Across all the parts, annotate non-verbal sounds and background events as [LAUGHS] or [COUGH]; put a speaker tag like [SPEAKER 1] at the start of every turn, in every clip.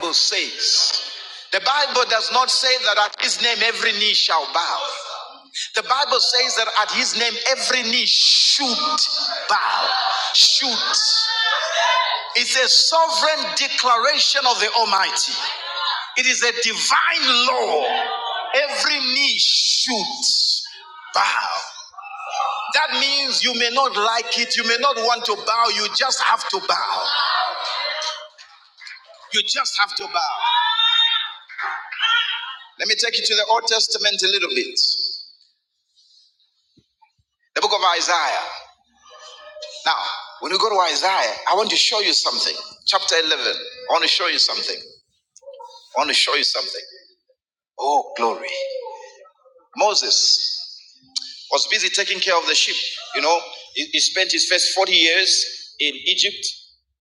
[SPEAKER 1] Bible says. The Bible does not say that at his name every knee shall bow. The Bible says that at his name every knee should bow. Should. It's a sovereign declaration of the Almighty. It is a divine law. Every knee should bow. That means you may not like it, you may not want to bow, you just have to bow. You just have to bow. Let me take you to the Old Testament a little bit. The book of Isaiah. Now, when we go to Isaiah, I want to show you something. Chapter 11. I want to show you something. I want to show you something. Oh, glory. Moses. was busy taking care of the sheep. You know, he, he spent his first 40 years in Egypt.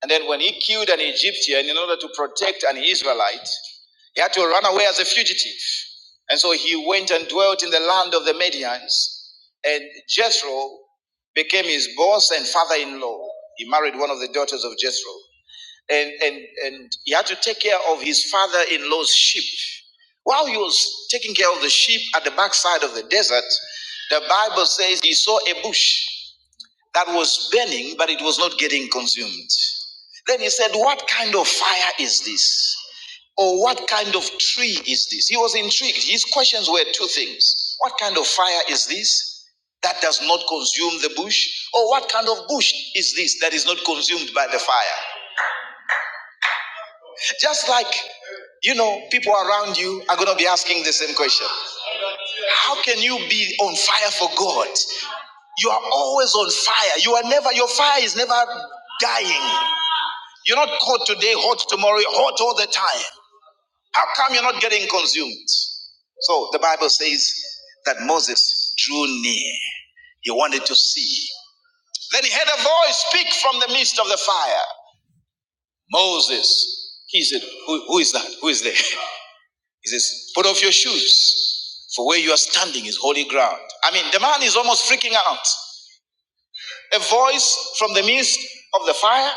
[SPEAKER 1] And then when he killed an Egyptian in order to protect an Israelite, he had to run away as a fugitive. And so he went and dwelt in the land of the Medians. And Jethro became his boss and father in law. He married one of the daughters of Jethro and and and he had to take care of his father-in-law's sheep. While he was taking care of the sheep at the backside of the desert, the Bible says he saw a bush that was burning, but it was not getting consumed. Then he said, "What kind of fire is this? Or what kind of tree is this?" He was intrigued. His questions were two things: What kind of fire is this? that does not consume the bush? Or what kind of bush is this that is not consumed by the fire? Just like, you know, people around you are going to be asking the same question. How can you be on fire for God? You are always on fire. You are never, your fire is never dying. You're not caught today, hot tomorrow, hot all the time. How come you're not getting consumed? So the Bible says that Moses drew near. He wanted to see. Then he heard a voice speak from the midst of the fire. Moses. He said, Who, who is that? Who is there? [LAUGHS] He says, Put off your shoes, for where you are standing is holy ground. I mean, the man is almost freaking out. A voice from the midst of the fire.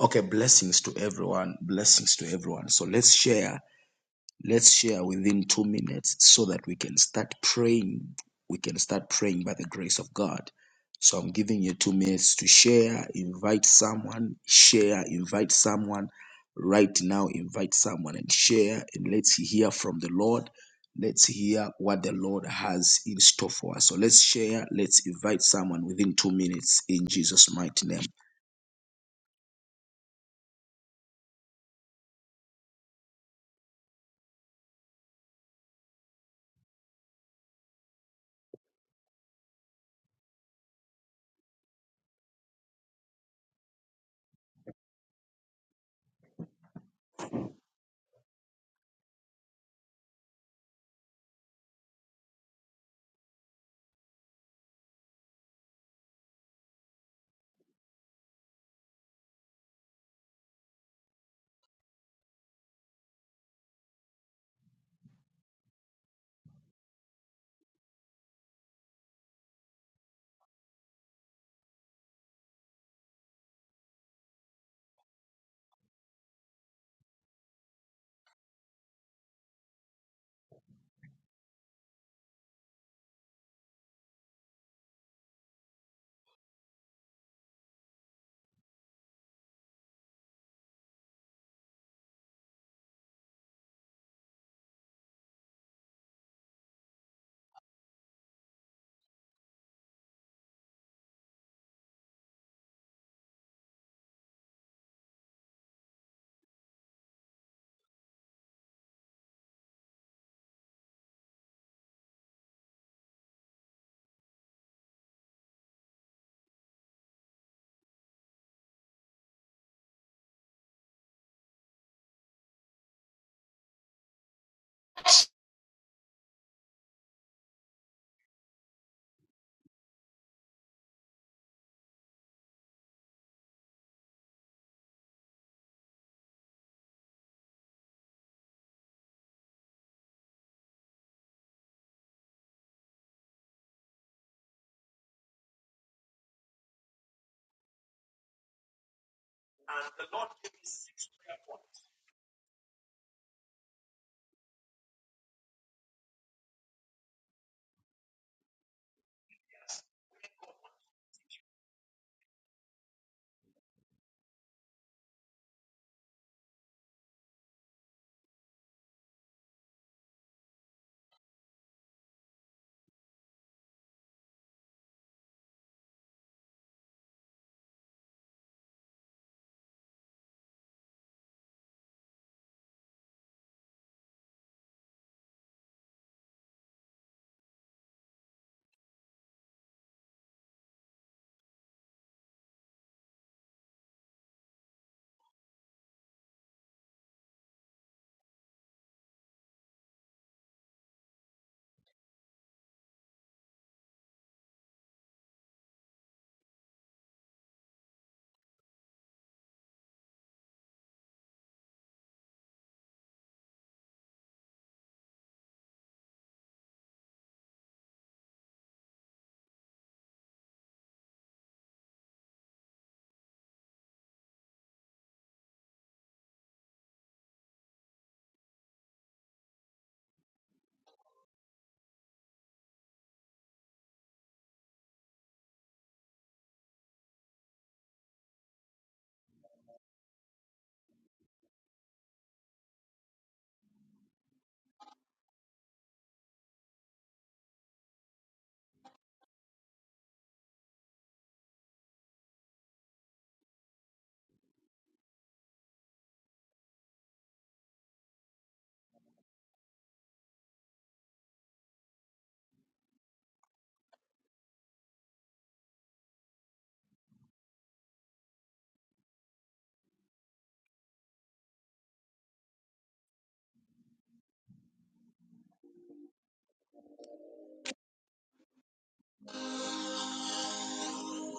[SPEAKER 1] Okay, blessings to everyone. Blessings to everyone. So let's share. Let's share within two minutes so that we can start praying. We can start praying by the grace of God. So I'm giving you two minutes to share, invite someone, share, invite someone. Right now, invite someone and share, and let's hear from the Lord. Let's hear what the Lord has in store for us. So let's share, let's invite someone within two minutes in Jesus' mighty name.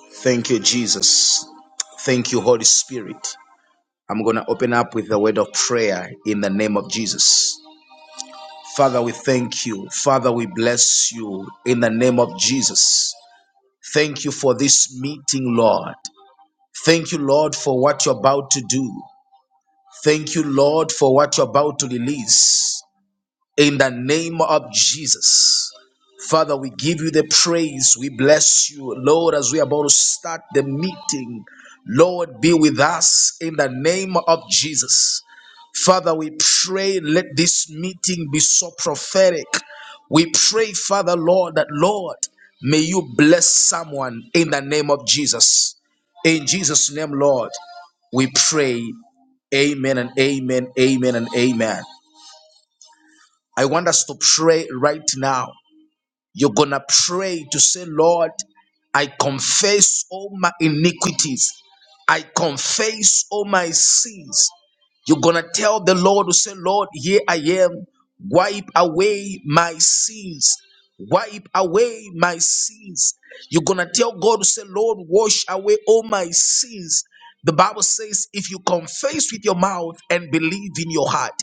[SPEAKER 1] Thank you, Jesus. Thank you, Holy Spirit. I'm going to open up with a word of prayer in the name of Jesus. Father, we thank you. Father, we bless you in the name of Jesus. Thank you for this meeting, Lord. Thank you, Lord, for what you're about to do. Thank you, Lord, for what you're about to release in the name of Jesus. Father, we give you the praise. We bless you, Lord, as we are about to start the meeting. Lord, be with us in the name of Jesus. Father, we pray, let this meeting be so prophetic. We pray, Father, Lord, that Lord, may you bless someone in the name of Jesus. In Jesus' name, Lord, we pray. Amen and amen, amen and amen. I want us to pray right now. You're going to pray to say, Lord, I confess all my iniquities. I confess all my sins. You're going to tell the Lord to say, Lord, here I am. Wipe away my sins. Wipe away my sins. You're going to tell God to say, Lord, wash away all my sins. The Bible says, if you confess with your mouth and believe in your heart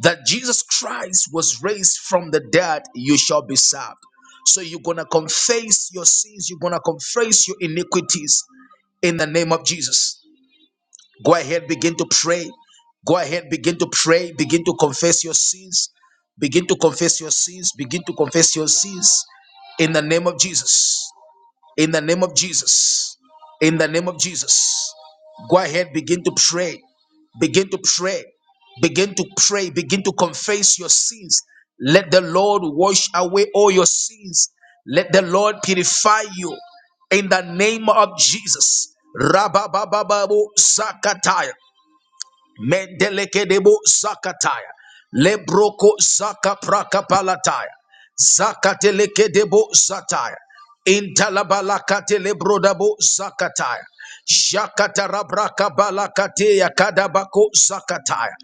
[SPEAKER 1] that Jesus Christ was raised from the dead, you shall be saved. So you're going to confess your sins, you're going to confess your iniquities in the name of Jesus. Go ahead, begin to pray. Go ahead, begin to pray. Begin to confess your sins. Begin to confess your sins. Begin to confess your sins in the name of Jesus. In the name of Jesus. In the name of Jesus. Go ahead, begin to pray. Begin to pray. Begin to pray. Begin to confess your sins. Let the Lord wash away all your sins. Let the Lord purify you. In the name of Jesus. Rababababo Zakataya. Mendelekedebo zakataya. Lebroko zaka praka palataya. Zakatelekedebo zataya. Intalabalakate lebrodabo zakataya. Shakatarabraka balakateya kadabako zakataya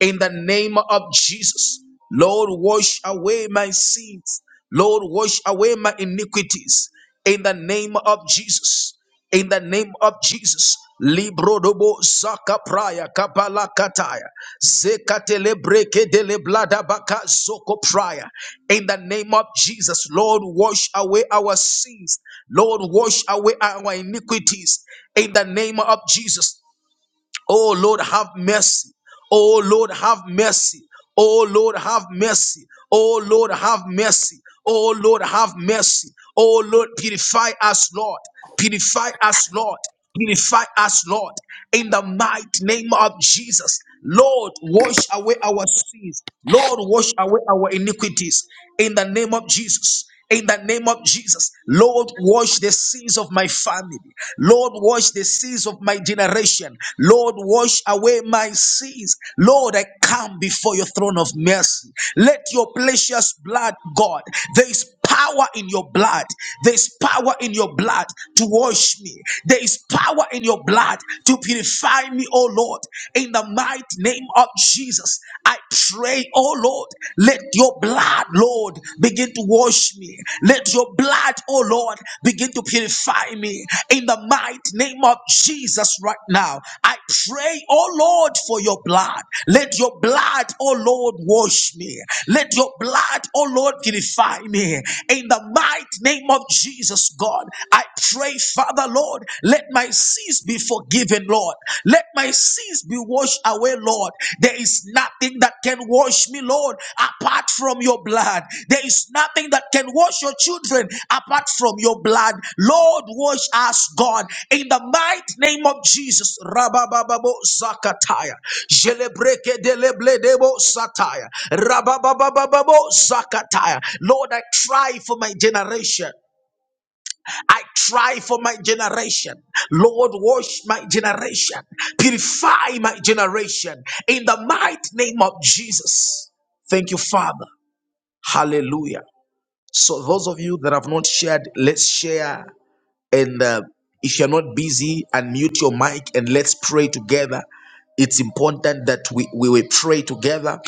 [SPEAKER 1] in the name of Jesus. Lord, wash away my sins. Lord, wash away my iniquities in the name of Jesus. In the name of Jesus. Librodobo zaka praya kabala kataya zekatele breke dele blada baka zoko praya. In the name of Jesus, Lord, wash away our sins. Lord, wash away our iniquities. In the name of Jesus, Oh Lord, have mercy. Oh Lord, have mercy. Oh Lord, have mercy. Oh Lord, have mercy. Oh Lord, have mercy. Oh Lord, purify us, Lord. Purify us, Lord. Purify us, Lord. In the mighty name of Jesus. Lord, wash away our sins. Lord, wash away our iniquities. In the name of Jesus in the name of Jesus. Lord, wash the sins of my family. Lord, wash the sins of my generation. Lord, wash away my sins. Lord, I come before your throne of mercy. Let your precious blood, God, there is power in your blood. There is power in your blood to wash me. There is power in your blood to purify me, oh Lord. In the mighty name of Jesus, I I pray, oh Lord, let your blood, Lord, begin to wash me. Let your blood, oh Lord, begin to purify me. In the mighty name of Jesus right now, I pray, oh Lord, for your blood. Let your blood, oh Lord, wash me. Let your blood, oh Lord, purify me. In the mighty name of Jesus, God, I pray, Father, Lord, let my sins be forgiven forgiven, Lord. Let my sins be washed away, Lord. There is nothing that can wash me, Lord, apart from your blood. There is nothing that can wash your children apart from your blood. Lord, wash us, God, in the mighty name of Jesus. Rabababo Zakataya. Jelebreke delebledebo Sataya. Rababababo Zakataya. Lord, I cry for my generation. I cry for my generation. Lord, wash my generation. Purify my generation. In the mighty name of Jesus. Thank you, Father. Hallelujah. So, those of you that have not shared, let's share. And uh, if you're not busy, unmute your mic and let's pray together. It's important that we, we will pray together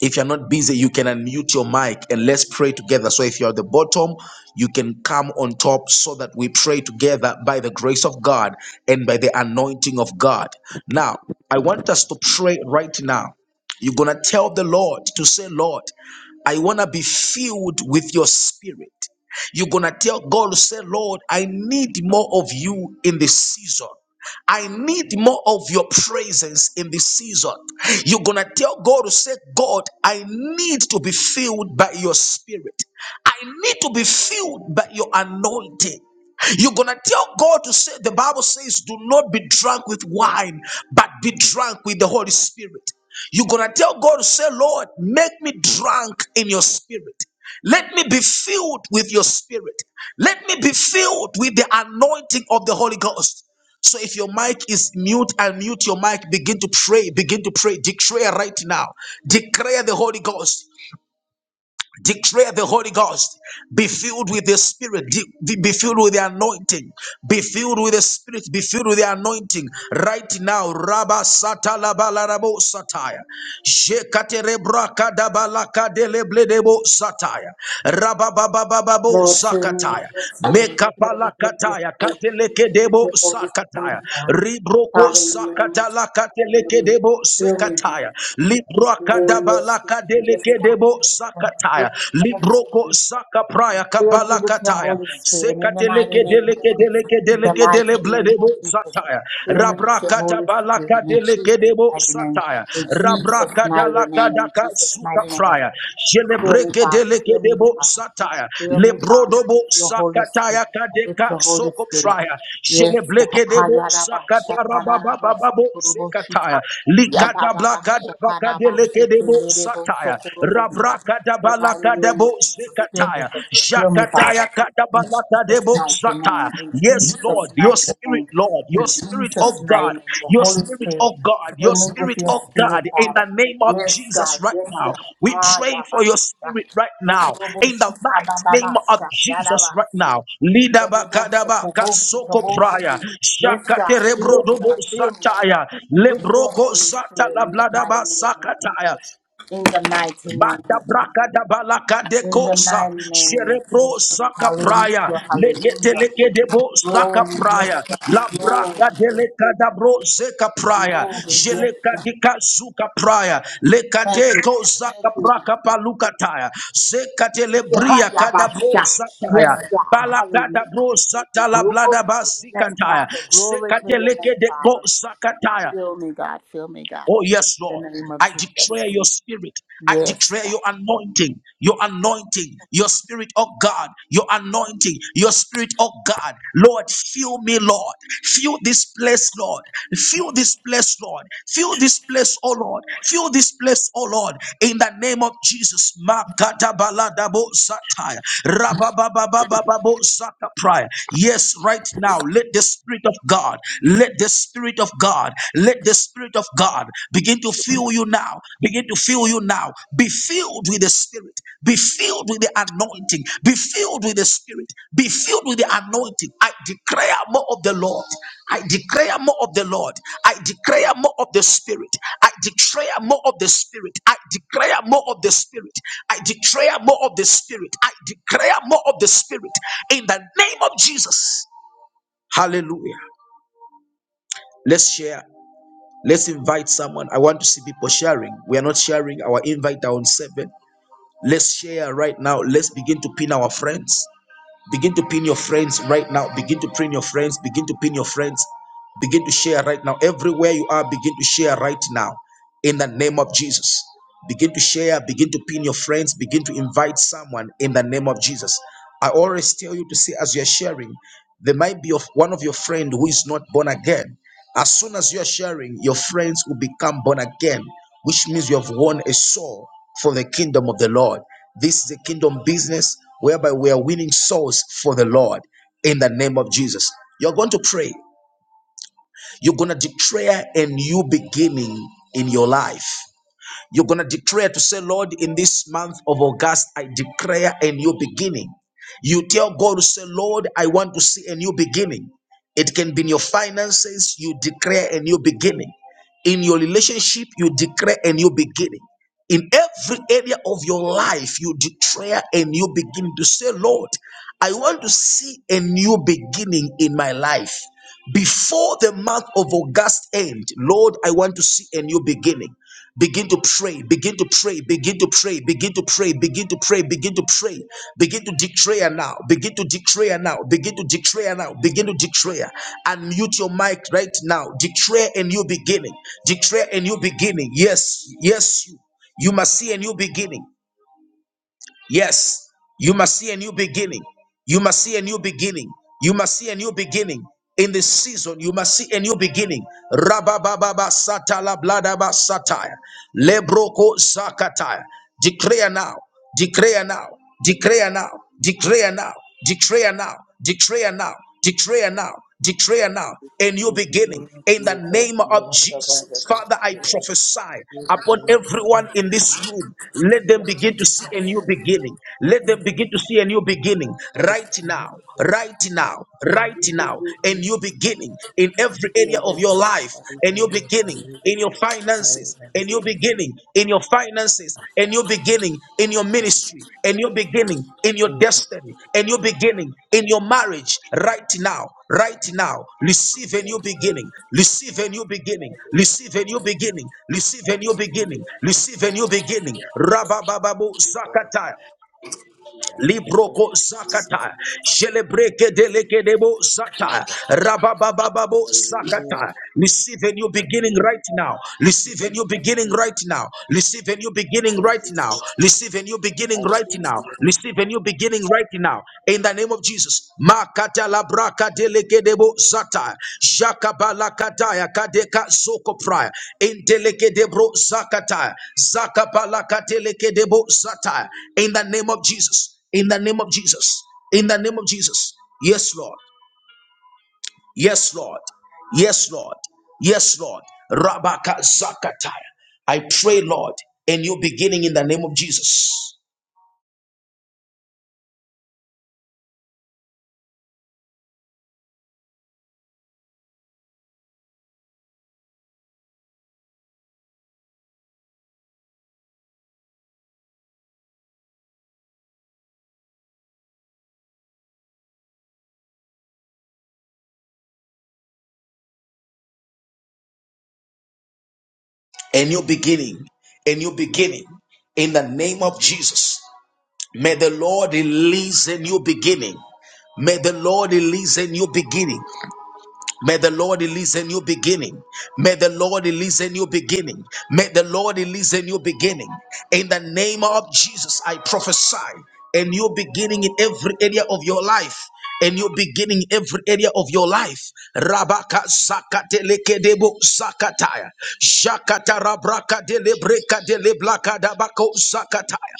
[SPEAKER 1] if you're not busy, you can unmute your mic and let's pray together. So if you're at the bottom, you can come on top so that we pray together by the grace of God and by the anointing of God. Now, I want us to pray right now. You're going to tell the Lord to say, Lord, I want to be filled with your spirit. You're going to tell God, say, Lord, I need more of you in this season. I need more of your presence in this season. You're going to tell God to say, God, I need to be filled by your spirit. I need to be filled by your anointing. You're gonna tell God to say, the Bible says, do not be drunk with wine, but be drunk with the Holy Spirit. You're gonna tell God to say, Lord, make me drunk in your spirit. Let me be filled with your spirit. Let me be filled with the anointing of the Holy Ghost. So if your mic is mute, unmute your mic. Begin to pray. Begin to pray. Declare right now. Declare the Holy Ghost. Declare the Holy Ghost. Be filled with the Spirit. De- Be filled with the anointing. Be filled with the Spirit. Be filled with the anointing. Right now. Rabba sata la ba la rabo sataya. Jekate rebra kada ba la kade leble debo sataya. Rabba ba ba ba ba bo
[SPEAKER 2] Lord, fill me
[SPEAKER 1] zakataya.
[SPEAKER 2] with your spirit.
[SPEAKER 1] Meka
[SPEAKER 2] Fill
[SPEAKER 1] ba la
[SPEAKER 2] me with your
[SPEAKER 1] kataya.
[SPEAKER 2] spirit.
[SPEAKER 1] Kate
[SPEAKER 2] Fill
[SPEAKER 1] leke
[SPEAKER 2] me with
[SPEAKER 1] debo
[SPEAKER 2] your Holy
[SPEAKER 1] sakataya.
[SPEAKER 2] Spirit.
[SPEAKER 1] Ribroko
[SPEAKER 2] Father, in the name of
[SPEAKER 1] sakata la kate
[SPEAKER 2] Jesus,
[SPEAKER 1] leke
[SPEAKER 2] fill me.
[SPEAKER 1] debo
[SPEAKER 2] Fill me, Lord.
[SPEAKER 1] sekataya. Libra kada
[SPEAKER 2] Oh,
[SPEAKER 1] ba
[SPEAKER 2] yes,
[SPEAKER 1] la
[SPEAKER 2] God.
[SPEAKER 1] kade
[SPEAKER 2] Yes,
[SPEAKER 1] leke debo Libroko
[SPEAKER 2] God. Yes, God.
[SPEAKER 1] Sakataya,
[SPEAKER 2] Fill me with your
[SPEAKER 1] Libroko
[SPEAKER 2] spirit.
[SPEAKER 1] Sakapraya,
[SPEAKER 2] Fill me with your
[SPEAKER 1] Kabalakataya,
[SPEAKER 2] Holy Spirit. In the mighty
[SPEAKER 1] Sekateleke
[SPEAKER 2] name of
[SPEAKER 1] deleke
[SPEAKER 2] Jesus.
[SPEAKER 1] deleke
[SPEAKER 2] In the
[SPEAKER 1] deleke
[SPEAKER 2] mighty
[SPEAKER 1] delebledebo
[SPEAKER 2] name of
[SPEAKER 1] bledebo
[SPEAKER 2] Jesus.
[SPEAKER 1] Sataya,
[SPEAKER 2] Fill me with your
[SPEAKER 1] Rabrakata
[SPEAKER 2] Holy
[SPEAKER 1] balaka
[SPEAKER 2] Spirit. In Jesus'
[SPEAKER 1] deleke debo
[SPEAKER 2] mighty name.
[SPEAKER 1] Sataya,
[SPEAKER 2] In Jesus'
[SPEAKER 1] Rabraka
[SPEAKER 2] mighty
[SPEAKER 1] dalaka
[SPEAKER 2] name. In
[SPEAKER 1] daka
[SPEAKER 2] Jesus'
[SPEAKER 1] suka
[SPEAKER 2] mighty name.
[SPEAKER 1] praya,
[SPEAKER 2] Fill me,
[SPEAKER 1] Celebreke
[SPEAKER 2] Father.
[SPEAKER 1] deleke
[SPEAKER 2] Fill me,
[SPEAKER 1] debo
[SPEAKER 2] Father.
[SPEAKER 1] Sataya,
[SPEAKER 2] Fill me, Father,
[SPEAKER 1] Lebrodobo
[SPEAKER 2] with your Holy Spirit.
[SPEAKER 1] Sakataya
[SPEAKER 2] With
[SPEAKER 1] kadeka
[SPEAKER 2] your Holy
[SPEAKER 1] soko
[SPEAKER 2] Spirit.
[SPEAKER 1] praya,
[SPEAKER 2] Yes, God.
[SPEAKER 1] Celebreke debo Sakata rababababo
[SPEAKER 2] Hayarabashatararabosokorobosita.
[SPEAKER 1] Sekataya, Likata
[SPEAKER 2] Yababa
[SPEAKER 1] blakada
[SPEAKER 2] Shakara
[SPEAKER 1] bakadeleke
[SPEAKER 2] Basiki
[SPEAKER 1] debo
[SPEAKER 2] Lebo
[SPEAKER 1] Sataya kataya
[SPEAKER 2] Sokorobosa.
[SPEAKER 1] rabraka
[SPEAKER 2] In the mighty
[SPEAKER 1] dabalaka
[SPEAKER 2] name of
[SPEAKER 1] debo
[SPEAKER 2] Jesus, fill me,
[SPEAKER 1] sekataya
[SPEAKER 2] Father. Fill me,
[SPEAKER 1] jakataya
[SPEAKER 2] Father. In
[SPEAKER 1] kadabalaka
[SPEAKER 2] Jesus'
[SPEAKER 1] debo
[SPEAKER 2] mighty name.
[SPEAKER 1] sataya
[SPEAKER 2] In
[SPEAKER 1] yes
[SPEAKER 2] Jesus'
[SPEAKER 1] lord your
[SPEAKER 2] mighty
[SPEAKER 1] spirit
[SPEAKER 2] name.
[SPEAKER 1] lord
[SPEAKER 2] In
[SPEAKER 1] your spirit of
[SPEAKER 2] Jesus' mighty
[SPEAKER 1] god
[SPEAKER 2] name. The
[SPEAKER 1] your
[SPEAKER 2] Holy
[SPEAKER 1] spirit
[SPEAKER 2] Spirit,
[SPEAKER 1] of god
[SPEAKER 2] fill
[SPEAKER 1] your
[SPEAKER 2] me with
[SPEAKER 1] spirit
[SPEAKER 2] your
[SPEAKER 1] of
[SPEAKER 2] spirit,
[SPEAKER 1] god in
[SPEAKER 2] Father.
[SPEAKER 1] the name of
[SPEAKER 2] Yes,
[SPEAKER 1] jesus
[SPEAKER 2] God.
[SPEAKER 1] right
[SPEAKER 2] Yes,
[SPEAKER 1] now
[SPEAKER 2] God.
[SPEAKER 1] we
[SPEAKER 2] Ha
[SPEAKER 1] pray for your
[SPEAKER 2] Yabasha.
[SPEAKER 1] spirit right now in the
[SPEAKER 2] Okoroboshi
[SPEAKER 1] mighty name of jesus right
[SPEAKER 2] Kababasha.
[SPEAKER 1] now leader
[SPEAKER 2] Yes, God,
[SPEAKER 1] bakadabaka soko praya
[SPEAKER 2] fill me,
[SPEAKER 1] shakaterebrodobo
[SPEAKER 2] God, fill me, God,
[SPEAKER 1] sataya
[SPEAKER 2] with your
[SPEAKER 1] lebroko
[SPEAKER 2] Holy
[SPEAKER 1] zata
[SPEAKER 2] Spirit
[SPEAKER 1] la
[SPEAKER 2] in the mighty
[SPEAKER 1] bladaba
[SPEAKER 2] name of
[SPEAKER 1] sakataya
[SPEAKER 2] Jesus. In the mighty name
[SPEAKER 1] Banda
[SPEAKER 2] of Jesus.
[SPEAKER 1] braka da balaka de
[SPEAKER 2] In the
[SPEAKER 1] kosa,
[SPEAKER 2] mighty name of
[SPEAKER 1] cerebro
[SPEAKER 2] Jesus.
[SPEAKER 1] saka praya,
[SPEAKER 2] Hallelujah,
[SPEAKER 1] lekete
[SPEAKER 2] hallelujah.
[SPEAKER 1] leke debo saka
[SPEAKER 2] Glory,
[SPEAKER 1] praya,
[SPEAKER 2] yes,
[SPEAKER 1] la
[SPEAKER 2] God. Glory,
[SPEAKER 1] braka de
[SPEAKER 2] yes,
[SPEAKER 1] leka da bro zeka praya,
[SPEAKER 2] glory, yes,
[SPEAKER 1] jeleka
[SPEAKER 2] God.
[SPEAKER 1] de kazuka praya,
[SPEAKER 2] Thank
[SPEAKER 1] lekate
[SPEAKER 2] you,
[SPEAKER 1] ko
[SPEAKER 2] God. Thank
[SPEAKER 1] zaka
[SPEAKER 2] you, God.
[SPEAKER 1] braka paluka taya, zekate lebria kada bro
[SPEAKER 2] Yahayabasha.
[SPEAKER 1] zataya,
[SPEAKER 2] Yes, God. Hallelujah.
[SPEAKER 1] Balakata bro sata la
[SPEAKER 2] Glory
[SPEAKER 1] blada
[SPEAKER 2] to your name,
[SPEAKER 1] basikataya.
[SPEAKER 2] Father. Glory to
[SPEAKER 1] Sekate
[SPEAKER 2] your name,
[SPEAKER 1] leke de
[SPEAKER 2] Father.
[SPEAKER 1] ko sakataya.
[SPEAKER 2] Fill me, God. Fill me, God.
[SPEAKER 1] Oh, yes,
[SPEAKER 2] In
[SPEAKER 1] Lord.
[SPEAKER 2] the name of
[SPEAKER 1] I
[SPEAKER 2] Jesus.
[SPEAKER 1] declare your spirit. I
[SPEAKER 2] Yes,
[SPEAKER 1] declare
[SPEAKER 2] God.
[SPEAKER 1] your anointing, your anointing, your spirit, oh God, your anointing, your spirit, oh God. Lord, fill me, Lord. Fill this place, Lord. Fill this place, Lord. Fill this place, oh Lord. Fill this place, oh Lord. In the name of Jesus. Makatabaladabo zataya. Rababababababo zatapraya. Yes, right now, let the spirit of God, let the the Spirit of God. Let the Spirit of God begin to fill you now. Begin to fill you now. Be filled with the Spirit. Be filled with the anointing. Be filled with the Spirit. Be filled with the anointing. I declare more of the Lord. I declare more of the Lord. I declare more of the Spirit. I declare more of the Spirit. I declare more of the Spirit. I declare more of the Spirit. I declare more of the Spirit in the name of Jesus. Hallelujah. Let's share. Let's invite someone. I want to see people sharing. We are not sharing our invite down seven. Let's share right now. Let's begin to pin our friends. Begin to pin your friends right now. Begin to pin your friends. Begin to pin your friends. Begin to share right now. Everywhere you are, begin to share right now in the name of Jesus. Begin to share, begin to pin your friends, begin to invite someone in the name of Jesus. I always tell you to say, as you're sharing, there might be of one of your friend who is not born again. As soon as you're sharing, your friends will become born again, which means you have won a soul for the kingdom of the Lord. This is a kingdom business whereby we are winning souls for the Lord in the name of Jesus. You're going to pray. You're going to declare a new beginning in your life. You're going to declare to say, Lord, in this month of August, I declare a new beginning. You tell God to say, Lord, I want to see a new beginning. It can be in your finances, you declare a new beginning. In your relationship, you declare a new beginning. In every area of your life, you declare a new beginning to say, Lord, I want to see a new beginning in my life. Before the month of August end, Lord, I want to see a new beginning. Begin to pray, begin to pray, begin to pray, begin to pray, begin to pray, begin to pray, begin to declare now, begin to declare now, begin to declare now, begin to declare and mute your mic right now. Declare a new beginning, declare a new beginning. Yes, yes, you you must see a new beginning. Yes, you must see a new beginning. You must see a new beginning. You must see a new beginning. In this season, you must see a new beginning. Rabababa satala bladaba satire. Lebroko zakatire. Declare now. Declare now. Declare now. Declare now. Declare now. Declare now. Declare now. Declare now. A new beginning in the name of Jesus. Father, I prophesy upon everyone in this room. Let them begin to see a new beginning. Let them begin to see a new beginning right now, right now, right now. A new beginning in every area of your life. A new beginning in your finances. A new beginning in your finances. A new beginning in your ministry. A new beginning in your destiny. A new beginning in your marriage right now. Right now, receive a new beginning. Receive a new beginning. Receive a new beginning. Receive a new beginning. Receive a new beginning. Rabababu zakata. Libroko zakata. Celebreke deleke debo zata. Rababababo zakata. Receive a new beginning right now. Receive a new beginning right now. Receive a new beginning right now. Receive a new beginning right now.
[SPEAKER 3] Hallelujah.
[SPEAKER 1] Receive a new beginning right now. In the name of Jesus. Makata labraka delekedebo zata. Jakabalakataya kadeka zoko praya. Intelekedebro zakata. Zakabalakatelekedebo zata. In the name of Jesus. In the name of Jesus. In the name of Jesus. Yes, Lord. Yes, Lord. Yes, Lord. Yes, Lord. Rabaka zakataya. I pray, Lord, a new beginning in the name of Jesus. A new beginning. A new beginning in the name of Jesus. May the Lord release a new beginning. May the Lord release a new beginning. May the Lord release a new beginning. May the Lord release a new beginning. May the Lord release a new beginning. In the name of Jesus, I prophesy a new beginning in every area of your life. A new beginning in every area of your life. Rabaka zakatelekedebo zakataya. Shakata rabraka delebreka deleblaka dabako zakataya.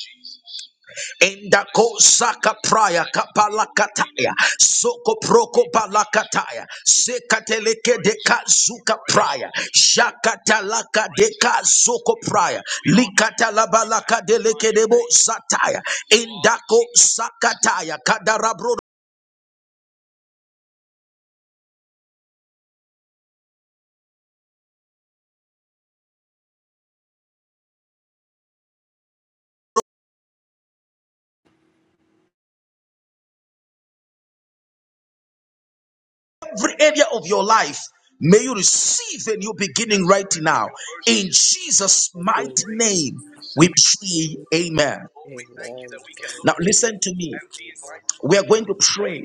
[SPEAKER 1] Enda kozaka praya kapalakataya soko proko balakataya sekateleke de kazuka praya shakatalaka de kazoko praya likatalabalaka deleke debo sataya indako sakataya kadarabro every area of your life may you receive a new beginning right now in Jesus
[SPEAKER 3] Amen.
[SPEAKER 1] mighty
[SPEAKER 3] you,
[SPEAKER 1] name we pray amen
[SPEAKER 3] Lord. Amen.
[SPEAKER 1] now
[SPEAKER 3] Hallelujah,
[SPEAKER 1] listen to me
[SPEAKER 3] Jesus.
[SPEAKER 1] We are going to pray.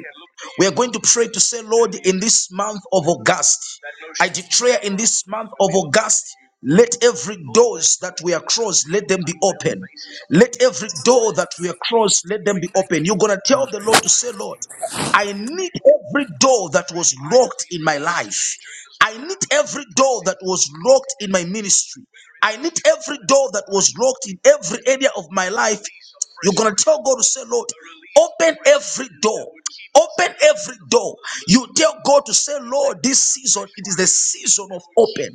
[SPEAKER 1] We are going to pray to say, Lord, in this month of August, I declare in this month of August, let every doors that we are crossed, let them be open. Let every door that we are crossed, let them be open. You're gonna tell the Lord to say, Lord. I need every door that was locked in my life. I need every door that was locked in my ministry. I need every door that was locked in every area of my life. You're going to tell God to say, Lord, open every door. Open every door. You tell God to say, Lord, this season, it is the season of open.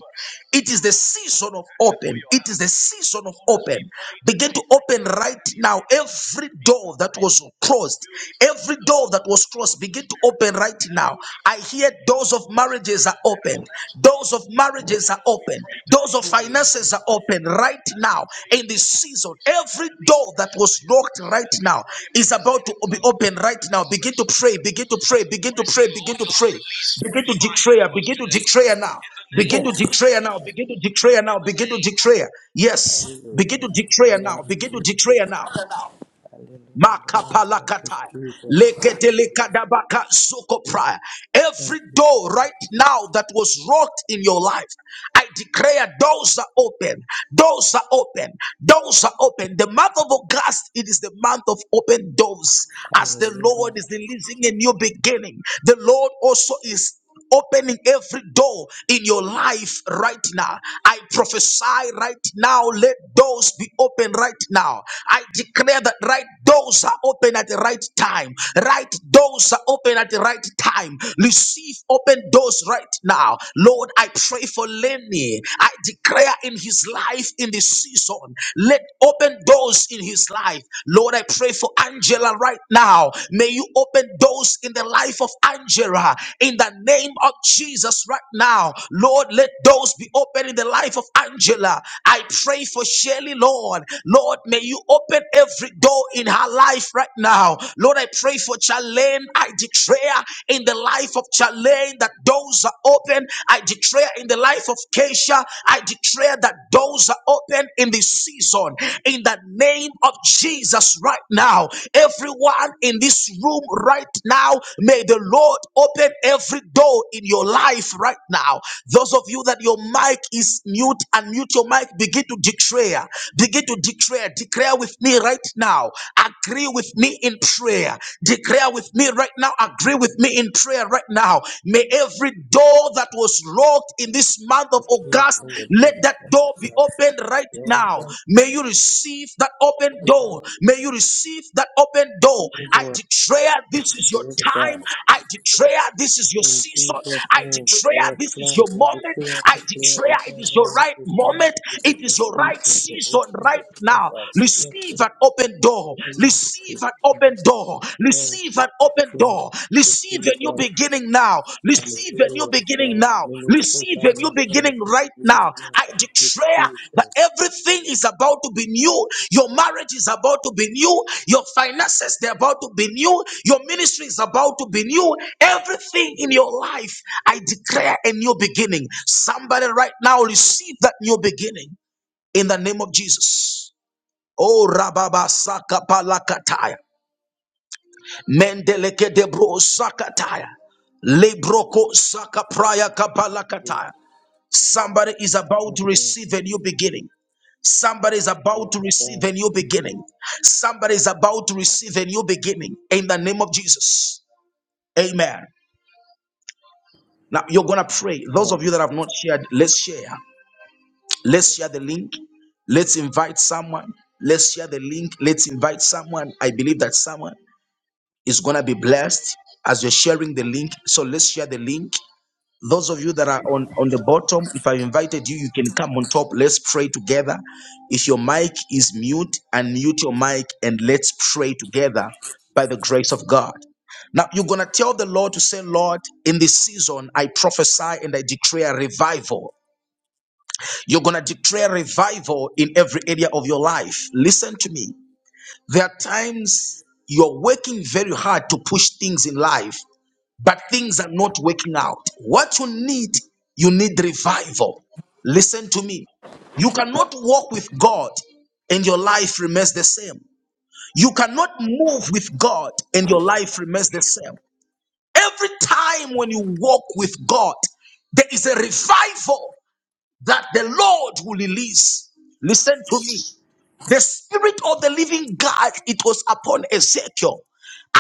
[SPEAKER 1] It is the season of open. It is the season of open. Begin to open right now every door that was closed. Every door that was closed, begin to open right now. I hear doors of marriages are open. Doors of marriages are open. Doors of finances are open right now in this season. Every door that was locked right now is about to be open right now. Begin to pray, begin to pray, begin to pray, begin to pray. Begin to declare, begin to declare now. Begin to declare now, begin to declare now, begin to declare. Yes. Begin
[SPEAKER 3] Hallelujah.
[SPEAKER 1] to
[SPEAKER 3] Thank
[SPEAKER 1] declare
[SPEAKER 3] you,
[SPEAKER 1] now.
[SPEAKER 3] Lord
[SPEAKER 1] Begin to
[SPEAKER 3] Jesus.
[SPEAKER 1] declare now.
[SPEAKER 3] Hallelujah, Lord. Thank
[SPEAKER 1] Makapalakatai.
[SPEAKER 3] you, Jesus.
[SPEAKER 1] Leketelekadabaka zokoprai. Every door right now that was locked in your life, I declare doors are open. Doors are open. Doors are open. The month of August, it is the month of open doors. As the Lord
[SPEAKER 3] Hallelujah.
[SPEAKER 1] is releasing a new beginning, the Lord also is opening every door in your life right now. I prophesy right now, let doors be open right now. I declare that right doors are open at the right time. Right doors are open at the right time. Receive open doors right now. Lord, I pray for Lenny. I declare in his life in this season, let open doors in his life. Lord, I pray for Angela. Angela right now. May you open doors in the life of Angela in the name of Jesus right now. Lord, let doors be open in the life of Angela. I pray for Shelly, Lord. Lord, may you open every door in her life right now. Lord, I pray for Charlene. I declare in the life of Charlene that doors are open. I declare in the life of Keisha. I declare that doors doors are open in this season. In the name of Jesus, right now, everyone in this room right now, may the Lord open every door in your life right now. Those of you that your mic is mute, unmute your mic, begin to declare, begin to declare, declare with me right now. Agree with me in prayer. Declare with me right now. Agree with me in prayer right now. May every door that was locked in this month of
[SPEAKER 3] Thank you
[SPEAKER 1] August,
[SPEAKER 3] for the
[SPEAKER 1] let
[SPEAKER 3] things
[SPEAKER 1] that
[SPEAKER 3] that
[SPEAKER 1] door be opened right
[SPEAKER 3] you have
[SPEAKER 1] now.
[SPEAKER 3] done.
[SPEAKER 1] May you receive that open
[SPEAKER 3] Thank
[SPEAKER 1] door. May you receive that open door.
[SPEAKER 3] you, Lord. Thank you,
[SPEAKER 1] I
[SPEAKER 3] Lord.
[SPEAKER 1] declare this is your
[SPEAKER 3] Praise
[SPEAKER 1] time.
[SPEAKER 3] God.
[SPEAKER 1] I declare this is your
[SPEAKER 3] In
[SPEAKER 1] season.
[SPEAKER 3] Jesus'
[SPEAKER 1] I
[SPEAKER 3] name, yes,
[SPEAKER 1] declare
[SPEAKER 3] Lord,
[SPEAKER 1] this is your
[SPEAKER 3] we
[SPEAKER 1] moment.
[SPEAKER 3] decree and
[SPEAKER 1] I
[SPEAKER 3] declare
[SPEAKER 1] declare
[SPEAKER 3] over
[SPEAKER 1] it is
[SPEAKER 3] everyone
[SPEAKER 1] your right
[SPEAKER 3] in this room that
[SPEAKER 1] moment.
[SPEAKER 3] this is
[SPEAKER 1] It is
[SPEAKER 3] the
[SPEAKER 1] your right
[SPEAKER 3] season to
[SPEAKER 1] season
[SPEAKER 3] open
[SPEAKER 1] right
[SPEAKER 3] the doors
[SPEAKER 1] now.
[SPEAKER 3] of blessing,
[SPEAKER 1] Receive an open door.
[SPEAKER 3] to
[SPEAKER 1] Receive an open door.
[SPEAKER 3] love,
[SPEAKER 1] Receive an
[SPEAKER 3] to
[SPEAKER 1] open
[SPEAKER 3] flow,
[SPEAKER 1] door.
[SPEAKER 3] to
[SPEAKER 1] Receive a new
[SPEAKER 3] Jesus.
[SPEAKER 1] beginning now. Receive a new
[SPEAKER 3] Hallelujah.
[SPEAKER 1] beginning
[SPEAKER 3] For
[SPEAKER 1] now.
[SPEAKER 3] ministry,
[SPEAKER 1] Receive a
[SPEAKER 3] Father
[SPEAKER 1] new
[SPEAKER 3] God.
[SPEAKER 1] beginning right
[SPEAKER 3] Hallelujah.
[SPEAKER 1] now. I
[SPEAKER 3] For good
[SPEAKER 1] declare that
[SPEAKER 3] teachers.
[SPEAKER 1] everything is about to be new. Your marriage is about to be new. Your finances, they're about to be new. Your ministry is about to be new. Everything in your life, I declare a new beginning. Somebody right now receive that new beginning in the name of Jesus. Oh, Rababa Saka Palakataya. Mendeleke de bro sakataya. Lebroko saka praya
[SPEAKER 3] We
[SPEAKER 1] kabalakataya. Somebody is about
[SPEAKER 3] thank
[SPEAKER 1] to
[SPEAKER 3] you.
[SPEAKER 1] receive a new beginning. Somebody is about
[SPEAKER 3] Yes,
[SPEAKER 1] to receive a
[SPEAKER 3] God.
[SPEAKER 1] new beginning. Somebody is about to receive a new beginning in the name of Jesus. Amen. Now you're gonna pray. Those
[SPEAKER 3] Amen.
[SPEAKER 1] of you that have not shared, let's share. Let's share
[SPEAKER 3] Yes.
[SPEAKER 1] the link. Let's invite someone. Let's share the link. Let's invite someone. I believe that someone is gonna be blessed as you're sharing the link. So let's share the link. Those of you that are on, on the bottom, if I invited you, you can come on top. Let's pray together. If your mic is mute, unmute your mic and let's pray together by the grace of God. Now, you're going to tell the Lord to say, Lord, in this season, I prophesy and I declare revival. You're going to declare revival in every area of your life. Listen to me. There are times you're working very hard to push things in life, but things are not working out. What you need, you need revival. Listen to me. You cannot walk with God and your life remains the same. You cannot move with God and your life remains the same. Every time when you walk with God, there is a revival that the Lord will release. Listen to me. The spirit of the living God, it was upon Ezekiel.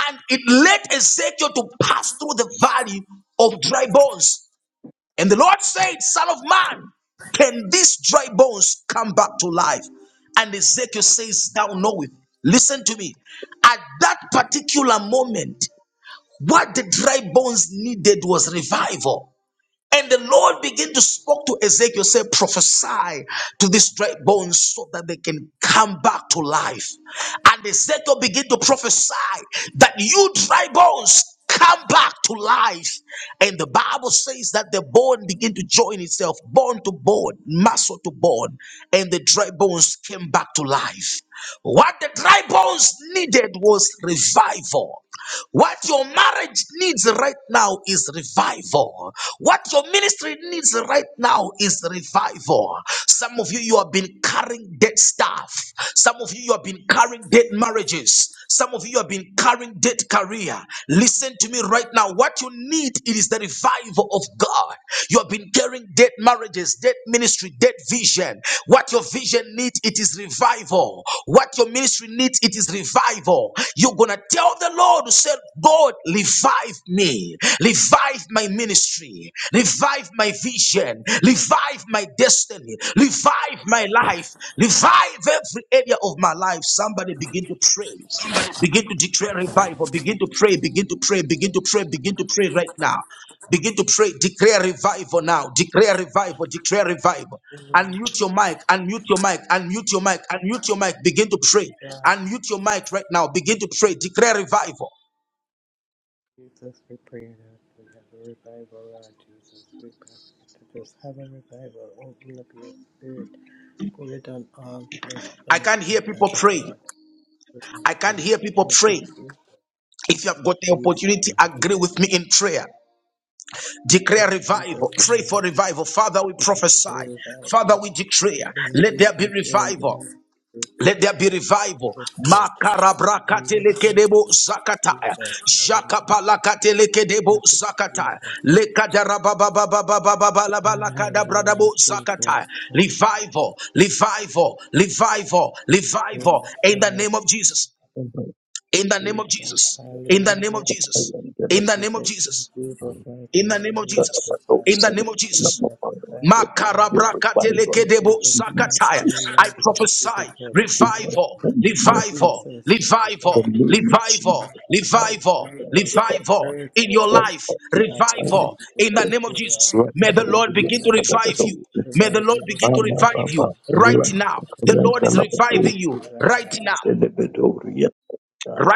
[SPEAKER 1] And it led Ezekiel to pass through the valley of dry bones. And the Lord said, Son of man, can these dry bones come back to life? And Ezekiel says, Thou knowest. Listen to me. At that particular moment, what the dry bones needed was revival. And the Lord began to speak to Ezekiel, say, prophesy to these dry bones so that they can come back to life. And Ezekiel began to prophesy that you dry bones come back to life. And the Bible says that the bone began to join itself, bone to bone, muscle to bone, and the dry bones came back to life. What the dry bones needed was revival. What your marriage needs right now is revival. What your ministry needs right now is revival. Some of you, you have been carrying dead stuff. Some of you, you have been carrying dead marriages. Some of you you have been carrying dead career. Listen to me right now. What you need it is the revival of God. You have been carrying dead marriages marriages, dead ministry, dead vision. What your vision needs, it is revival. What your ministry needs, it is revival. You're gonna tell the Lord, you said, God, revive me, revive my ministry, revive my vision, revive my destiny, revive my life, revive every area of my life. Somebody begin to pray. Begin to declare revival. Begin to pray. Begin to pray. Begin to pray. Begin to pray right now. Begin to pray. Declare revival now. Declare revival. Declare revival.
[SPEAKER 3] Amen.
[SPEAKER 1] Unmute your mic. Unmute your mic. Unmute your mic. Unmute your mic. Begin to pray.
[SPEAKER 3] God,
[SPEAKER 1] Unmute your mic right now. Begin to pray. Declare revival.
[SPEAKER 3] Jesus, we pray that we have a revival, Lord Jesus. We ask you to just have a revival. Open up your spirit. Pour it on all flesh
[SPEAKER 1] I
[SPEAKER 3] right
[SPEAKER 1] can't hear
[SPEAKER 3] now,
[SPEAKER 1] people
[SPEAKER 3] Father
[SPEAKER 1] pray.
[SPEAKER 3] God. We ask
[SPEAKER 1] I can't
[SPEAKER 3] you.
[SPEAKER 1] hear people
[SPEAKER 3] Thank you,
[SPEAKER 1] pray.
[SPEAKER 3] Jesus.
[SPEAKER 1] If you have got the
[SPEAKER 3] Please,
[SPEAKER 1] opportunity,
[SPEAKER 3] Lord.
[SPEAKER 1] agree with me in prayer. Declare
[SPEAKER 3] In Jesus'
[SPEAKER 1] revival. Pray
[SPEAKER 3] name.
[SPEAKER 1] for revival. Father, we
[SPEAKER 3] we pray,
[SPEAKER 1] prophesy. Father,
[SPEAKER 3] revival.
[SPEAKER 1] we declare.
[SPEAKER 3] In
[SPEAKER 1] Let there be
[SPEAKER 3] Jesus'
[SPEAKER 1] revival.
[SPEAKER 3] name. Lord.
[SPEAKER 1] Let there be revival.
[SPEAKER 3] the in the name of
[SPEAKER 1] Makarabrakatelekedebo zakataya.
[SPEAKER 3] Jesus. Hallelujah.
[SPEAKER 1] Jakapalakatelekedebo
[SPEAKER 3] Thank you, Jesus.
[SPEAKER 1] zakataya.
[SPEAKER 3] Hallelujah,
[SPEAKER 1] Lekadarabababababababalabalakadabradabo
[SPEAKER 3] Jesus. Hallelujah.
[SPEAKER 1] zakataya. Revival, revival, revival,
[SPEAKER 3] In
[SPEAKER 1] revival. In
[SPEAKER 3] the
[SPEAKER 1] the
[SPEAKER 3] name of
[SPEAKER 1] name of Jesus.
[SPEAKER 4] Thank
[SPEAKER 1] In the name of
[SPEAKER 3] Jesus.
[SPEAKER 1] Jesus. In the name of
[SPEAKER 3] Hallelujah,
[SPEAKER 1] Jesus. In the name of
[SPEAKER 3] Jesus. In
[SPEAKER 1] Jesus.
[SPEAKER 3] Jesus' mighty
[SPEAKER 1] In the name of
[SPEAKER 3] name, we
[SPEAKER 1] Jesus.
[SPEAKER 3] sacrifice.
[SPEAKER 1] In the name of
[SPEAKER 3] We
[SPEAKER 1] Jesus.
[SPEAKER 3] sacrifice revival. In
[SPEAKER 1] Makarabrakatelekedebo
[SPEAKER 3] Jesus' mighty
[SPEAKER 1] sakataya.
[SPEAKER 3] name,
[SPEAKER 1] I
[SPEAKER 3] Lord, we want you to
[SPEAKER 1] prophesy
[SPEAKER 3] take glory.
[SPEAKER 1] revival,
[SPEAKER 3] In Jesus'
[SPEAKER 1] revival,
[SPEAKER 3] name,
[SPEAKER 1] revival,
[SPEAKER 3] thank you.
[SPEAKER 1] revival,
[SPEAKER 3] God.
[SPEAKER 1] revival,
[SPEAKER 3] Revival in the
[SPEAKER 1] revival
[SPEAKER 3] earth,
[SPEAKER 1] in your
[SPEAKER 3] Lord.
[SPEAKER 1] life,
[SPEAKER 3] God, we ask
[SPEAKER 1] revival
[SPEAKER 3] you
[SPEAKER 1] in the
[SPEAKER 3] to
[SPEAKER 1] name of
[SPEAKER 3] do
[SPEAKER 1] Jesus. May the Lord
[SPEAKER 3] for
[SPEAKER 1] begin to
[SPEAKER 3] us.
[SPEAKER 1] revive you. May
[SPEAKER 3] Without
[SPEAKER 1] the Lord begin to
[SPEAKER 3] everything I
[SPEAKER 1] revive you right
[SPEAKER 3] do,
[SPEAKER 1] now. The Lord
[SPEAKER 3] Father,
[SPEAKER 1] is reviving
[SPEAKER 3] thank
[SPEAKER 1] you
[SPEAKER 3] you right
[SPEAKER 1] right
[SPEAKER 3] now.
[SPEAKER 1] now.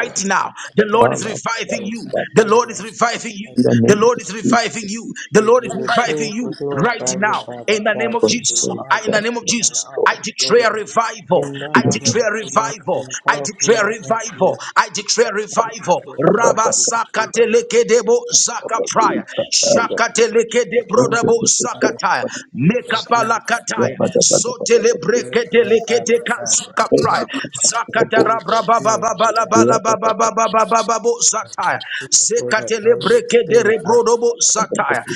[SPEAKER 3] Yeah,
[SPEAKER 1] now, the Lord
[SPEAKER 3] thank you.
[SPEAKER 1] is reviving
[SPEAKER 3] Lord.
[SPEAKER 1] you.
[SPEAKER 3] thank you,
[SPEAKER 1] The Lord is
[SPEAKER 3] yeah,
[SPEAKER 1] reviving you.
[SPEAKER 3] thank you.
[SPEAKER 1] The Lord is reviving you. The
[SPEAKER 3] We give
[SPEAKER 1] Lord is
[SPEAKER 3] you
[SPEAKER 1] reviving
[SPEAKER 3] praise, we
[SPEAKER 1] you right
[SPEAKER 3] glorify you,
[SPEAKER 1] now in
[SPEAKER 3] Father
[SPEAKER 1] the name
[SPEAKER 3] God.
[SPEAKER 1] of
[SPEAKER 3] We give
[SPEAKER 1] Jesus.
[SPEAKER 3] you all
[SPEAKER 1] I,
[SPEAKER 3] the
[SPEAKER 1] in the name of
[SPEAKER 3] honor and
[SPEAKER 1] Jesus,
[SPEAKER 3] all
[SPEAKER 1] I
[SPEAKER 3] the glory.
[SPEAKER 1] declare revival.
[SPEAKER 3] In
[SPEAKER 1] I
[SPEAKER 3] none other than
[SPEAKER 1] declare
[SPEAKER 3] the mighty
[SPEAKER 1] revival.
[SPEAKER 3] and
[SPEAKER 1] I
[SPEAKER 3] powerful
[SPEAKER 1] declare
[SPEAKER 3] name of
[SPEAKER 1] revival.
[SPEAKER 3] Jesus,
[SPEAKER 1] I declare
[SPEAKER 3] we
[SPEAKER 1] revival.
[SPEAKER 3] glorify
[SPEAKER 1] Rabba
[SPEAKER 4] you.
[SPEAKER 3] you, Jesus. We glorify
[SPEAKER 1] sakateleke debo zaka
[SPEAKER 4] Thank
[SPEAKER 3] you,
[SPEAKER 1] prayer.
[SPEAKER 3] Jesus'
[SPEAKER 1] Shakateleke de brodabo
[SPEAKER 3] name.
[SPEAKER 1] zakataya. Mekapalakataya.
[SPEAKER 3] Revive the
[SPEAKER 1] Sotelebreke
[SPEAKER 3] earth,
[SPEAKER 1] deleke
[SPEAKER 3] Father
[SPEAKER 1] deka
[SPEAKER 3] God,
[SPEAKER 1] kazuka
[SPEAKER 3] right
[SPEAKER 1] prayer.
[SPEAKER 3] now. In
[SPEAKER 1] Zakatara
[SPEAKER 3] Jesus'
[SPEAKER 1] braba baba
[SPEAKER 3] name, we
[SPEAKER 1] bala bala baba baba
[SPEAKER 3] thank you.
[SPEAKER 1] baba babo zataya.
[SPEAKER 3] Lord,
[SPEAKER 1] Zekatele
[SPEAKER 3] all your
[SPEAKER 1] breke de
[SPEAKER 3] spirit, I am
[SPEAKER 1] rebrodobo zataya.
[SPEAKER 3] come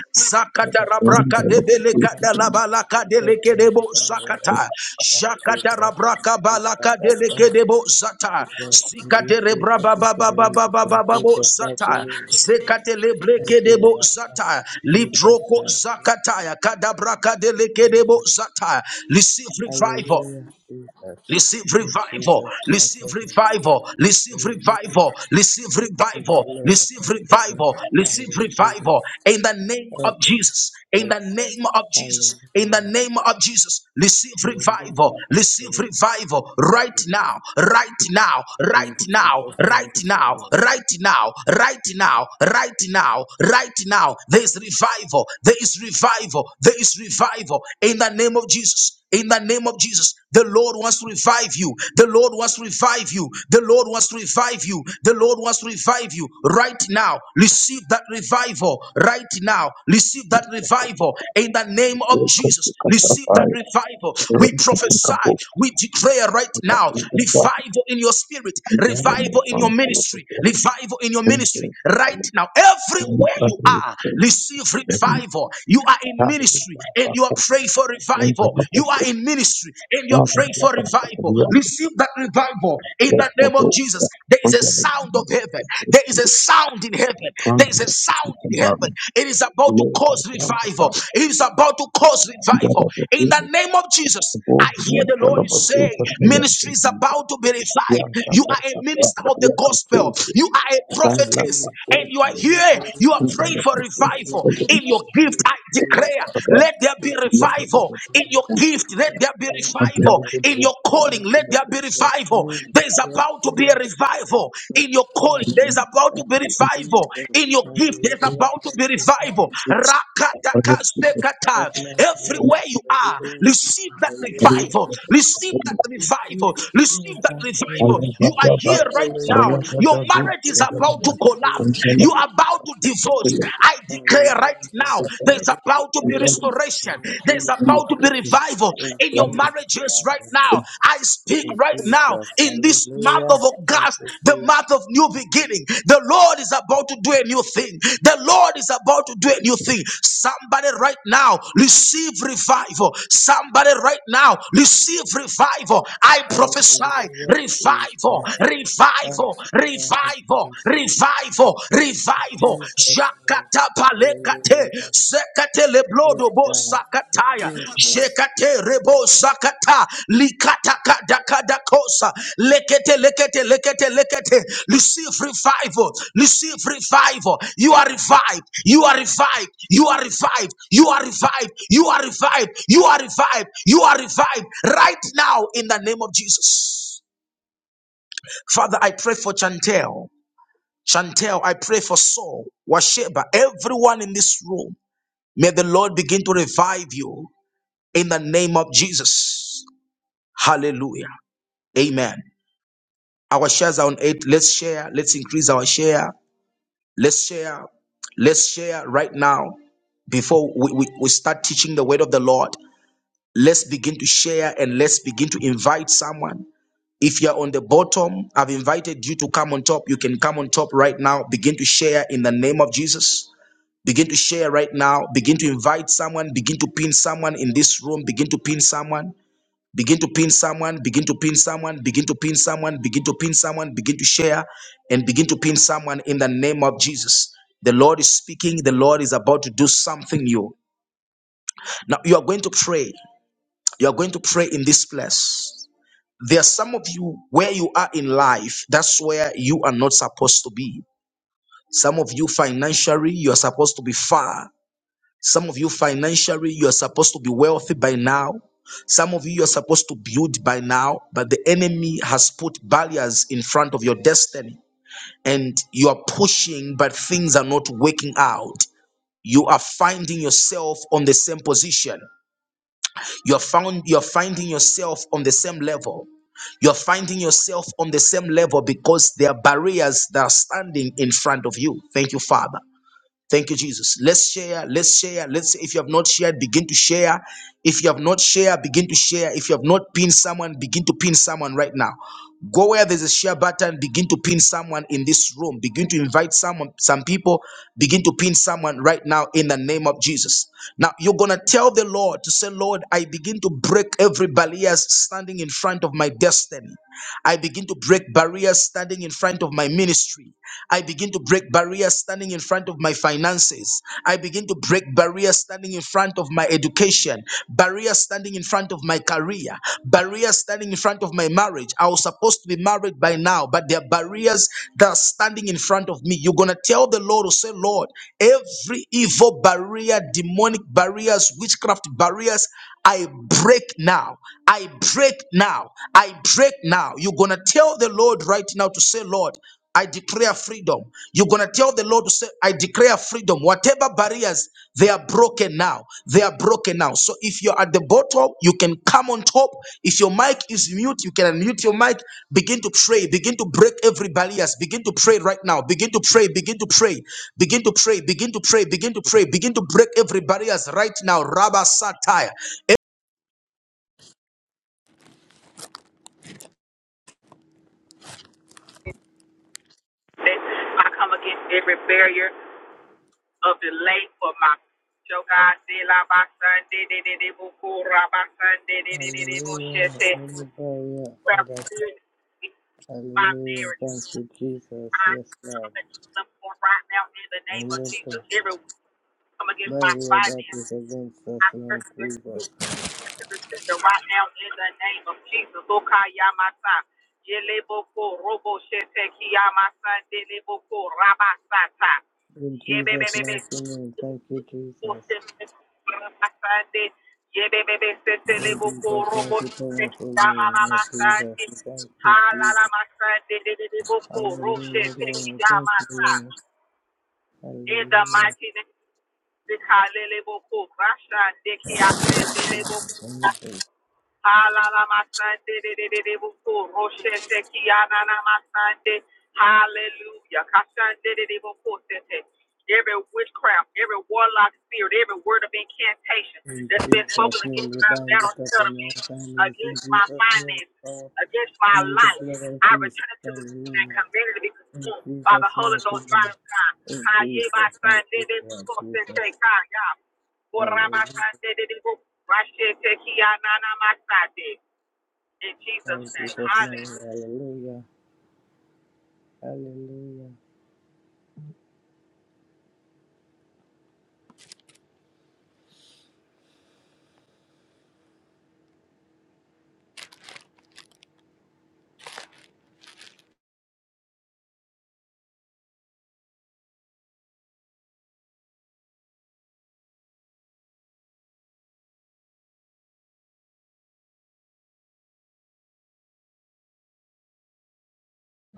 [SPEAKER 3] to the
[SPEAKER 1] Zakatara braka de beleka de la balaka de leke debo
[SPEAKER 3] Lord. Thank you, Jesus, for your power.
[SPEAKER 1] zakata.
[SPEAKER 3] Thank you,
[SPEAKER 1] Shakatara
[SPEAKER 3] God. Thank
[SPEAKER 1] braka
[SPEAKER 3] you, Father.
[SPEAKER 1] balaka de
[SPEAKER 3] Thank you,
[SPEAKER 1] leke
[SPEAKER 3] God.
[SPEAKER 1] debo zata.
[SPEAKER 3] Because Release
[SPEAKER 1] Sikatere
[SPEAKER 3] me from
[SPEAKER 1] braba
[SPEAKER 3] this
[SPEAKER 1] baba
[SPEAKER 3] release
[SPEAKER 1] baba baba
[SPEAKER 3] in
[SPEAKER 1] babo
[SPEAKER 3] Jesus' mighty
[SPEAKER 1] zata.
[SPEAKER 3] name. we pray.
[SPEAKER 1] Zekatele breke
[SPEAKER 3] Thank you,
[SPEAKER 1] debo zata.
[SPEAKER 3] Lord.
[SPEAKER 1] Libroko
[SPEAKER 3] Thank
[SPEAKER 1] zakataya. Kadabraka de
[SPEAKER 3] you,
[SPEAKER 1] leke
[SPEAKER 3] Jesus.
[SPEAKER 1] debo zata. Receive
[SPEAKER 3] Hallelujah.
[SPEAKER 1] revival.
[SPEAKER 3] Hallelujah, Jesus.
[SPEAKER 1] Receive
[SPEAKER 3] In
[SPEAKER 1] revival,
[SPEAKER 3] Jesus' mighty
[SPEAKER 1] receive
[SPEAKER 3] name.
[SPEAKER 1] revival, receive
[SPEAKER 3] Hallelujah.
[SPEAKER 1] revival, receive
[SPEAKER 3] Thank
[SPEAKER 1] revival,
[SPEAKER 3] you, Lord.
[SPEAKER 1] receive
[SPEAKER 3] Thank you,
[SPEAKER 1] revival, receive
[SPEAKER 3] Lord.
[SPEAKER 1] revival in the name
[SPEAKER 3] Hallelujah.
[SPEAKER 1] of
[SPEAKER 3] Thank you,
[SPEAKER 1] Jesus, in the
[SPEAKER 3] Jesus.
[SPEAKER 1] name of Jesus, in
[SPEAKER 3] Hallelujah.
[SPEAKER 1] the name of Jesus, receive revival,
[SPEAKER 3] Hallelujah. Thank
[SPEAKER 1] receive
[SPEAKER 3] you.
[SPEAKER 1] revival right now, right now, right
[SPEAKER 3] In
[SPEAKER 1] now,
[SPEAKER 3] Jesus'
[SPEAKER 1] right
[SPEAKER 3] name.
[SPEAKER 1] now, right now, right now, right now, right now. There is revival, there is revival, there is revival in the name of Jesus. In the name of Jesus, the Lord wants to revive you. The Lord wants to revive you. The Lord wants to revive you. The Lord wants to revive you right now. Receive that revival right now. Receive that revival in the name of Jesus. Receive that revival. We prophesy, we declare right now revival in your spirit, revival in your ministry, revival in your ministry right now. Everywhere you are, receive revival. You are in ministry ministry and you are praying for revival. You are in ministry and you are praying for revival. Receive that revival in the name of Jesus. There is a sound of heaven. There is a sound in heaven. There is a sound in
[SPEAKER 4] you.
[SPEAKER 1] heaven. It is about to
[SPEAKER 4] Thank
[SPEAKER 1] cause
[SPEAKER 4] you.
[SPEAKER 1] revival. It is about to cause revival in the name of Jesus. I hear the Lord is saying, ministry is about to be revived. You are a minister of the gospel. You are a
[SPEAKER 3] I give
[SPEAKER 1] prophetess,
[SPEAKER 3] you
[SPEAKER 1] and
[SPEAKER 3] the
[SPEAKER 1] you are here. You are
[SPEAKER 3] hallelujah.
[SPEAKER 1] praying for
[SPEAKER 3] Yes, Lord.
[SPEAKER 1] revival in your gift. I
[SPEAKER 3] Hallelujah.
[SPEAKER 1] declare, let there be
[SPEAKER 3] Yes,
[SPEAKER 1] revival in
[SPEAKER 3] Lord.
[SPEAKER 1] your gift. Let
[SPEAKER 3] Yes,
[SPEAKER 1] there be revival in your calling. Let there be revival. There is about to be a revival in your
[SPEAKER 3] Yes,
[SPEAKER 1] calling.
[SPEAKER 3] Lord.
[SPEAKER 1] There is about to
[SPEAKER 3] Thank
[SPEAKER 1] be
[SPEAKER 3] you,
[SPEAKER 1] revival
[SPEAKER 3] Jesus.
[SPEAKER 1] in your your gift, there's
[SPEAKER 3] Hallelujah.
[SPEAKER 1] about to
[SPEAKER 3] Thank
[SPEAKER 1] be
[SPEAKER 3] you,
[SPEAKER 1] revival.
[SPEAKER 3] Lord.
[SPEAKER 1] Rakatakasekata.
[SPEAKER 3] That's my prayer.
[SPEAKER 1] Everywhere you are,
[SPEAKER 3] Hallelujah.
[SPEAKER 1] receive that
[SPEAKER 3] Hallelujah.
[SPEAKER 1] revival. Receive that
[SPEAKER 3] You,
[SPEAKER 1] revival. Receive
[SPEAKER 3] Jesus,
[SPEAKER 1] that
[SPEAKER 3] Thank you,
[SPEAKER 1] revival.
[SPEAKER 3] Lord.
[SPEAKER 1] You are here right now.
[SPEAKER 3] Hallelujah.
[SPEAKER 1] Your marriage
[SPEAKER 3] Thank
[SPEAKER 1] is
[SPEAKER 3] you,
[SPEAKER 1] about to
[SPEAKER 3] Jesus.
[SPEAKER 1] collapse.
[SPEAKER 3] Hallelujah.
[SPEAKER 1] You are about to divorce.
[SPEAKER 3] Hallelujah.
[SPEAKER 1] I
[SPEAKER 3] Thank you,
[SPEAKER 1] declare right now,
[SPEAKER 3] Jesus. We
[SPEAKER 1] there's about to be
[SPEAKER 3] praise
[SPEAKER 1] restoration.
[SPEAKER 3] you. In
[SPEAKER 1] There's about to be
[SPEAKER 3] Jesus'
[SPEAKER 1] revival
[SPEAKER 3] name.
[SPEAKER 1] in your
[SPEAKER 3] In Jesus'
[SPEAKER 1] marriages right
[SPEAKER 3] mighty
[SPEAKER 1] now.
[SPEAKER 3] name.
[SPEAKER 1] I speak
[SPEAKER 3] In
[SPEAKER 1] right now
[SPEAKER 3] Jesus.
[SPEAKER 1] in this month
[SPEAKER 3] Hallelujah.
[SPEAKER 1] of
[SPEAKER 3] Thank
[SPEAKER 1] August,
[SPEAKER 3] you,
[SPEAKER 1] the
[SPEAKER 3] Jesus.
[SPEAKER 1] month of new beginning. The Lord is about to do a new thing. The Lord is about to do a new thing. Somebody right now receive revival. Somebody right now receive revival. I prophesy
[SPEAKER 3] Hallelujah. Jesus.
[SPEAKER 1] revival,
[SPEAKER 3] Thank
[SPEAKER 1] revival,
[SPEAKER 3] you, God.
[SPEAKER 1] revival,
[SPEAKER 3] Jesus.
[SPEAKER 1] revival, revival.
[SPEAKER 3] Jesus' name.
[SPEAKER 1] Shakata alekate
[SPEAKER 3] Hallelujah.
[SPEAKER 1] sekate leblodo
[SPEAKER 3] Praise
[SPEAKER 1] bo
[SPEAKER 3] God.
[SPEAKER 1] sakataya
[SPEAKER 3] Jesus.
[SPEAKER 1] jekate rebo sakata likata kada kada kosa lekete lekete lekete lekete receive revival receive revival you are revived you are revived you are revived you are revived you are revived you are revived you are revived right now in the name of Jesus father i pray for chantel Chantel, I pray for Saul, Washeba, everyone in this room. May the Lord begin to revive you in the name of Jesus. Hallelujah. Amen. Our shares are on eight. Let's share. Let's increase our share. Let's share. Let's share right now before we, we, we start teaching the word of the Lord. Let's begin to share and let's begin to invite someone. If you're on the bottom, I've invited you to come on top. You can come on top right now. Begin to share in the name of Jesus. Begin to share right now. Begin to invite someone. Begin to pin someone in this room. Begin to pin someone. Begin to pin someone. Begin to pin someone. Begin to pin someone. Begin to pin someone. Begin to share and begin to pin someone in the name of Jesus. The Lord is speaking. The Lord is about to do something new. Now you are going to pray. You are going to pray in this place. There are some of you where you are in life, that's where you are not supposed to be. Some of you financially, you are supposed to be far. Some of you financially, you're supposed to be wealthy by now. Some of you, you're supposed to build by now, but the enemy has put barriers in front of your destiny. And you are pushing, but things are not working out. You are finding yourself on the same position. You're found you're finding yourself on the same level. You're finding yourself on the same level because there are barriers that are standing in front of you. Thank you, Father. Thank you, Jesus. Let's share. Let's share. Let's. If you have not shared, begin to share. If you have not shared, begin to share. If you have not pinned someone, begin to pin someone right now. Go where there's a share button. Begin to pin someone in this room. Begin to invite someone. Some people begin to pin someone right now in the name of Jesus. Now you're gonna tell the Lord to say, Lord, I begin to break every barrier standing in front of my destiny. I begin to break barriers standing in front of my ministry. I begin to break barriers standing in front of my finances. I begin to break barriers standing in front of my education, barriers standing in front of my career, barriers standing in front of my marriage. I was supposed to be married by now, but there are barriers that are standing in front of me. You're going to tell the Lord, or say, Lord, every evil barrier, demonic barriers, witchcraft barriers, I break now. I break now. I break now. You're going to tell the Lord right now to say, Lord, I declare freedom. You're going to tell the Lord to say, I declare freedom. Whatever barriers, they are broken now. They are broken now. So if you're at the bottom, you can come on top. If your mic is mute, you can unmute your mic. Begin to pray. Begin to break every barriers. Begin to pray right now. Begin to pray. Begin to pray. Begin to pray. Begin to pray. Begin to pray. Begin to break every barriers right now. Rabba Satire.
[SPEAKER 5] I come against every barrier of delay for my show God de la basande de de de bukura basande de de de de
[SPEAKER 3] Hallelujah.
[SPEAKER 5] bushete
[SPEAKER 3] Hallelujah.
[SPEAKER 5] my
[SPEAKER 3] Hallelujah.
[SPEAKER 5] marriage.
[SPEAKER 3] Thank you, Jesus.
[SPEAKER 5] I
[SPEAKER 3] Yes,
[SPEAKER 5] come
[SPEAKER 3] Lord.
[SPEAKER 5] against them right now in the name of Jesus.
[SPEAKER 3] Hallelujah.
[SPEAKER 5] Every come against
[SPEAKER 3] But
[SPEAKER 5] my
[SPEAKER 3] we are that
[SPEAKER 5] finances.
[SPEAKER 3] is against us,
[SPEAKER 5] I
[SPEAKER 3] Lord
[SPEAKER 5] curse this
[SPEAKER 3] Jesus.
[SPEAKER 5] sickness to the sender right now in the name of Jesus. Okayamasa. Yeleboko robo shete kiyamasa deleboko rabasata.
[SPEAKER 3] In Jesus'
[SPEAKER 5] Yebebebebe.
[SPEAKER 3] mighty name, thank you, Jesus.
[SPEAKER 5] Rabasande. Yebebebe sete
[SPEAKER 3] In
[SPEAKER 5] leboko
[SPEAKER 3] Jesus'
[SPEAKER 5] robo
[SPEAKER 3] mighty
[SPEAKER 5] shete
[SPEAKER 3] powerful name, Lord
[SPEAKER 5] kiyamamamasa.
[SPEAKER 3] Jesus, we thank you, Jesus.
[SPEAKER 5] Halalamasande deleboko roshe
[SPEAKER 3] Hallelujah,
[SPEAKER 5] te
[SPEAKER 3] Lord, thank you,
[SPEAKER 5] kiyamasa.
[SPEAKER 3] Lord.
[SPEAKER 5] In the
[SPEAKER 3] Hallelujah.
[SPEAKER 5] mighty name of Kaleleboku, Rasha, Deki, Ase, Deleboku,
[SPEAKER 3] Wonderful.
[SPEAKER 5] Halalamasande, Deleboku, Roshe, Teki, Ananamasande, Hallelujah. Kashande, Deleboku, Sete. Every witchcraft, every warlock spirit, every word of incantation
[SPEAKER 3] In
[SPEAKER 5] that's been spoken
[SPEAKER 3] Jesus' name,
[SPEAKER 5] against
[SPEAKER 3] we
[SPEAKER 5] my
[SPEAKER 3] bind
[SPEAKER 5] battle
[SPEAKER 3] it up in
[SPEAKER 5] settlement,
[SPEAKER 3] our families. In
[SPEAKER 5] against my
[SPEAKER 3] Jesus' name,
[SPEAKER 5] finances
[SPEAKER 3] we call
[SPEAKER 5] against my
[SPEAKER 3] you the
[SPEAKER 5] life.
[SPEAKER 3] blood of
[SPEAKER 5] I
[SPEAKER 3] Jesus.
[SPEAKER 5] return it to the and
[SPEAKER 3] Hallelujah.
[SPEAKER 5] command it to be
[SPEAKER 3] In
[SPEAKER 5] consumed by the
[SPEAKER 3] Jesus'
[SPEAKER 5] Holy
[SPEAKER 3] mighty
[SPEAKER 5] Ghost
[SPEAKER 3] name.
[SPEAKER 5] fire of God. I
[SPEAKER 3] In
[SPEAKER 5] ye my
[SPEAKER 3] Jesus'
[SPEAKER 5] son
[SPEAKER 3] mighty
[SPEAKER 5] did it
[SPEAKER 3] name,
[SPEAKER 5] for sin
[SPEAKER 3] Jesus.
[SPEAKER 5] take God, y'all. For
[SPEAKER 3] Hallelujah.
[SPEAKER 5] my son did it go. My shit take he out my side did. In
[SPEAKER 3] In
[SPEAKER 5] Jesus' name.
[SPEAKER 3] Jesus' name,
[SPEAKER 5] Hallelujah.
[SPEAKER 3] hallelujah, hallelujah.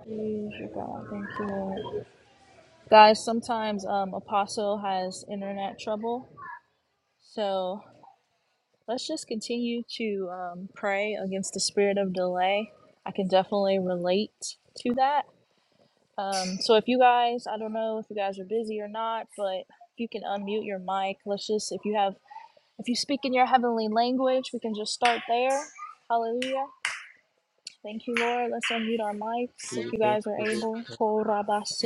[SPEAKER 6] Praise your God. Thank you, Lord. Guys, sometimes um, Apostle has internet trouble. So let's just continue to um, pray against the spirit of delay. I can definitely relate to that. Um, so if you guys, I don't know if you guys are busy or not, but if you can unmute your mic, let's just, if you have, if you speak in your heavenly language, we can just start there. Hallelujah. Thank you, Lord. Let's unmute our mics if you
[SPEAKER 3] Jesus,
[SPEAKER 6] guys are
[SPEAKER 3] Jesus,
[SPEAKER 6] able.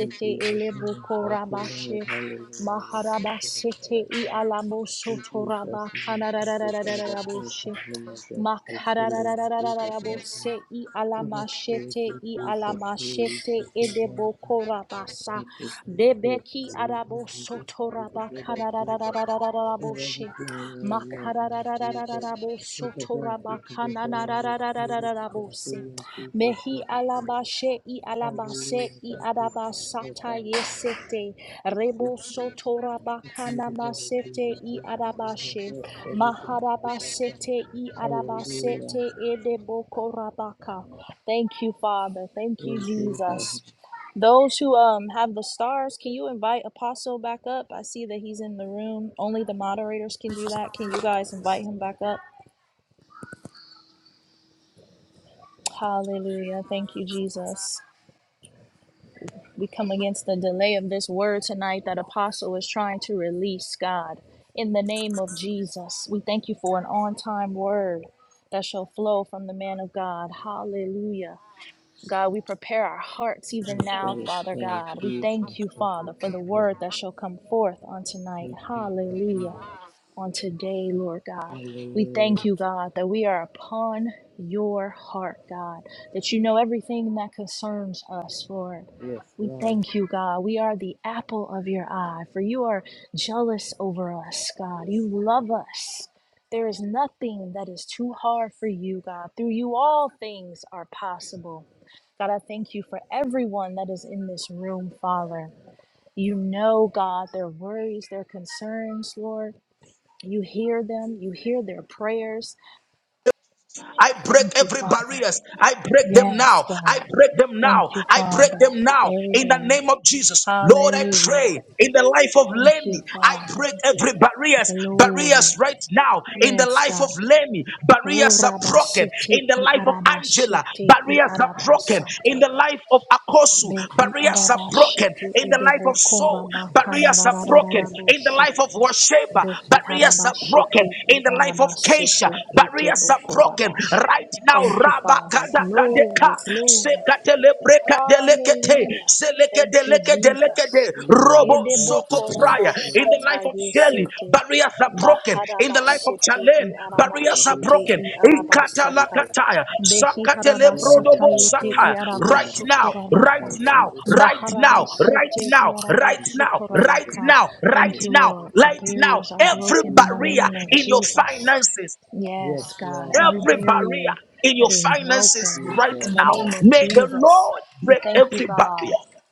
[SPEAKER 3] In Jesus' name,
[SPEAKER 6] elebu
[SPEAKER 3] thank you, Lord.
[SPEAKER 6] korabashe.
[SPEAKER 3] Hallelujah. We thank you,
[SPEAKER 6] Maharabasete
[SPEAKER 3] Father
[SPEAKER 6] i
[SPEAKER 3] God.
[SPEAKER 6] alamo
[SPEAKER 3] In
[SPEAKER 6] sotoraba
[SPEAKER 3] Jesus' name, thank you, Father. Thank you
[SPEAKER 6] kanarararararaboshe.
[SPEAKER 3] for the month of this healing. In Jesus'
[SPEAKER 6] Makararararararabose
[SPEAKER 3] name,
[SPEAKER 6] i
[SPEAKER 3] we just praise
[SPEAKER 6] alamashete
[SPEAKER 3] you,
[SPEAKER 6] i
[SPEAKER 3] Jesus. We lift
[SPEAKER 6] alamashete
[SPEAKER 3] you to God.
[SPEAKER 6] edebakorabasa
[SPEAKER 3] Thank you, Jesus.
[SPEAKER 6] debeki
[SPEAKER 3] Hallelujah. We just praise the blood of Jesus. And
[SPEAKER 6] arabosotorabakarararararabose
[SPEAKER 3] everything in your name, Lord Jesus. We just ask you to just allow the Spirit to come
[SPEAKER 6] makararararararabosotorabakananarararararabose
[SPEAKER 3] through in Jesus'
[SPEAKER 6] mehi
[SPEAKER 3] name.
[SPEAKER 6] alabashe i alabase
[SPEAKER 3] Hallelujah.
[SPEAKER 6] i
[SPEAKER 3] Thank you, Jesus.
[SPEAKER 6] arabasata
[SPEAKER 3] Hallelujah.
[SPEAKER 6] yesete
[SPEAKER 3] Jesus. We plead
[SPEAKER 6] rebosotorabakanama
[SPEAKER 3] the
[SPEAKER 6] sete
[SPEAKER 3] blood
[SPEAKER 6] i
[SPEAKER 3] of
[SPEAKER 6] arabashe
[SPEAKER 3] Jesus over every debt,
[SPEAKER 6] Maharabasete i
[SPEAKER 3] everything we have done. Hallelujah.
[SPEAKER 6] arabasete edebokorabaka. Thank you, Father. Thank
[SPEAKER 3] In
[SPEAKER 6] you,
[SPEAKER 3] Jesus'
[SPEAKER 6] Jesus. Those who um have the stars, can you invite Apostle back up? I see that he's in the room. Only the moderators can do that. Can you guys invite him back up? Hallelujah. Thank you, Jesus. We come against the delay of this word tonight that Apostle is trying to release, God. In the name of Jesus, we thank you for an on time word that shall flow from the man of God. Hallelujah. God, we prepare our hearts even now, Father
[SPEAKER 3] name, that is prayer.
[SPEAKER 6] God. We
[SPEAKER 3] Jesus, that is
[SPEAKER 6] thank you, Father, for
[SPEAKER 3] our
[SPEAKER 6] the
[SPEAKER 3] prayer.
[SPEAKER 6] word that shall come forth on tonight.
[SPEAKER 3] In Jesus'
[SPEAKER 6] Hallelujah
[SPEAKER 3] name.
[SPEAKER 6] on today, Lord God. We thank
[SPEAKER 3] Hallelujah.
[SPEAKER 6] you, God, that we are upon your heart, God, that you know everything that concerns us, Lord.
[SPEAKER 3] Yes,
[SPEAKER 6] We
[SPEAKER 3] Lord.
[SPEAKER 6] thank you, God. We are the apple of your eye, for you are jealous over us, God. You love us. There is nothing that is too hard for you, God. Through you, all things are possible. God, I thank you for everyone that is in this room, Father. You know, God, their worries, their concerns, Lord. You hear them, you hear their prayers.
[SPEAKER 1] I
[SPEAKER 6] I
[SPEAKER 1] break
[SPEAKER 6] thank you,
[SPEAKER 1] every
[SPEAKER 6] Father.
[SPEAKER 1] barriers. I break them
[SPEAKER 6] Yes,
[SPEAKER 1] now. I
[SPEAKER 6] God.
[SPEAKER 1] break them now.
[SPEAKER 6] Thank you,
[SPEAKER 1] I break
[SPEAKER 6] Father.
[SPEAKER 1] them now.
[SPEAKER 6] There he
[SPEAKER 1] In the name
[SPEAKER 6] goes.
[SPEAKER 1] of Jesus, Lord, I
[SPEAKER 6] Hallelujah.
[SPEAKER 1] pray in the life of
[SPEAKER 6] Thank you,
[SPEAKER 1] Lenny. I
[SPEAKER 6] Father.
[SPEAKER 1] break every barriers. Barriers
[SPEAKER 6] Glory.
[SPEAKER 1] right now in the
[SPEAKER 6] Yes,
[SPEAKER 1] life of
[SPEAKER 6] God.
[SPEAKER 1] Lenny.
[SPEAKER 6] Oh,
[SPEAKER 1] Barriers are broken
[SPEAKER 6] rabashete
[SPEAKER 1] in the
[SPEAKER 6] i
[SPEAKER 1] life of Angela.
[SPEAKER 6] arabashete i
[SPEAKER 1] Barriers are broken in
[SPEAKER 6] arabasata.
[SPEAKER 1] the life of Akosu.
[SPEAKER 6] Be i
[SPEAKER 1] Barriers are broken
[SPEAKER 6] arabashete
[SPEAKER 1] in the life of
[SPEAKER 6] edeboko
[SPEAKER 1] Saul. Barriers are broken in the
[SPEAKER 6] rabakanararararabose.
[SPEAKER 1] life of Washeba.
[SPEAKER 6] Behi
[SPEAKER 1] Barriers are
[SPEAKER 6] harabashete
[SPEAKER 1] broken
[SPEAKER 6] i
[SPEAKER 1] in the life of Keisha.
[SPEAKER 6] arabasete ete
[SPEAKER 1] Barriers Yes, are broken
[SPEAKER 6] bokorabash.
[SPEAKER 1] right now.
[SPEAKER 6] Thank you,
[SPEAKER 1] Rabba
[SPEAKER 6] Father.
[SPEAKER 1] kada kadeka
[SPEAKER 6] Glory, glory.
[SPEAKER 1] sekatele breka delekete
[SPEAKER 6] Hallelujah.
[SPEAKER 1] seleke
[SPEAKER 6] Thank you,
[SPEAKER 1] deleke deleke
[SPEAKER 6] Jesus.
[SPEAKER 1] de
[SPEAKER 3] Hallelujah.
[SPEAKER 1] robo
[SPEAKER 3] Thank
[SPEAKER 1] soko
[SPEAKER 3] you, Jesus.
[SPEAKER 1] prayer
[SPEAKER 3] Yes,
[SPEAKER 1] in the life of
[SPEAKER 3] yes,
[SPEAKER 1] Shelly.
[SPEAKER 3] yes.
[SPEAKER 6] Hedebokorabasatayesete.
[SPEAKER 1] Barriers are broken in the life of
[SPEAKER 6] Baharabasete
[SPEAKER 1] Chalen. Barriers are
[SPEAKER 3] Hallelujah,
[SPEAKER 6] iarabashete
[SPEAKER 1] broken. Ikata
[SPEAKER 6] iarabasata.
[SPEAKER 3] Jesus.
[SPEAKER 1] lakataya zakatele
[SPEAKER 3] Jesus,
[SPEAKER 1] brodobo
[SPEAKER 3] thank
[SPEAKER 6] Behiharabasatayete
[SPEAKER 1] sataya.
[SPEAKER 3] you,
[SPEAKER 1] Right
[SPEAKER 3] Lord.
[SPEAKER 1] now,
[SPEAKER 6] iarabosotorabaka.
[SPEAKER 1] right now, right
[SPEAKER 3] Hallelujah.
[SPEAKER 1] now, right
[SPEAKER 6] Baharabasete
[SPEAKER 1] now,
[SPEAKER 3] In
[SPEAKER 1] right now,
[SPEAKER 3] Jesus,
[SPEAKER 1] right
[SPEAKER 6] iarabosotorabaka.
[SPEAKER 1] now, right
[SPEAKER 6] Thank
[SPEAKER 3] Lord,
[SPEAKER 6] you,
[SPEAKER 1] now,
[SPEAKER 6] Lord. The
[SPEAKER 1] right now.
[SPEAKER 6] barriers are
[SPEAKER 1] Every
[SPEAKER 6] broken in the
[SPEAKER 3] Jesus.
[SPEAKER 1] barrier
[SPEAKER 6] name of
[SPEAKER 1] in your
[SPEAKER 6] Jesus.
[SPEAKER 1] finances
[SPEAKER 3] Yes,
[SPEAKER 6] Yes, God,
[SPEAKER 3] Lord,
[SPEAKER 6] every
[SPEAKER 1] Every barrier
[SPEAKER 6] barrier
[SPEAKER 1] in
[SPEAKER 6] that
[SPEAKER 1] your
[SPEAKER 6] is
[SPEAKER 1] finances
[SPEAKER 6] broken
[SPEAKER 1] right
[SPEAKER 6] in
[SPEAKER 3] Jesus,
[SPEAKER 6] the
[SPEAKER 1] now,
[SPEAKER 6] name of
[SPEAKER 1] may
[SPEAKER 3] hallelujah,
[SPEAKER 1] the
[SPEAKER 6] Jesus.
[SPEAKER 1] Lord
[SPEAKER 6] We
[SPEAKER 1] break
[SPEAKER 6] thank you,
[SPEAKER 1] every barrier.
[SPEAKER 6] God.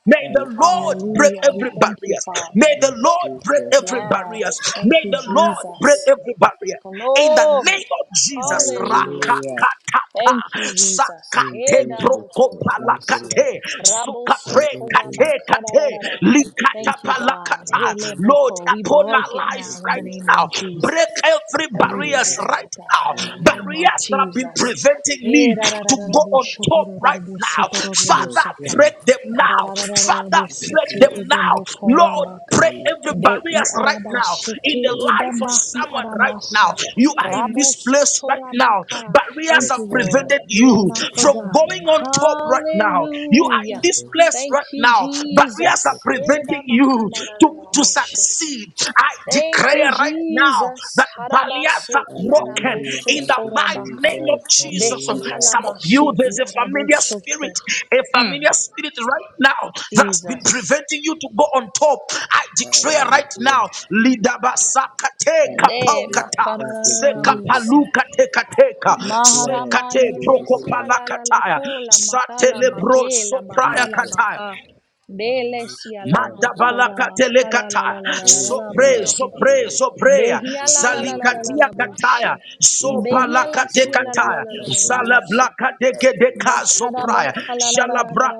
[SPEAKER 1] May the Lord
[SPEAKER 3] hallelujah,
[SPEAKER 1] break
[SPEAKER 6] Hallelujah. We
[SPEAKER 1] every
[SPEAKER 6] thank you,
[SPEAKER 1] barrier.
[SPEAKER 6] Father.
[SPEAKER 1] May the
[SPEAKER 3] in
[SPEAKER 1] Lord break
[SPEAKER 3] Jesus'
[SPEAKER 1] every
[SPEAKER 3] name,
[SPEAKER 1] barrier.
[SPEAKER 6] Yes, thank
[SPEAKER 1] May
[SPEAKER 6] you,
[SPEAKER 1] the Lord break
[SPEAKER 6] Jesus.
[SPEAKER 1] every barrier. In the
[SPEAKER 6] Glory.
[SPEAKER 1] name of Jesus,
[SPEAKER 6] Hallelujah.
[SPEAKER 3] hallelujah,
[SPEAKER 6] Thank you,
[SPEAKER 1] Rakakataka,
[SPEAKER 6] Jesus.
[SPEAKER 3] in
[SPEAKER 1] kate
[SPEAKER 3] Jesus' name,
[SPEAKER 1] prokopala
[SPEAKER 3] thank you,
[SPEAKER 6] Hedabokorabasi.
[SPEAKER 3] Lord,
[SPEAKER 1] kate sukapre
[SPEAKER 3] hallelujah,
[SPEAKER 1] kate kate
[SPEAKER 6] Rabosotorabakararara.
[SPEAKER 1] likata
[SPEAKER 3] Jesus,
[SPEAKER 6] Thank you, God.
[SPEAKER 1] palakata
[SPEAKER 3] hallelujah,
[SPEAKER 1] Lord
[SPEAKER 6] Heleboko. We
[SPEAKER 1] upon
[SPEAKER 6] break
[SPEAKER 1] our
[SPEAKER 6] it
[SPEAKER 1] life
[SPEAKER 3] in
[SPEAKER 6] now in the
[SPEAKER 1] right
[SPEAKER 3] Jesus,
[SPEAKER 6] name
[SPEAKER 1] now
[SPEAKER 6] of
[SPEAKER 1] break
[SPEAKER 6] Jesus
[SPEAKER 1] every
[SPEAKER 3] hallelujah, hallelujah, yes, Lord,
[SPEAKER 6] every
[SPEAKER 3] Jesus, hallelujah, yes, Lord, hallelujah,
[SPEAKER 1] barriers
[SPEAKER 6] barrier,
[SPEAKER 1] right
[SPEAKER 6] God,
[SPEAKER 1] now
[SPEAKER 3] hallelujah,
[SPEAKER 6] in the name of
[SPEAKER 1] barriers that have been
[SPEAKER 6] Jesus.
[SPEAKER 1] preventing
[SPEAKER 6] Eh,
[SPEAKER 1] me
[SPEAKER 6] da, da, da,
[SPEAKER 1] to
[SPEAKER 6] da, da,
[SPEAKER 1] go
[SPEAKER 6] bo,
[SPEAKER 1] on
[SPEAKER 6] sho, to,
[SPEAKER 1] top
[SPEAKER 6] ro, ro, ro,
[SPEAKER 1] right
[SPEAKER 6] bo,
[SPEAKER 1] now
[SPEAKER 6] so, to, ro, ro, bo,
[SPEAKER 1] Father
[SPEAKER 6] sa, ta.
[SPEAKER 1] break them
[SPEAKER 6] Ka, da,
[SPEAKER 1] now
[SPEAKER 6] da, da, da, da, da,
[SPEAKER 1] Father
[SPEAKER 6] bo, si,
[SPEAKER 1] break
[SPEAKER 6] te,
[SPEAKER 1] them
[SPEAKER 6] e, de,
[SPEAKER 1] now
[SPEAKER 6] bo, ko, ra,
[SPEAKER 1] Lord
[SPEAKER 6] ba, ka.
[SPEAKER 1] Pray every
[SPEAKER 6] Be, i,
[SPEAKER 1] barriers
[SPEAKER 6] a, da,
[SPEAKER 1] right
[SPEAKER 6] ba,
[SPEAKER 1] now
[SPEAKER 6] she,
[SPEAKER 1] in
[SPEAKER 6] te,
[SPEAKER 1] the
[SPEAKER 6] e, da,
[SPEAKER 1] life of
[SPEAKER 6] ba, hi, a,
[SPEAKER 1] someone
[SPEAKER 6] da,
[SPEAKER 1] right
[SPEAKER 6] ba,
[SPEAKER 1] now.
[SPEAKER 6] sa.
[SPEAKER 1] You are
[SPEAKER 6] Ra,
[SPEAKER 1] in
[SPEAKER 6] bo,
[SPEAKER 1] this
[SPEAKER 6] so,
[SPEAKER 1] place
[SPEAKER 6] to,
[SPEAKER 1] right
[SPEAKER 6] ra, ba,
[SPEAKER 1] now.
[SPEAKER 6] ka.
[SPEAKER 1] Barriers
[SPEAKER 6] Thank
[SPEAKER 1] have
[SPEAKER 6] you, Lord.
[SPEAKER 1] prevented
[SPEAKER 6] We are
[SPEAKER 1] you
[SPEAKER 6] not
[SPEAKER 1] from going
[SPEAKER 6] forgotten.
[SPEAKER 1] on top right now. You are in
[SPEAKER 6] Hallelujah.
[SPEAKER 1] this place
[SPEAKER 6] Thank
[SPEAKER 1] right
[SPEAKER 6] you,
[SPEAKER 1] now. Barriers are
[SPEAKER 6] Jesus. Eh, da,
[SPEAKER 1] preventing
[SPEAKER 6] ba,
[SPEAKER 1] you
[SPEAKER 6] ka, na na
[SPEAKER 1] to,
[SPEAKER 6] na da,
[SPEAKER 1] to
[SPEAKER 6] bo, she.
[SPEAKER 1] succeed. I
[SPEAKER 6] Thank you,
[SPEAKER 1] declare right now
[SPEAKER 6] Jesus.
[SPEAKER 1] that barriers
[SPEAKER 6] Harabase
[SPEAKER 1] are
[SPEAKER 6] i
[SPEAKER 1] broken
[SPEAKER 6] arabo
[SPEAKER 3] hallelujah,
[SPEAKER 1] in the
[SPEAKER 6] soto
[SPEAKER 3] thank
[SPEAKER 1] mighty
[SPEAKER 3] you,
[SPEAKER 6] rabaka.
[SPEAKER 1] name of Jesus.
[SPEAKER 6] Behi
[SPEAKER 3] Jesus, hallelujah,
[SPEAKER 1] Some of you,
[SPEAKER 6] halabashe i
[SPEAKER 1] there's a
[SPEAKER 6] arabo
[SPEAKER 1] familiar
[SPEAKER 6] soto.
[SPEAKER 1] spirit, a
[SPEAKER 6] Mm,
[SPEAKER 1] familiar spirit right now that's been
[SPEAKER 6] Jesus.
[SPEAKER 1] preventing you to go on top. I declare right
[SPEAKER 3] hallelujah,
[SPEAKER 1] now, Lidabasakate
[SPEAKER 6] De
[SPEAKER 3] Hallelujah.
[SPEAKER 1] kapaukata,
[SPEAKER 3] Thank you, Jesus.
[SPEAKER 6] bakarararabuse.
[SPEAKER 1] sekapalukatekateka,
[SPEAKER 3] Yes, Lord.
[SPEAKER 1] sekate
[SPEAKER 6] Maharabayile sia
[SPEAKER 3] Hallelujah.
[SPEAKER 6] la la la
[SPEAKER 1] prokopalakataya,
[SPEAKER 6] kola makala
[SPEAKER 3] Thank
[SPEAKER 1] satelebro
[SPEAKER 6] makela
[SPEAKER 3] you,
[SPEAKER 1] sopraya
[SPEAKER 6] makala
[SPEAKER 3] Jesus.
[SPEAKER 1] kataya,
[SPEAKER 6] maka. Bele sia la
[SPEAKER 3] Hallelujah,
[SPEAKER 6] bokora
[SPEAKER 3] Jesus.
[SPEAKER 6] makala la
[SPEAKER 1] Mandabalakatelekata,
[SPEAKER 6] la la la la la
[SPEAKER 3] Praise
[SPEAKER 6] la
[SPEAKER 1] Sopre,
[SPEAKER 3] God.
[SPEAKER 6] bose.
[SPEAKER 1] Sopre,
[SPEAKER 3] Hallelujah.
[SPEAKER 1] Soprea,
[SPEAKER 6] Behia
[SPEAKER 3] Yes,
[SPEAKER 6] la la la la la la
[SPEAKER 3] Lord.
[SPEAKER 1] Zalikatia
[SPEAKER 6] la
[SPEAKER 1] Kataya,
[SPEAKER 6] bose.
[SPEAKER 3] Jesus.
[SPEAKER 6] Behia la sia la la la
[SPEAKER 1] Sobalakatekataya,
[SPEAKER 6] la la la la
[SPEAKER 3] Hallelujah. Jesus. Hallelujah.
[SPEAKER 1] Zalablakadekedeka Sopraya,
[SPEAKER 3] Hallelujah.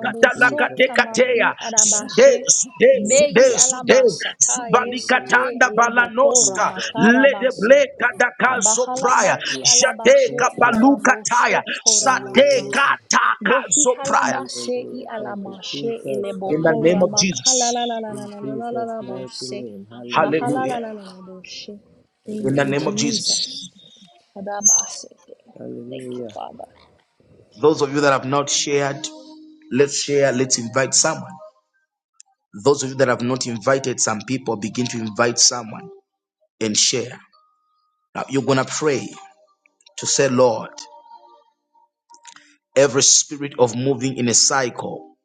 [SPEAKER 3] In Jesus' name,
[SPEAKER 6] tama i
[SPEAKER 3] Father.
[SPEAKER 6] arabashe
[SPEAKER 1] Sude, Sude,
[SPEAKER 3] Yes,
[SPEAKER 6] be i
[SPEAKER 1] Sude, Sude,
[SPEAKER 3] Jesus.
[SPEAKER 6] alabasa ta yesete
[SPEAKER 3] Hallelujah.
[SPEAKER 1] Subalikatanda
[SPEAKER 3] Thank
[SPEAKER 6] eleboko
[SPEAKER 3] you,
[SPEAKER 1] Balanoska,
[SPEAKER 6] ramakarabase
[SPEAKER 1] Ledebleka Daka Sopraya,
[SPEAKER 6] bahalabaki
[SPEAKER 3] Jesus. Hallelujah.
[SPEAKER 6] alabashe
[SPEAKER 3] Yes,
[SPEAKER 1] Jateka
[SPEAKER 6] i
[SPEAKER 3] Lord.
[SPEAKER 6] alaboso
[SPEAKER 1] Balukataya,
[SPEAKER 6] torabaka
[SPEAKER 3] Hallelujah.
[SPEAKER 1] Sateka Taka
[SPEAKER 6] behi
[SPEAKER 1] Zopraya.
[SPEAKER 6] halabase i
[SPEAKER 3] Hallelujah. Thank you,
[SPEAKER 6] alamashe
[SPEAKER 3] Jesus.
[SPEAKER 1] In
[SPEAKER 6] eleboko
[SPEAKER 1] the
[SPEAKER 3] Hallelujah.
[SPEAKER 1] name of Jesus.
[SPEAKER 3] In Jesus' mighty
[SPEAKER 6] ramakalalalalalalalabose
[SPEAKER 3] name. Hallelujah.
[SPEAKER 1] Hallelujah.
[SPEAKER 6] mahalalalaboshe thank
[SPEAKER 1] In the
[SPEAKER 6] you
[SPEAKER 1] name
[SPEAKER 3] Hallelujah.
[SPEAKER 1] of
[SPEAKER 6] Jesus
[SPEAKER 1] Jesus.
[SPEAKER 6] Adabasete. thank you
[SPEAKER 3] Hallelujah.
[SPEAKER 6] Father
[SPEAKER 1] Those of you that have not shared, let's share, let's invite someone. Those of you that have not invited some people, begin to invite someone and share. Now you're going to pray to say, Lord, every spirit of moving in a cycle.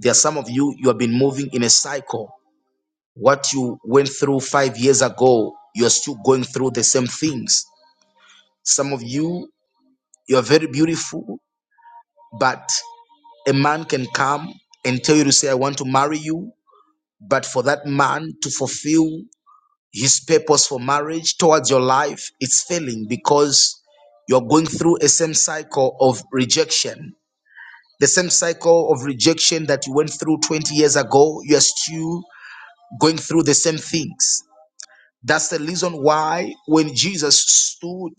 [SPEAKER 1] There are some of you, you have been moving in a cycle. What you went through five years ago, you're still going through the same things. Some of you, you're very beautiful, but a man can come and tell you to say, I want to marry you But for that man to fulfill his purpose for marriage towards your life, it's failing because you're going through a same cycle of rejection. The same cycle of rejection that you went through 20 years ago, you're still going through the same things. That's the reason why when Jesus stood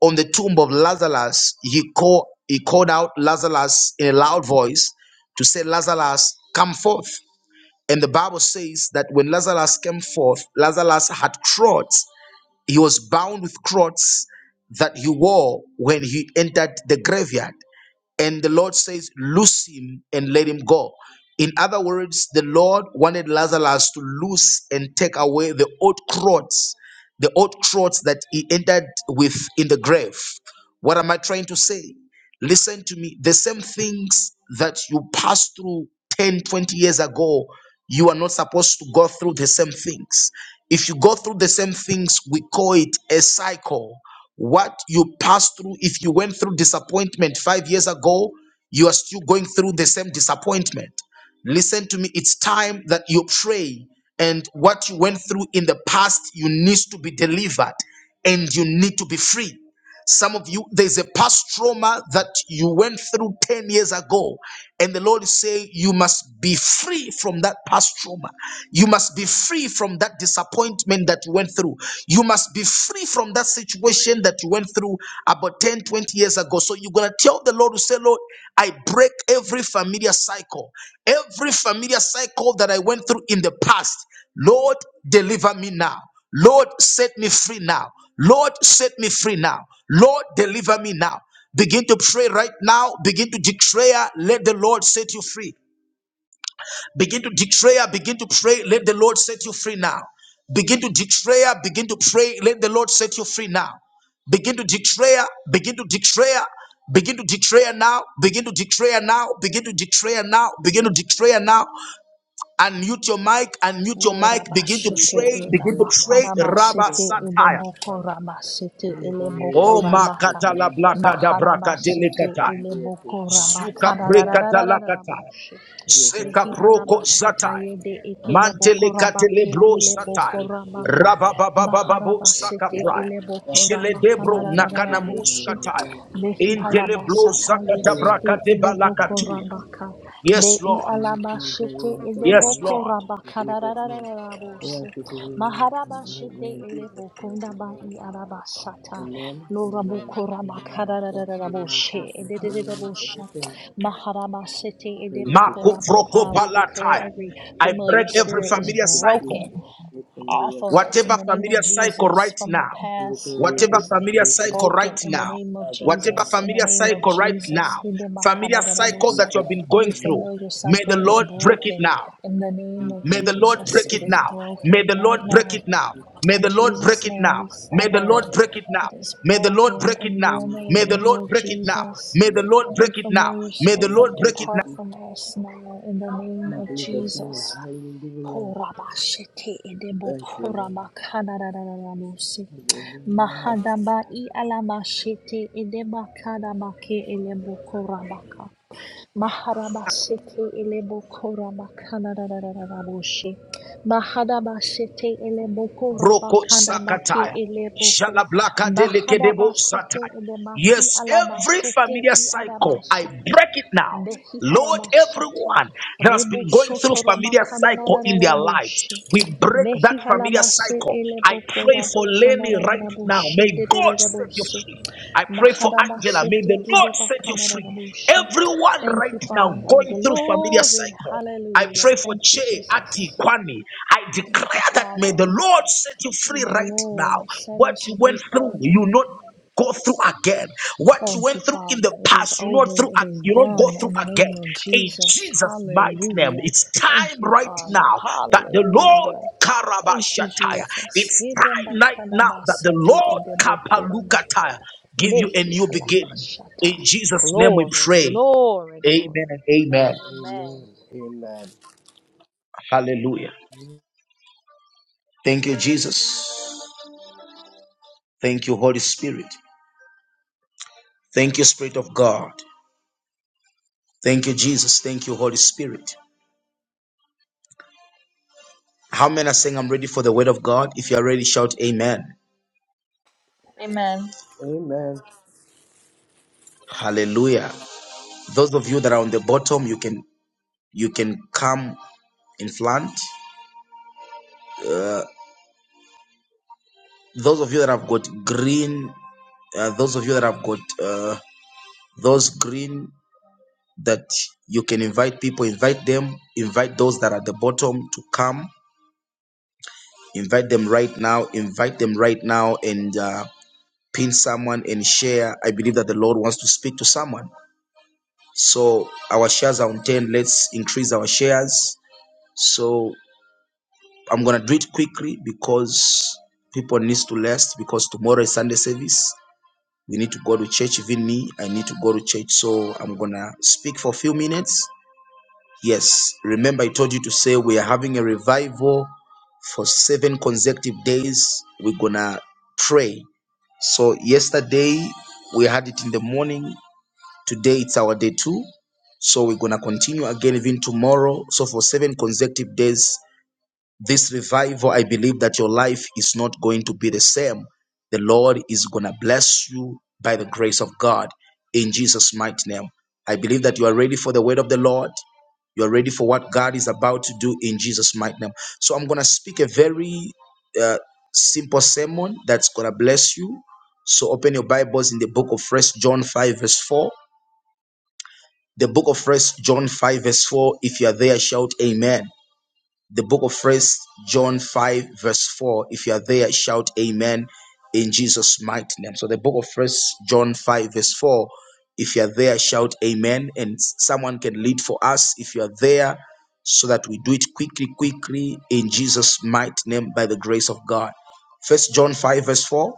[SPEAKER 1] on the tomb of Lazarus, he called, he called out Lazarus in a loud voice to say, Lazarus, come forth. And the Bible says that when Lazarus came forth, Lazarus had cords. He was bound with cords that he wore when he entered the graveyard and the Lord says, Loose him and let him go. In other words, the Lord wanted Lazarus to loose and take away the old clothes, the old clothes that he entered with in the grave. What am I trying to say? Listen to me. The same things that you passed through 10, 20 years ago, you are not supposed to go through the same things. If you go through the same things, we call it a cycle what you passed through, if you went through disappointment five years ago, you are still going through the same disappointment. Listen to me, it's time that you pray, and what you went through in the past, you need to be delivered and you need to be free. Some of you, there's a past trauma that you went through 10 years ago, and the Lord is saying you must be free from that past trauma. You must be free from that disappointment that you went through. You must be free from that situation that you went through about 10, 20 years ago. So you're going to tell the Lord to say, Lord, I break every familiar cycle, every familiar cycle that I went through in the past. Lord, deliver me now. Lord, set me free now. Lord, set me free now. Lord, deliver me now. Begin to pray right now. Begin to declare, let the Lord set you free. Begin to declare, begin to pray, let the Lord set you free now. Begin to declare, begin to pray, let the Lord set you free now. Begin to declare, begin to declare, begin to declare now, begin to declare now, begin to declare now, begin to declare now. Unmute your mic, unmute your mic, begin to
[SPEAKER 6] Urabashete
[SPEAKER 1] pray,
[SPEAKER 3] Jesus'
[SPEAKER 6] eda
[SPEAKER 1] begin to
[SPEAKER 3] name. We
[SPEAKER 1] pray. Rabba
[SPEAKER 6] makarabasete ede
[SPEAKER 1] Satire.
[SPEAKER 6] bokorabasete ele
[SPEAKER 1] O
[SPEAKER 6] bokorabaka
[SPEAKER 1] makata la blaka da braka
[SPEAKER 6] maharabasete
[SPEAKER 1] delikata.
[SPEAKER 6] ele
[SPEAKER 1] Suka prekata lakata.
[SPEAKER 6] bokorabakararararararabushe
[SPEAKER 1] Seka proko
[SPEAKER 6] mehihalabasata
[SPEAKER 1] zatai.
[SPEAKER 6] yede ekele
[SPEAKER 1] Mantele katele
[SPEAKER 6] bokorabake
[SPEAKER 1] bro
[SPEAKER 6] ele
[SPEAKER 1] satai.
[SPEAKER 6] bokorabaka
[SPEAKER 1] Rabababababu
[SPEAKER 6] maharabasete
[SPEAKER 1] sakaprai.
[SPEAKER 6] ele
[SPEAKER 1] Jeledebro nakana
[SPEAKER 6] bokorabakarararararabushe
[SPEAKER 1] muskatai. Intele bro
[SPEAKER 6] mehihalabasata
[SPEAKER 1] zakata
[SPEAKER 6] yesete
[SPEAKER 1] braka brakate
[SPEAKER 6] ele
[SPEAKER 1] balakatuya.
[SPEAKER 6] bokorabaka De
[SPEAKER 1] Yes,
[SPEAKER 6] i
[SPEAKER 1] Lord.
[SPEAKER 6] alaba shete ele
[SPEAKER 1] Yes,
[SPEAKER 6] boko
[SPEAKER 1] Lord.
[SPEAKER 3] ask you to remove my Jesus' mighty
[SPEAKER 6] ndaba
[SPEAKER 3] name.
[SPEAKER 6] i alaba sata.
[SPEAKER 3] Amen.
[SPEAKER 6] Lora
[SPEAKER 3] Amen.
[SPEAKER 6] boko raba
[SPEAKER 3] Amen. Thank
[SPEAKER 6] kadarararara
[SPEAKER 3] you, Lord
[SPEAKER 6] boshe.
[SPEAKER 3] Jesus. Amen. It's everything really
[SPEAKER 1] Maku
[SPEAKER 3] people.
[SPEAKER 1] proko
[SPEAKER 6] We declare
[SPEAKER 1] balatai.
[SPEAKER 6] every
[SPEAKER 1] I
[SPEAKER 6] familiar
[SPEAKER 1] break every
[SPEAKER 6] spirit is
[SPEAKER 3] Thank
[SPEAKER 1] familiar
[SPEAKER 3] you,
[SPEAKER 1] cycle
[SPEAKER 3] Jesus.
[SPEAKER 6] broken
[SPEAKER 3] Make
[SPEAKER 6] off
[SPEAKER 3] familiar,
[SPEAKER 6] of
[SPEAKER 3] Father.
[SPEAKER 6] us in
[SPEAKER 1] Whatever
[SPEAKER 6] the name of
[SPEAKER 1] familiar cycle
[SPEAKER 6] Jesus
[SPEAKER 1] right
[SPEAKER 6] from the
[SPEAKER 1] now,
[SPEAKER 6] past.
[SPEAKER 3] Everything we
[SPEAKER 6] It
[SPEAKER 1] whatever
[SPEAKER 3] pray
[SPEAKER 6] is
[SPEAKER 3] that
[SPEAKER 1] familiar
[SPEAKER 3] you do,
[SPEAKER 1] cycle
[SPEAKER 6] broken
[SPEAKER 1] right
[SPEAKER 6] in the
[SPEAKER 1] now,
[SPEAKER 6] name of
[SPEAKER 3] Father
[SPEAKER 1] whatever
[SPEAKER 3] God.
[SPEAKER 6] Jesus. In the
[SPEAKER 1] familiar
[SPEAKER 6] name of
[SPEAKER 1] cycle right
[SPEAKER 6] Jesus.
[SPEAKER 1] now, familiar
[SPEAKER 3] In
[SPEAKER 6] Hidemakadadadabusa.
[SPEAKER 1] in
[SPEAKER 6] Every
[SPEAKER 1] going
[SPEAKER 3] Jesus' name.
[SPEAKER 1] through,
[SPEAKER 6] familiar
[SPEAKER 1] may the
[SPEAKER 6] cycle
[SPEAKER 3] we
[SPEAKER 6] is
[SPEAKER 1] Lord
[SPEAKER 6] broken
[SPEAKER 1] now,
[SPEAKER 6] in the
[SPEAKER 3] pray.
[SPEAKER 6] name
[SPEAKER 3] In
[SPEAKER 6] of
[SPEAKER 1] may the
[SPEAKER 3] Jesus'
[SPEAKER 1] Lord
[SPEAKER 6] Jesus.
[SPEAKER 1] break
[SPEAKER 6] It
[SPEAKER 1] it
[SPEAKER 6] is
[SPEAKER 3] name.
[SPEAKER 1] now, may
[SPEAKER 6] broken
[SPEAKER 1] the
[SPEAKER 6] right
[SPEAKER 1] Lord break
[SPEAKER 6] now.
[SPEAKER 1] it now, may
[SPEAKER 6] In
[SPEAKER 1] the Lord break
[SPEAKER 6] Jesus'
[SPEAKER 1] it
[SPEAKER 6] name,
[SPEAKER 1] now,
[SPEAKER 6] we
[SPEAKER 1] may the
[SPEAKER 6] sever
[SPEAKER 3] we pray.
[SPEAKER 1] Lord
[SPEAKER 6] it.
[SPEAKER 1] break it now,
[SPEAKER 6] It is
[SPEAKER 1] may the Lord
[SPEAKER 6] broken
[SPEAKER 1] break it
[SPEAKER 6] in
[SPEAKER 1] now,
[SPEAKER 6] your
[SPEAKER 1] may the
[SPEAKER 6] name,
[SPEAKER 3] Hallelujah.
[SPEAKER 1] Lord
[SPEAKER 6] Lord
[SPEAKER 1] break it now,
[SPEAKER 6] Jesus.
[SPEAKER 1] may the
[SPEAKER 3] Yes.
[SPEAKER 1] Lord
[SPEAKER 6] Every
[SPEAKER 1] break it now,
[SPEAKER 6] familiar
[SPEAKER 1] may the Lord
[SPEAKER 3] Hallelujah.
[SPEAKER 6] spirit,
[SPEAKER 1] break it
[SPEAKER 6] depart from us now in the name
[SPEAKER 3] In
[SPEAKER 6] of
[SPEAKER 3] Jesus' name.
[SPEAKER 6] Jesus.
[SPEAKER 3] Hallelujah.
[SPEAKER 6] Korabashete edebo
[SPEAKER 3] Thank you, Lord.
[SPEAKER 6] korabakanarararabusi. Mahadaba i alamashete edeba kadabake elebo korabaka. Maharabasete elebokora bakana da da da da da boshi. Mahadabasete elebokora
[SPEAKER 1] Broko
[SPEAKER 6] bakana baki
[SPEAKER 1] Sakataya.
[SPEAKER 6] eleboko.
[SPEAKER 1] Shalablaka delekedebo
[SPEAKER 6] Mahadabasete
[SPEAKER 1] satire.
[SPEAKER 6] elemaki
[SPEAKER 1] Yes, every
[SPEAKER 6] alabasete
[SPEAKER 1] familiar
[SPEAKER 6] i
[SPEAKER 1] cycle, I
[SPEAKER 6] adabasete.
[SPEAKER 1] break it now.
[SPEAKER 6] Behi
[SPEAKER 1] Lord,
[SPEAKER 6] harabasata.
[SPEAKER 1] everyone that has
[SPEAKER 6] Rebo
[SPEAKER 1] been going through
[SPEAKER 6] sotora
[SPEAKER 1] familiar
[SPEAKER 6] bakana da da
[SPEAKER 1] cycle
[SPEAKER 6] da
[SPEAKER 1] in
[SPEAKER 6] da da
[SPEAKER 1] their lives,
[SPEAKER 6] boshi.
[SPEAKER 1] we break that
[SPEAKER 6] Mehi
[SPEAKER 1] familiar
[SPEAKER 6] halabase
[SPEAKER 1] cycle. I pray
[SPEAKER 6] elebokora
[SPEAKER 1] for
[SPEAKER 6] bakana
[SPEAKER 1] Lenny
[SPEAKER 6] da da
[SPEAKER 1] right
[SPEAKER 6] da
[SPEAKER 1] now.
[SPEAKER 6] boshi
[SPEAKER 1] May
[SPEAKER 6] de de
[SPEAKER 1] God
[SPEAKER 6] de de
[SPEAKER 1] set you
[SPEAKER 6] boshi.
[SPEAKER 1] free. I pray for Angela. May the Lord set you free. Everyone
[SPEAKER 6] Thank you,
[SPEAKER 1] right now
[SPEAKER 6] Father.
[SPEAKER 1] going through familiar
[SPEAKER 6] Glory.
[SPEAKER 1] cycle. I
[SPEAKER 6] Hallelujah.
[SPEAKER 1] pray for
[SPEAKER 6] Thank you,
[SPEAKER 1] Che Ati
[SPEAKER 6] Jesus.
[SPEAKER 1] Kwani. I
[SPEAKER 6] Thank you,
[SPEAKER 1] declare that may
[SPEAKER 6] Father.
[SPEAKER 1] the Lord set you
[SPEAKER 6] May
[SPEAKER 1] free
[SPEAKER 6] the
[SPEAKER 1] right now.
[SPEAKER 6] Lord set
[SPEAKER 1] What
[SPEAKER 6] us
[SPEAKER 1] you
[SPEAKER 6] free,
[SPEAKER 1] went through,
[SPEAKER 6] Father.
[SPEAKER 1] you not go through again. What you
[SPEAKER 6] Thank you,
[SPEAKER 1] went through in the
[SPEAKER 6] Father. It is
[SPEAKER 1] past, you not
[SPEAKER 6] over.
[SPEAKER 1] through
[SPEAKER 6] It
[SPEAKER 1] ag-
[SPEAKER 6] is
[SPEAKER 1] you not
[SPEAKER 6] done
[SPEAKER 1] go through
[SPEAKER 6] in the
[SPEAKER 1] again.
[SPEAKER 6] name of
[SPEAKER 1] In
[SPEAKER 6] Jesus.
[SPEAKER 1] Jesus' mighty name,
[SPEAKER 6] Hallelujah.
[SPEAKER 1] it's time
[SPEAKER 6] Thank you,
[SPEAKER 1] right
[SPEAKER 6] Father.
[SPEAKER 1] now that the Lord
[SPEAKER 6] Hallelujah. Thank you,
[SPEAKER 1] Karabashataya.
[SPEAKER 6] Jesus.
[SPEAKER 1] It's time right now that the
[SPEAKER 6] Hidembakanabasete
[SPEAKER 1] Lord
[SPEAKER 6] idebokurabaka.
[SPEAKER 1] Kapalukataya give you a new beginning. In
[SPEAKER 6] Nehihalamashata.
[SPEAKER 1] Jesus' name we
[SPEAKER 6] Glory,
[SPEAKER 1] pray.
[SPEAKER 6] glory,
[SPEAKER 1] Amen
[SPEAKER 6] glory.
[SPEAKER 1] and
[SPEAKER 3] Hallelujah.
[SPEAKER 1] amen.
[SPEAKER 6] Amen.
[SPEAKER 3] And amen.
[SPEAKER 1] Hallelujah.
[SPEAKER 3] Amen.
[SPEAKER 1] Thank you, Jesus. Thank you, Holy Spirit. Thank you, Spirit of God. Thank you, Jesus. Thank you, Holy Spirit. How many are saying I'm ready for the word of God? If you are ready, shout amen.
[SPEAKER 3] Amen.
[SPEAKER 1] Hallelujah. Those of you that are on the bottom, you can you can come in front. Those of you that have got green, uh, those of you that have got uh, those green that you can invite people, invite them, invite those that are at the bottom to come. Invite them right now. Invite them right now, and. Uh, pin someone and share. I believe that the Lord wants to speak to someone. So our shares are on 10. Let's increase our shares. So I'm going to do it quickly because people needs to rest because tomorrow is Sunday service. We need to go to church. Even me, I need to go to church. So I'm going to speak for a few minutes. Yes. Remember, I told you to say we are having a revival for seven consecutive days. We're going to pray. So yesterday we had it in the morning. Today it's our day two. So we're going to continue again even tomorrow. So for seven consecutive days, this revival, I believe that your life is not going to be the same. The Lord is going to bless you by the grace of God in Jesus' mighty name. I believe that you are ready for the word of the Lord. You are ready for what God is about to do in Jesus' mighty name. So I'm going to speak a very uh, simple sermon that's going to bless you. So open your Bibles in the book of First John 5, verse 4. The book of First John 5, verse 4. If you are there, shout amen. The book of First John 5, verse 4. If you are there, shout amen in Jesus' mighty name. So the book of First John 5, verse 4. If you are there, shout amen. And someone can lead for us if you are there, so that we do it quickly, quickly in Jesus' mighty name by the grace of God. First John 5, verse 4.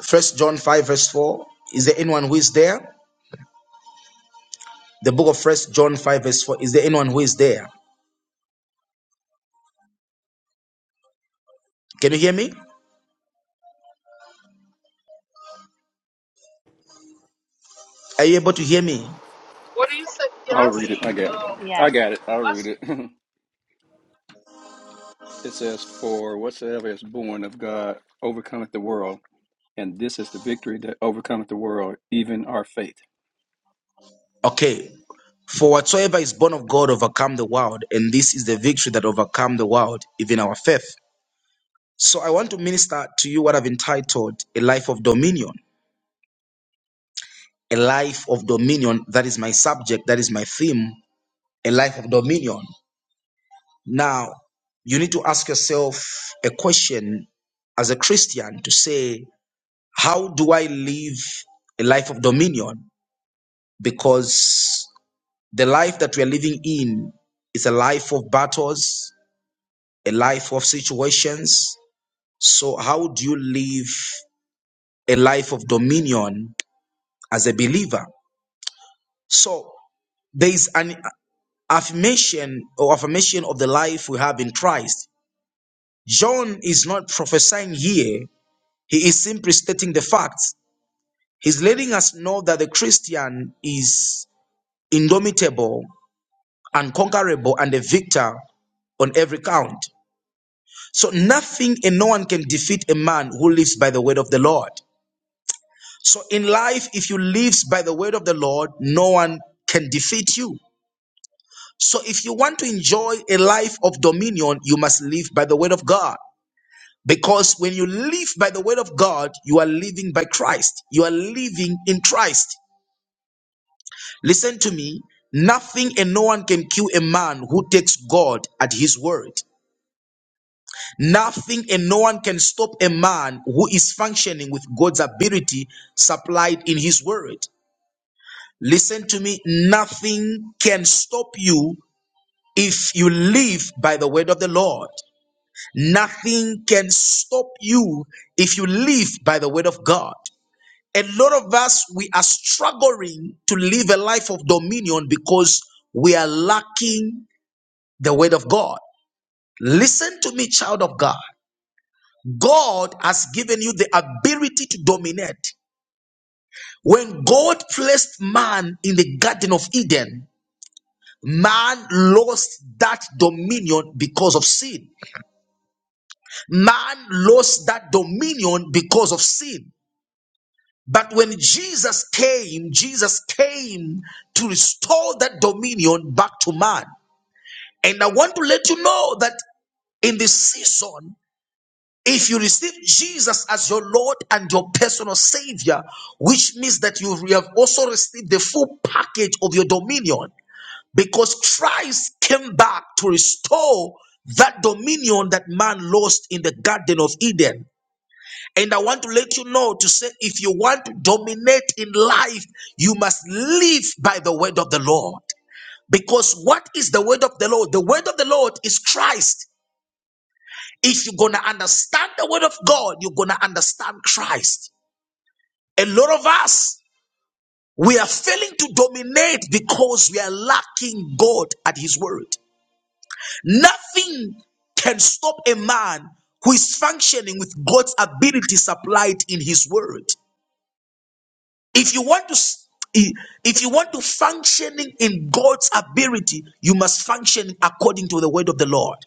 [SPEAKER 1] First John 5, verse 4. Is there anyone who is there? The book of First John 5, verse 4. Is there anyone who is there? Can you hear me? Are you able to hear me?
[SPEAKER 7] What do you say?
[SPEAKER 8] I'll
[SPEAKER 7] Yes.
[SPEAKER 8] read it. I got it.
[SPEAKER 7] Uh,
[SPEAKER 8] I
[SPEAKER 6] Yes.
[SPEAKER 8] got it. I'll read
[SPEAKER 7] us-
[SPEAKER 8] it. [LAUGHS] it says, For whatsoever is born of God overcometh the world, and this is the victory that overcometh the world, even our faith.
[SPEAKER 1] Okay. For whatsoever is born of God overcome the world, and this is the victory that overcome the world, even our faith. So I want to minister to you what I've entitled a life of dominion. A life of dominion. That is my subject. That is my theme. A life of dominion. Now, you need to ask yourself a question as a Christian to say, how do I live a life of dominion? because the life that we are living in is a life of battles, a life of situations. So, how do you live a life of dominion as a believer? So, there is an affirmation or affirmation of the life we have in Christ. John is not prophesying here, he is simply stating the facts. He's letting us know that the Christian is indomitable, unconquerable, and a victor on every count. So nothing and no one can defeat a man who lives by the word of the Lord. So in life, if you live by the word of the Lord, no one can defeat you. So if you want to enjoy a life of dominion, you must live by the word of God. Because when you live by the word of God, you are living by Christ. You are living in Christ. Listen to me. Nothing and no one can kill a man who takes God at his word. Nothing and no one can stop a man who is functioning with God's ability supplied in his word. Listen to me. Nothing can stop you if you live by the word of the Lord. Nothing can stop you if you live by the word of God. A lot of us, we are struggling to live a life of dominion because we are lacking the word of God. Listen to me, child of God. God has given you the ability to dominate. When God placed man in the Garden of Eden, man lost that dominion because of sin. Man lost that dominion because of sin. But when Jesus came, Jesus came to restore that dominion back to man. And I want to let you know that in this season, If you receive Jesus as your Lord and your personal Savior, which means that you have also received the full package of your dominion, because Christ came back to restore that dominion that man lost in the Garden of Eden. And I want to let you know to say if you want to dominate in life, you must live by the word of the Lord. Because what is the word of the Lord? The word of the Lord is Christ. If you're going to understand the word of God, you're going to understand Christ. A lot of us, we are failing to dominate because we are lacking God at His word. Nothing can stop a man who is functioning with God's ability supplied in His word. If you want to s- if you want to functioning in God's ability, you must function according to the word of the Lord.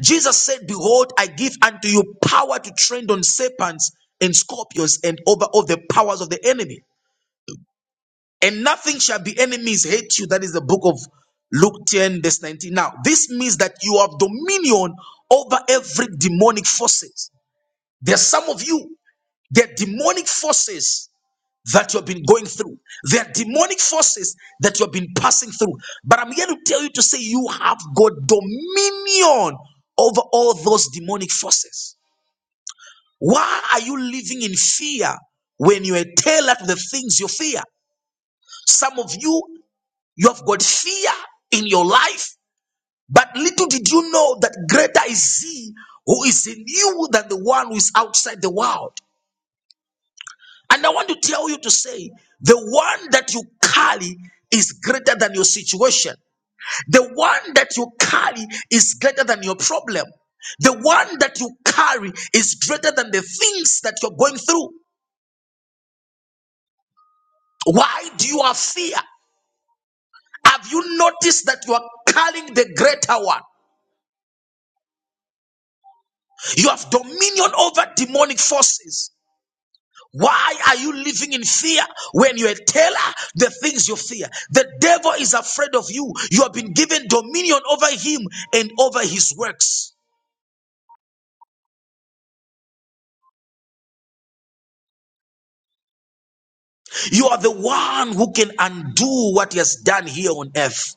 [SPEAKER 1] Jesus said, Behold, I give unto you power to tread on serpents and scorpions and over all the powers of the enemy. And nothing shall be enemies hate you. That is the book of Luke 10, verse 19. Now, this means that you have dominion over every demonic forces. There are some of you, there are demonic forces that you have been going through. There are demonic forces that you have been passing through. But I'm here to tell you to say you have got dominion over all those demonic forces. Why are you living in fear when you are tailored to the things you fear? Some of you, you have got fear in your life, but little did you know that greater is He who is in you than the one who is outside the world. And I want to tell you to say, the one that you carry is greater than your situation. The one that you carry is greater than your problem. The one that you carry is greater than the things that you're going through. Why do you have fear? Have you noticed that you are calling the greater one? You have dominion over demonic forces. Why are you living in fear when you tell the things you fear? The devil is afraid of you. You have been given dominion over him and over his works. You are the one who can undo what he has done here on earth.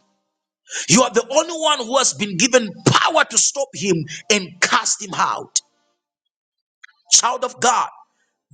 [SPEAKER 1] You are the only one who has been given power to stop him and cast him out. Child of God,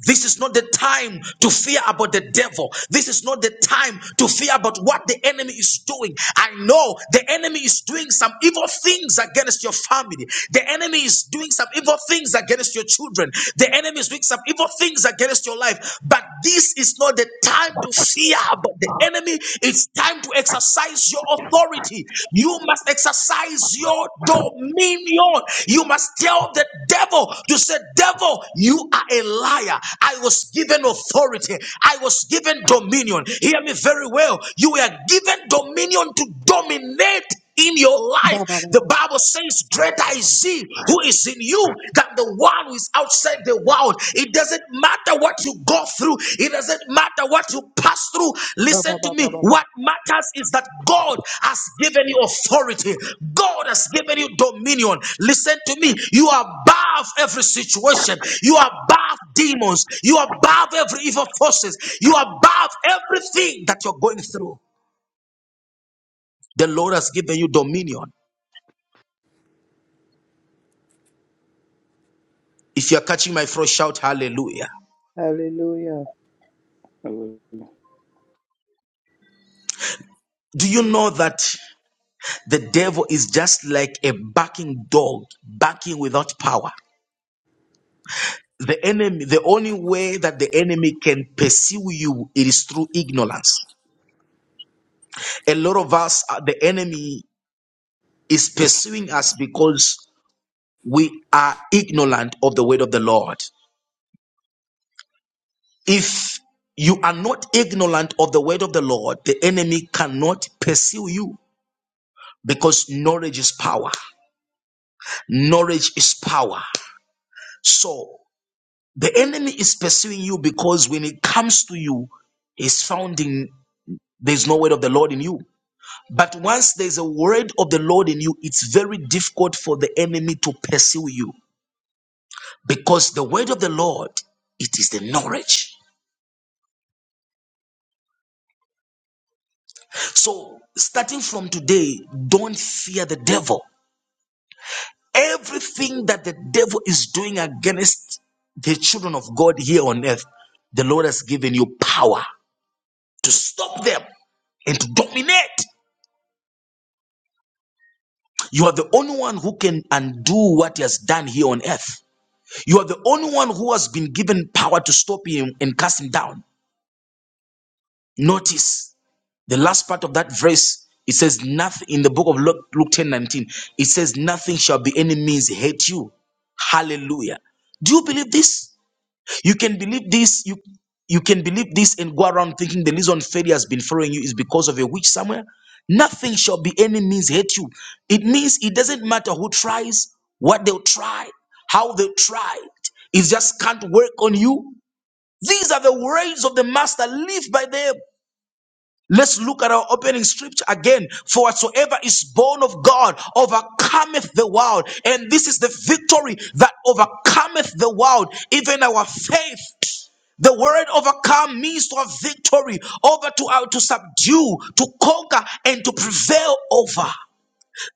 [SPEAKER 1] This is not the time to fear about the devil. This is not the time to fear about what the enemy is doing. I know the enemy is doing some evil things against your family. The enemy is doing some evil things against your children. The enemy is doing some evil things against your life. But this is not the time to fear about the enemy. It's time to exercise your authority authority. You must exercise your dominion. You must tell the devil, you say, Devil, you are a liar. I was given authority, I was given dominion. Hear me very well. You were given dominion to dominate in your
[SPEAKER 9] Ba ba
[SPEAKER 1] life.
[SPEAKER 9] ba
[SPEAKER 1] The
[SPEAKER 9] ba
[SPEAKER 1] Bible says, Greater is he who is in you than the one who is outside the world. It doesn't matter what you go through, it doesn't matter what you pass through. Listen
[SPEAKER 9] ba
[SPEAKER 1] to me. What matters is that God has given you authority, God has given you dominion. Listen to me. You are above every situation, you are above demons, you are above every evil forces, you are above everything that you're going through. The Lord has given you dominion. If you are catching my throat, shout hallelujah.
[SPEAKER 3] Hallelujah.
[SPEAKER 8] Hallelujah.
[SPEAKER 1] Do you know that the devil is just like a barking dog, barking without power? The enemy, the only way that the enemy can pursue you it is through ignorance. A lot of us, uh, the enemy is pursuing us because we are ignorant of the word of the Lord. If you are not ignorant of the word of the Lord, the enemy cannot pursue you because knowledge is power. Knowledge is power. So the enemy is pursuing you because when it comes to you, he's found in there's no word of the Lord in you. But once there's a word of the Lord in you, it's very difficult for the enemy to pursue you because the word of the Lord, it is the knowledge. So starting from today, don't fear the devil. Everything that the devil is doing against the children of God here on earth, the Lord has given you power. to stop them and to dominate. You are the only one who can undo what he has done here on earth. You are the only one who has been given power to stop him and cast him down. Notice the last part of that verse. It says nothing in the book of Luke, Luke 10 19. It says, Nothing shall be any means hate you. Hallelujah. Do you believe this? You can believe this. You you can believe this and go around thinking the reason failure has been following you is because of a witch somewhere. Nothing shall be any means hate you. It means it doesn't matter who tries, what they'll try, how they try. It It just can't work on you. These are the words of the master. Live by them. Let's look at our opening scripture again. For whatsoever is born of God overcometh the world. And this is the victory that overcometh the world, even our faith. The word overcome means to have victory over, to, uh, to subdue, to conquer, and to prevail over.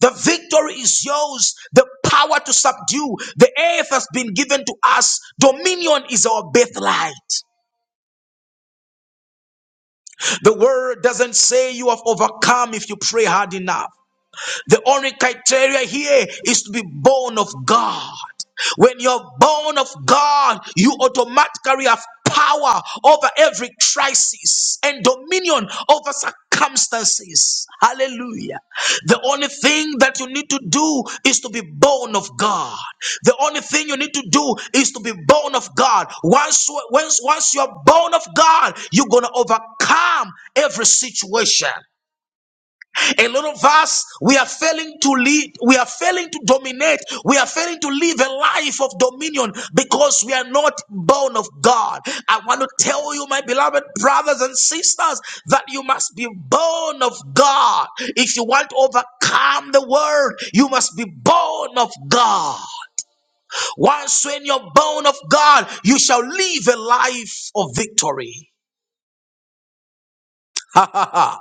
[SPEAKER 1] The victory is yours. The power to subdue. The earth has been given to us. Dominion is our birthright. The word doesn't say you have overcome if you pray hard enough. The only criteria here is to be born of God. When you're born of God, you automatically have power over every crisis and dominion over circumstances. Hallelujah. The only thing that you need to do is to be born of God. The only thing you need to do is to be born of God. Once, once, once you're born of God, you're going to overcome every situation. A lot of us, we are failing to lead, we are failing to dominate, we are failing to live a life of dominion because we are not born of God. I want to tell you, my beloved brothers and sisters, that you must be born of God. If you want to overcome the world, you must be born of God. Once when you're born of God, you shall live a life of victory. [LAUGHS]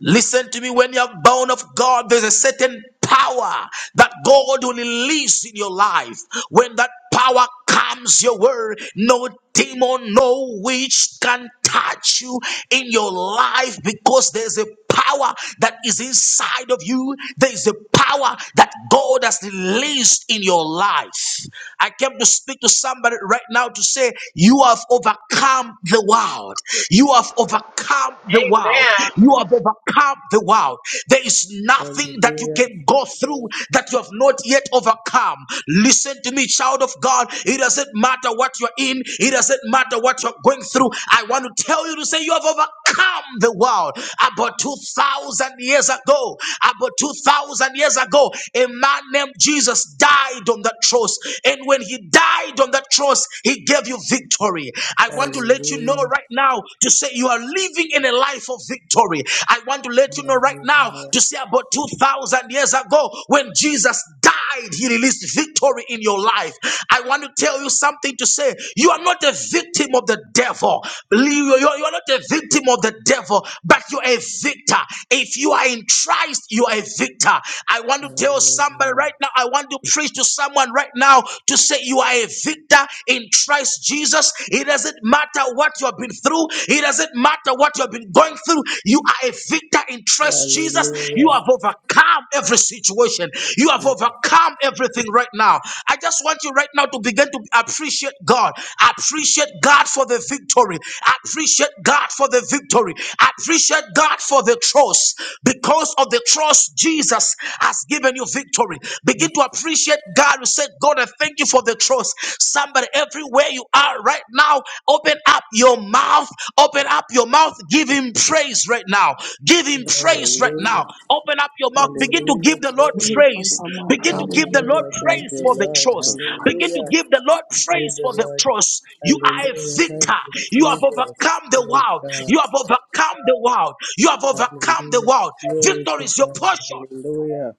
[SPEAKER 1] Listen to me when you are born of God, there's a certain power that God will release in your life. When that power comes your way, no demon, no witch can touch you in your life because there's a power that is inside of you. There is a power that God has released in your life. I came to speak to somebody right now to say, You have overcome the world. You have overcome the world.
[SPEAKER 7] amen.
[SPEAKER 1] You have overcome the world. There is nothing that you
[SPEAKER 3] Hallelujah.
[SPEAKER 1] can go through that you have not yet overcome. Listen to me, child of God. It doesn't matter what you're in, it doesn't matter what you're going through. I want to tell you to say you have overcome the world. About 2,000 years ago, about 2,000 years ago, a man named Jesus died on that cross. And when he died on that cross, he gave you victory. I want to let you know
[SPEAKER 3] Hallelujah.
[SPEAKER 1] right now to say you are living in a life of victory. I want to let you know right now
[SPEAKER 3] Hallelujah.
[SPEAKER 1] to say about 2,000 years ago when Jesus died, he released victory in your life. I want to tell you something to say you are not a victim of the devil. You you- you are not a victim of the devil, but you're a victor. If you are in Christ, you are a victor. I want to tell somebody
[SPEAKER 3] Hallelujah.
[SPEAKER 1] right now, I want to preach to someone right now to say you are are a victor in Christ Jesus. It doesn't matter what you have been through, it doesn't matter what you have been going through. You are a victor in Christ Jesus. You
[SPEAKER 3] Hallelujah.
[SPEAKER 1] have overcome every situation, you have
[SPEAKER 3] Yes.
[SPEAKER 1] overcome everything right now. I just want you right now to begin to appreciate God, appreciate God for the victory, appreciate God for the victory, appreciate God for the trust because of the trust Jesus has given you victory. Begin to appreciate God. You said, God, I thank you for the trust. Somebody, everywhere you are right now, open up your mouth. Open up your mouth. Give him praise right now. Give him praise right
[SPEAKER 3] Hallelujah.
[SPEAKER 1] now. Open up your mouth. Begin to
[SPEAKER 3] Hallelujah.
[SPEAKER 1] give the Lord
[SPEAKER 9] We
[SPEAKER 3] Glory.
[SPEAKER 9] lift
[SPEAKER 1] praise.
[SPEAKER 9] our Lord.
[SPEAKER 1] Begin to give the
[SPEAKER 9] Hallelujah.
[SPEAKER 1] Lord
[SPEAKER 3] Hallelujah. Thank
[SPEAKER 1] praise
[SPEAKER 3] you,
[SPEAKER 1] for the
[SPEAKER 3] Lord.
[SPEAKER 1] trust.
[SPEAKER 8] Oh
[SPEAKER 1] Begin to
[SPEAKER 3] Hallelujah.
[SPEAKER 1] give the Lord
[SPEAKER 3] Praise
[SPEAKER 1] praise for
[SPEAKER 3] the
[SPEAKER 1] the
[SPEAKER 3] Lord.
[SPEAKER 1] trust. You are a
[SPEAKER 3] Hallelujah.
[SPEAKER 1] victor.
[SPEAKER 3] Thank you,
[SPEAKER 1] You have
[SPEAKER 3] Jesus.
[SPEAKER 1] overcome the
[SPEAKER 3] Praise
[SPEAKER 1] world.
[SPEAKER 3] God.
[SPEAKER 1] You have overcome the world. You have overcome the
[SPEAKER 3] Hallelujah.
[SPEAKER 1] world.
[SPEAKER 3] Glory to
[SPEAKER 1] Victory is your
[SPEAKER 3] God.
[SPEAKER 1] portion.
[SPEAKER 3] Hallelujah.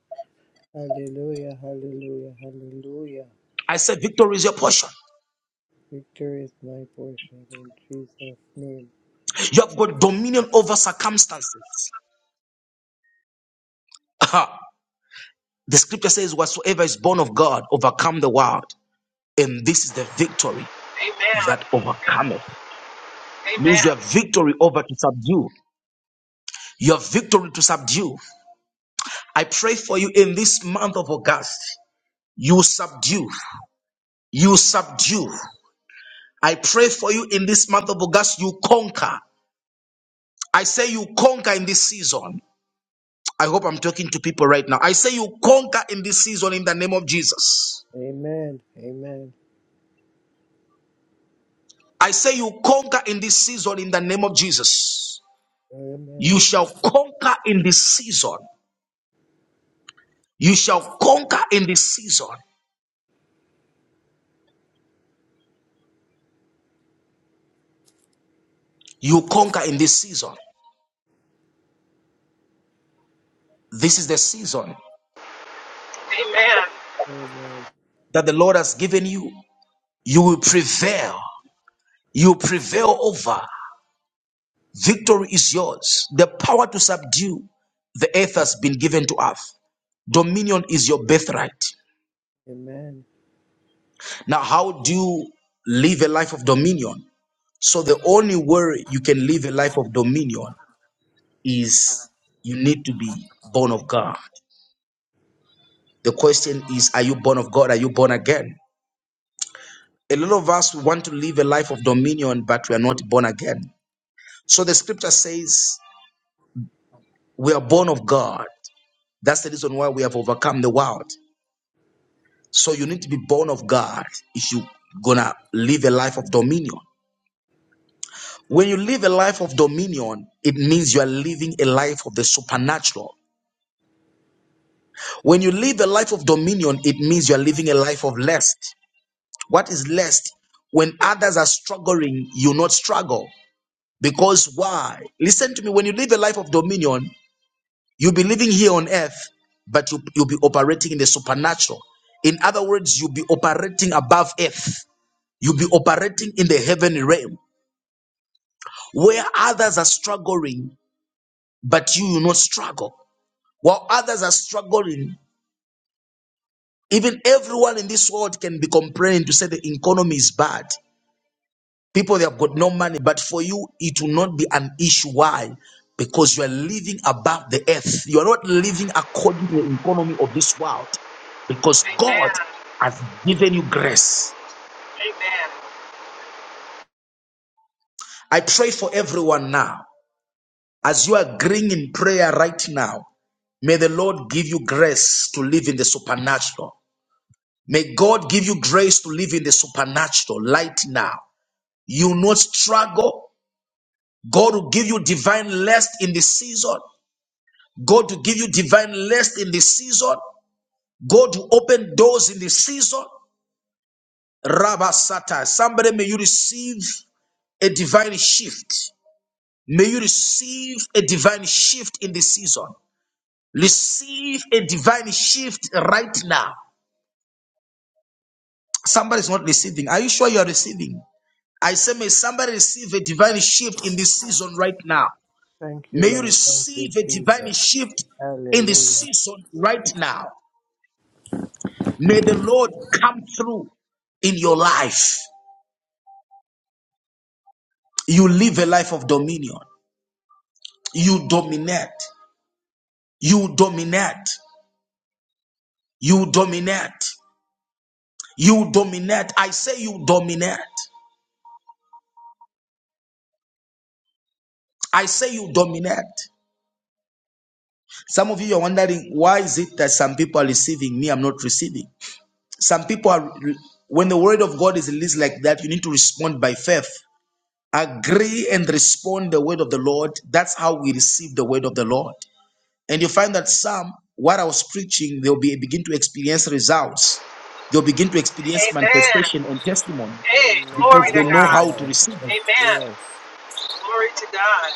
[SPEAKER 3] Hallelujah. Hallelujah. Hallelujah.
[SPEAKER 1] I said, Victory is your portion.
[SPEAKER 3] Victory is my portion in Jesus' name.
[SPEAKER 1] You have got dominion over circumstances. Aha. The scripture says, Whatsoever is born of God overcome the world. And this is the victory
[SPEAKER 7] Amen.
[SPEAKER 1] that overcometh.
[SPEAKER 7] Amen.
[SPEAKER 1] Means you have victory over to subdue. You have victory to subdue. I pray for you in this month of August. You subdue. You subdue. I pray for you in this month of August. You conquer. I say you conquer in this season. I hope I'm talking to people right now. I say you conquer in this season in the name of Jesus.
[SPEAKER 3] Amen. Amen.
[SPEAKER 1] I say you conquer in this season in the name of Jesus. You
[SPEAKER 3] Amen.
[SPEAKER 1] shall conquer in this season. You shall conquer in this season. You conquer in this season. This is the season
[SPEAKER 7] Amen.
[SPEAKER 3] Amen.
[SPEAKER 1] that the Lord has given you. You will prevail. You prevail over. Victory is yours. The power to subdue the earth has been given to us. Dominion is your birthright.
[SPEAKER 3] Amen.
[SPEAKER 1] Now, how do you live a life of dominion? So, the only way you can live a life of dominion is you need to be born of God. The question is, are you born of God? Are you born again? A lot of us want to live a life of dominion, but we are not born again. So the scripture says, we are born of God. That's the reason why we have overcome the world. So you need to be born of God if you're gonna live a life of dominion. When you live a life of dominion, it means you are living a life of the supernatural. When you live a life of dominion, it means you are living a life of lust. What is lest? When others are struggling, you not struggle. Because why? Listen to me. When you live a life of dominion, you'll be living here on earth, but you, you'll be operating in the supernatural. In other words, you'll be operating above earth. You'll be operating in the heavenly realm where others are struggling, but you will not struggle. While others are struggling, even everyone in this world can be complaining to say the economy is bad. People, they have got no money, but for you, it will not be an issue. Why? Because you are living above the earth. You are not living according to the economy of this world because God
[SPEAKER 7] Amen.
[SPEAKER 1] has given you grace.
[SPEAKER 7] Amen.
[SPEAKER 1] I pray for everyone now. As you are agreeing in prayer right now, may the Lord give you grace to live in the supernatural. May God give you grace to live in the supernatural right now. You will not struggle. God will give you divine rest in this season. God to give you divine rest in this season. God to open doors in this season. Rabba Sata. Somebody may you receive a divine shift. May you receive a divine shift in this season. Receive a divine shift right now. Somebody's not receiving. Are you sure you are receiving? I say, may somebody receive a divine shift in this season right now.
[SPEAKER 3] Thank you,
[SPEAKER 1] May you
[SPEAKER 3] Lord. Thank
[SPEAKER 1] receive
[SPEAKER 3] you,
[SPEAKER 1] a divine
[SPEAKER 3] Jesus.
[SPEAKER 1] shift in this
[SPEAKER 3] Hallelujah.
[SPEAKER 1] season right now. May the Lord come through in your life. You live a life of dominion. You dominate. You dominate. You dominate. You dominate. I say you dominate. I say you dominate. Some of you are wondering why is it that some people are receiving me, I'm not receiving. Some people are when the word of God is released like that, you need to respond by faith. Agree and respond the word of the Lord. That's how we receive the word of the Lord. And you find that some, what I was preaching, they'll be, begin to experience results. They'll begin to experience
[SPEAKER 7] Amen.
[SPEAKER 1] manifestation and testimony
[SPEAKER 7] Hey,
[SPEAKER 3] Amen.
[SPEAKER 1] because
[SPEAKER 7] glory
[SPEAKER 1] they
[SPEAKER 7] to
[SPEAKER 1] know
[SPEAKER 3] Yes,
[SPEAKER 7] God.
[SPEAKER 1] how to
[SPEAKER 3] Lord.
[SPEAKER 1] receive it.
[SPEAKER 3] Yes.
[SPEAKER 7] Amen.
[SPEAKER 3] Yes.
[SPEAKER 7] Glory to God.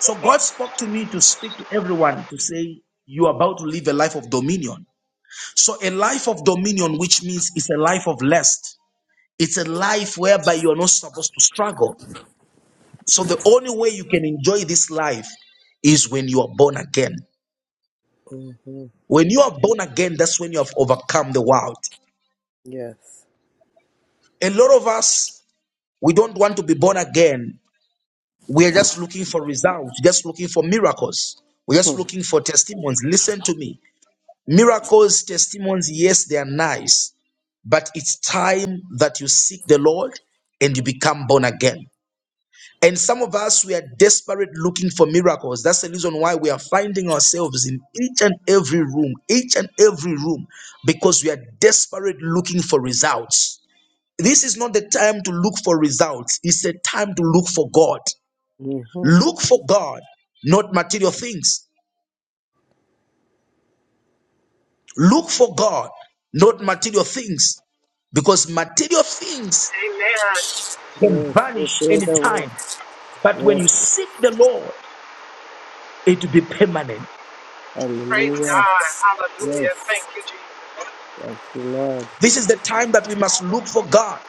[SPEAKER 1] So God spoke to me to speak to everyone to say, You're about to live a life of dominion. So, a life of dominion, which means it's a life of lust, it's a life whereby you are not supposed to struggle. So, the only way you can enjoy this life is when you are born again.
[SPEAKER 3] Mm-hmm.
[SPEAKER 1] When you are born again, that's when you have overcome the world.
[SPEAKER 3] Yes.
[SPEAKER 1] A lot of us We don't want to be born again. We are just looking for results, just looking for miracles. We're just looking for testimonies. Listen to me. Miracles, testimonies, yes, they are nice, but it's time that you seek the Lord and you become born again. And some of us, we are desperate looking for miracles. That's the reason why we are finding ourselves in each and every room, each and every room, because we are desperate looking for results. This is not the time to look for results, it's the time to look for God.
[SPEAKER 3] Mm-hmm.
[SPEAKER 1] Look for God, not material things. Look for God, not material things. Because material things
[SPEAKER 7] Amen.
[SPEAKER 1] can
[SPEAKER 3] Yes. We
[SPEAKER 1] vanish
[SPEAKER 3] fade away.
[SPEAKER 1] anytime. But when you
[SPEAKER 3] Yes.
[SPEAKER 1] seek the Lord, it will be permanent.
[SPEAKER 7] Praise
[SPEAKER 3] Hallelujah.
[SPEAKER 7] God. Hallelujah.
[SPEAKER 3] Yes.
[SPEAKER 7] Thank you, Jesus.
[SPEAKER 3] Thank you, Lord.
[SPEAKER 1] This is the time that we must look for God.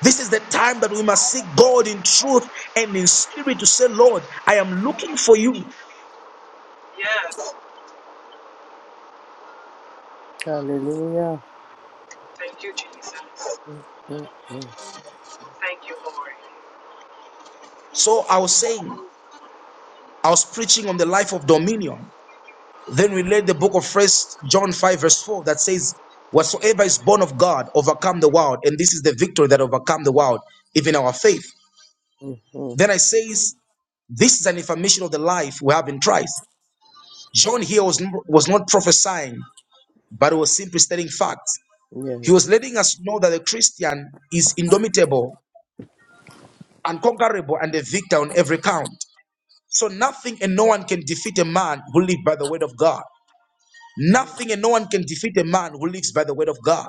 [SPEAKER 1] This is the time that we must seek God in truth and in spirit to say, Lord, I am looking for you.
[SPEAKER 7] Yes.
[SPEAKER 3] Hallelujah.
[SPEAKER 7] Thank you, Jesus.
[SPEAKER 3] Mm-hmm.
[SPEAKER 7] Thank you, Lord.
[SPEAKER 1] So I was saying, I was preaching on the life of dominion. Then we read the book of First John 5, verse 4, that says, Whatsoever is born of God overcome the world, and this is the victory that overcome the world, even our faith.
[SPEAKER 3] Mm-hmm.
[SPEAKER 1] Then I says, This is an information of the life we have in Christ. John here was, was not prophesying, but was simply stating facts.
[SPEAKER 3] Yes.
[SPEAKER 1] He was letting us know that the Christian is indomitable, unconquerable, and a victor on every count. So nothing and no one can defeat a man who lives by the word of God.
[SPEAKER 3] Mm-hmm.
[SPEAKER 1] Nothing and no one can defeat a man who lives by the word of God.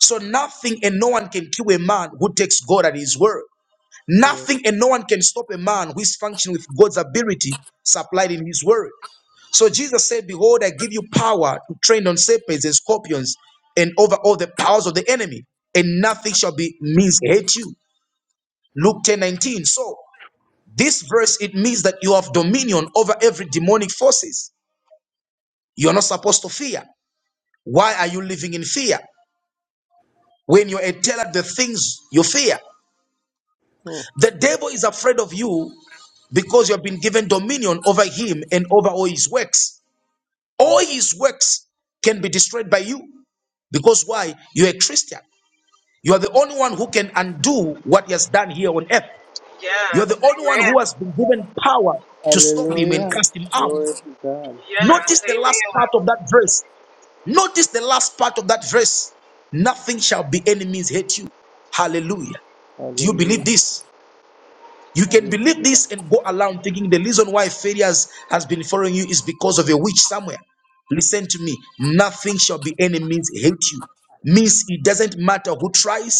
[SPEAKER 1] So nothing and no one can kill a man who takes God at his word.
[SPEAKER 3] Yes.
[SPEAKER 1] Nothing and no one can stop a man who is functioning with God's ability supplied in his word. So Jesus said, Behold, I give you power to tread on serpents and scorpions and over all the powers of the enemy, and nothing shall be means hate you. Luke 10:19. So this verse it means that you have dominion over every demonic forces. You're not supposed to fear. Why are you living in fear? When you're a teller of the things you fear, The devil is afraid of you because you have been given dominion over him and over all his works. All
[SPEAKER 3] Mhm.
[SPEAKER 1] his works can be destroyed by you because why? You're a Christian. You are the only one who can undo what he has done here on earth. You are
[SPEAKER 7] Yes.
[SPEAKER 1] the only one who
[SPEAKER 7] Amen.
[SPEAKER 1] has been given power to stop him
[SPEAKER 3] Hallelujah.
[SPEAKER 1] and cast him out.
[SPEAKER 3] Glory to God.
[SPEAKER 7] Yes.
[SPEAKER 1] Notice the last part
[SPEAKER 7] Amen.
[SPEAKER 1] of that verse. Notice the last part of that verse. Nothing shall be enemies hate you. Hallelujah. Do you believe
[SPEAKER 3] Hallelujah.
[SPEAKER 1] this? You can believe
[SPEAKER 3] Hallelujah.
[SPEAKER 1] this and go around thinking the reason why failures has been following you is because of a witch somewhere. Listen to me. Nothing shall be any means hate you. Means it doesn't matter who tries,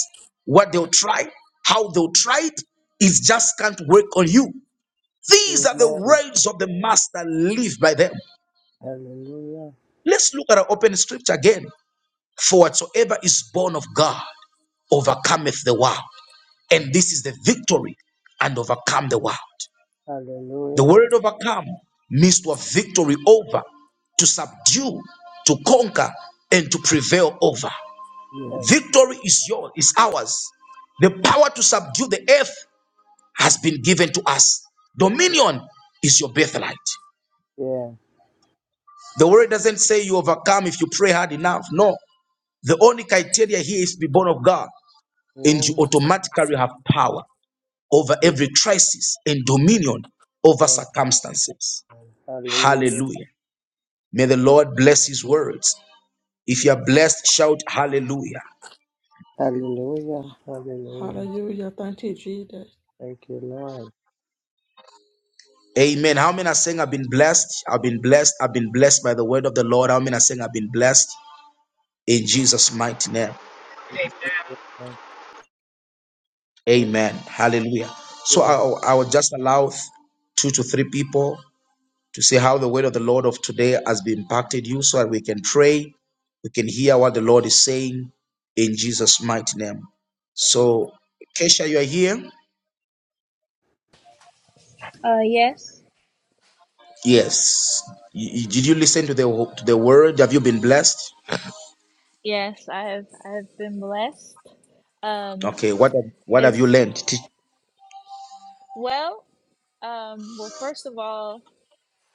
[SPEAKER 1] what they'll try, how they'll try it. It just can't work on you. These are the
[SPEAKER 3] Amen.
[SPEAKER 1] words of the master. Live by them.
[SPEAKER 3] Hallelujah.
[SPEAKER 1] Let's look at our open scripture again. For whatsoever is born of God overcometh the world. And
[SPEAKER 3] Mm.
[SPEAKER 1] this is the victory and overcome the world. The
[SPEAKER 3] Hallelujah.
[SPEAKER 1] word overcome means to have victory over, to subdue, to conquer, and to prevail over.
[SPEAKER 3] Yes.
[SPEAKER 1] Victory is yours, is ours. The power to subdue the earth has been given to us. Dominion is your birthright.
[SPEAKER 3] Yeah.
[SPEAKER 1] The word doesn't say you overcome if you pray hard enough. No. The only criteria here is to be born of God, and you
[SPEAKER 3] Mm.
[SPEAKER 1] automatically have power over
[SPEAKER 3] Yes.
[SPEAKER 1] every crisis and dominion over
[SPEAKER 3] Oh,
[SPEAKER 1] circumstances.
[SPEAKER 3] hallelujah.
[SPEAKER 1] Hallelujah. May the Lord bless his words. If you are
[SPEAKER 3] Yes.
[SPEAKER 1] blessed, shout hallelujah.
[SPEAKER 3] Hallelujah. Hallelujah.
[SPEAKER 9] Hallelujah. Thank you, Jesus.
[SPEAKER 3] Thank you, Lord.
[SPEAKER 1] Amen. How many are saying I've been blessed? I've been blessed. I've been blessed by the word of the Lord. How many are saying I've been blessed in Jesus' mighty name?
[SPEAKER 7] Amen.
[SPEAKER 3] Yes.
[SPEAKER 1] Amen. Hallelujah. So
[SPEAKER 3] Yeah.
[SPEAKER 1] I, I will just allow two to three people to see how the word of the Lord of today has been impacted you so that we can pray. We can hear what the Lord is saying in Jesus' mighty name.
[SPEAKER 3] Mm.
[SPEAKER 1] So, Kesha, you are here.
[SPEAKER 6] Uh, yes.
[SPEAKER 1] Yes. Y- y- Did you listen to the wo- to the word? Have you been blessed?
[SPEAKER 6] Yes, I have I have been blessed. Um,
[SPEAKER 1] Okay. What have, what have you
[SPEAKER 6] it's
[SPEAKER 1] learned? Teach-
[SPEAKER 6] well, um, well, first of all,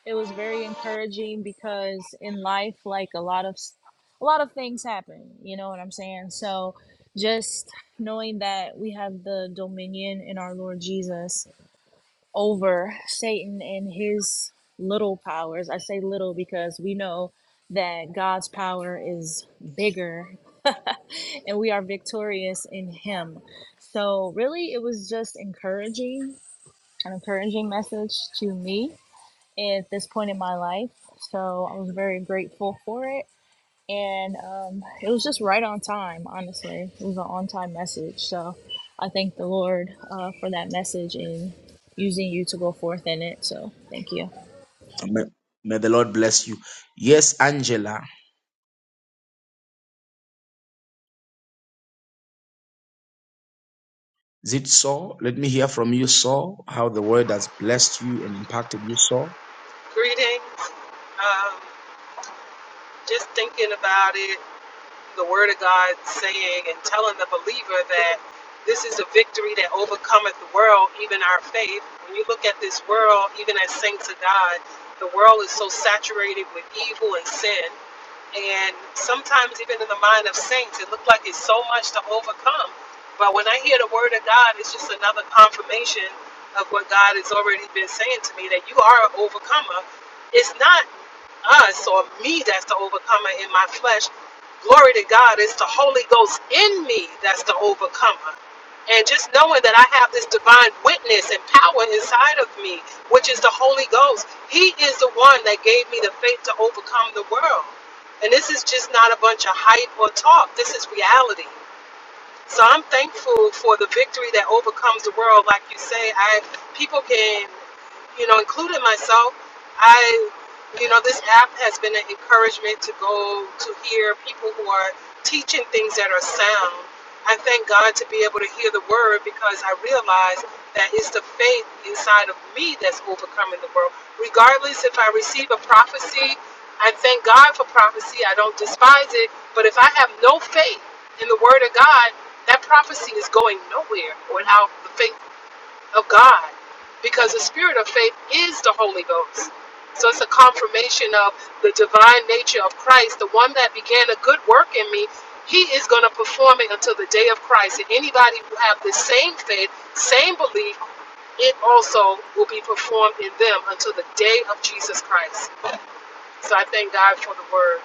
[SPEAKER 6] It was very encouraging because in life, like a lot of s- a lot of things happen. You know what I'm saying? So just knowing that we have the dominion in our Lord Jesus over Satan and his little powers. I say little because we know that God's power is bigger [LAUGHS] and we are victorious in him. So really it was just encouraging, an encouraging message to me at this point in my life. So I was very grateful for it. And um, it was just right on time, honestly. It was an on time message. So I thank the Lord uh, for that message and using you to go forth in it. So thank you.
[SPEAKER 1] May, may the Lord bless you. Yes, Angela. Is it so? Let me hear from you, so how the word has blessed you and impacted you, so.
[SPEAKER 7] Greetings. Um, just thinking about it. the word of God saying and telling the believer that this is a victory that overcometh the world, even our faith. When you look at this world, even as saints of God, the world is so saturated with evil and sin. And sometimes, even in the mind of saints, it looked like it's so much to overcome. But when I hear the word of God, it's just another confirmation of what God has already been saying to me that you are an overcomer. It's not us or me that's the overcomer in my flesh. Glory to God, it's the Holy Ghost in me that's the overcomer. And just knowing that I have this divine witness and power inside of me, which is the Holy Ghost, He is the one that gave me the faith to overcome the world. And this is just not a bunch of hype or talk. This is reality. So I'm thankful for the victory that overcomes the world. Like you say, I people can, you know, including myself, I, you know, this app has been an encouragement to go to hear people who are teaching things that are sound. I thank God to be able to hear the word because I realize that is the faith inside of me that's overcoming the world. Regardless if I receive a prophecy, I thank God for prophecy. I don't despise it. But if I have no faith in the Word of God, that prophecy is going nowhere without the faith of God. Because the spirit of faith is the Holy Ghost. So it's a confirmation of the divine nature of Christ, the one that began a good work in me. He is going to perform it until the day of Christ. And anybody who have the same faith, same belief, it also will be performed in them until the day of Jesus Christ. So I thank God for the word.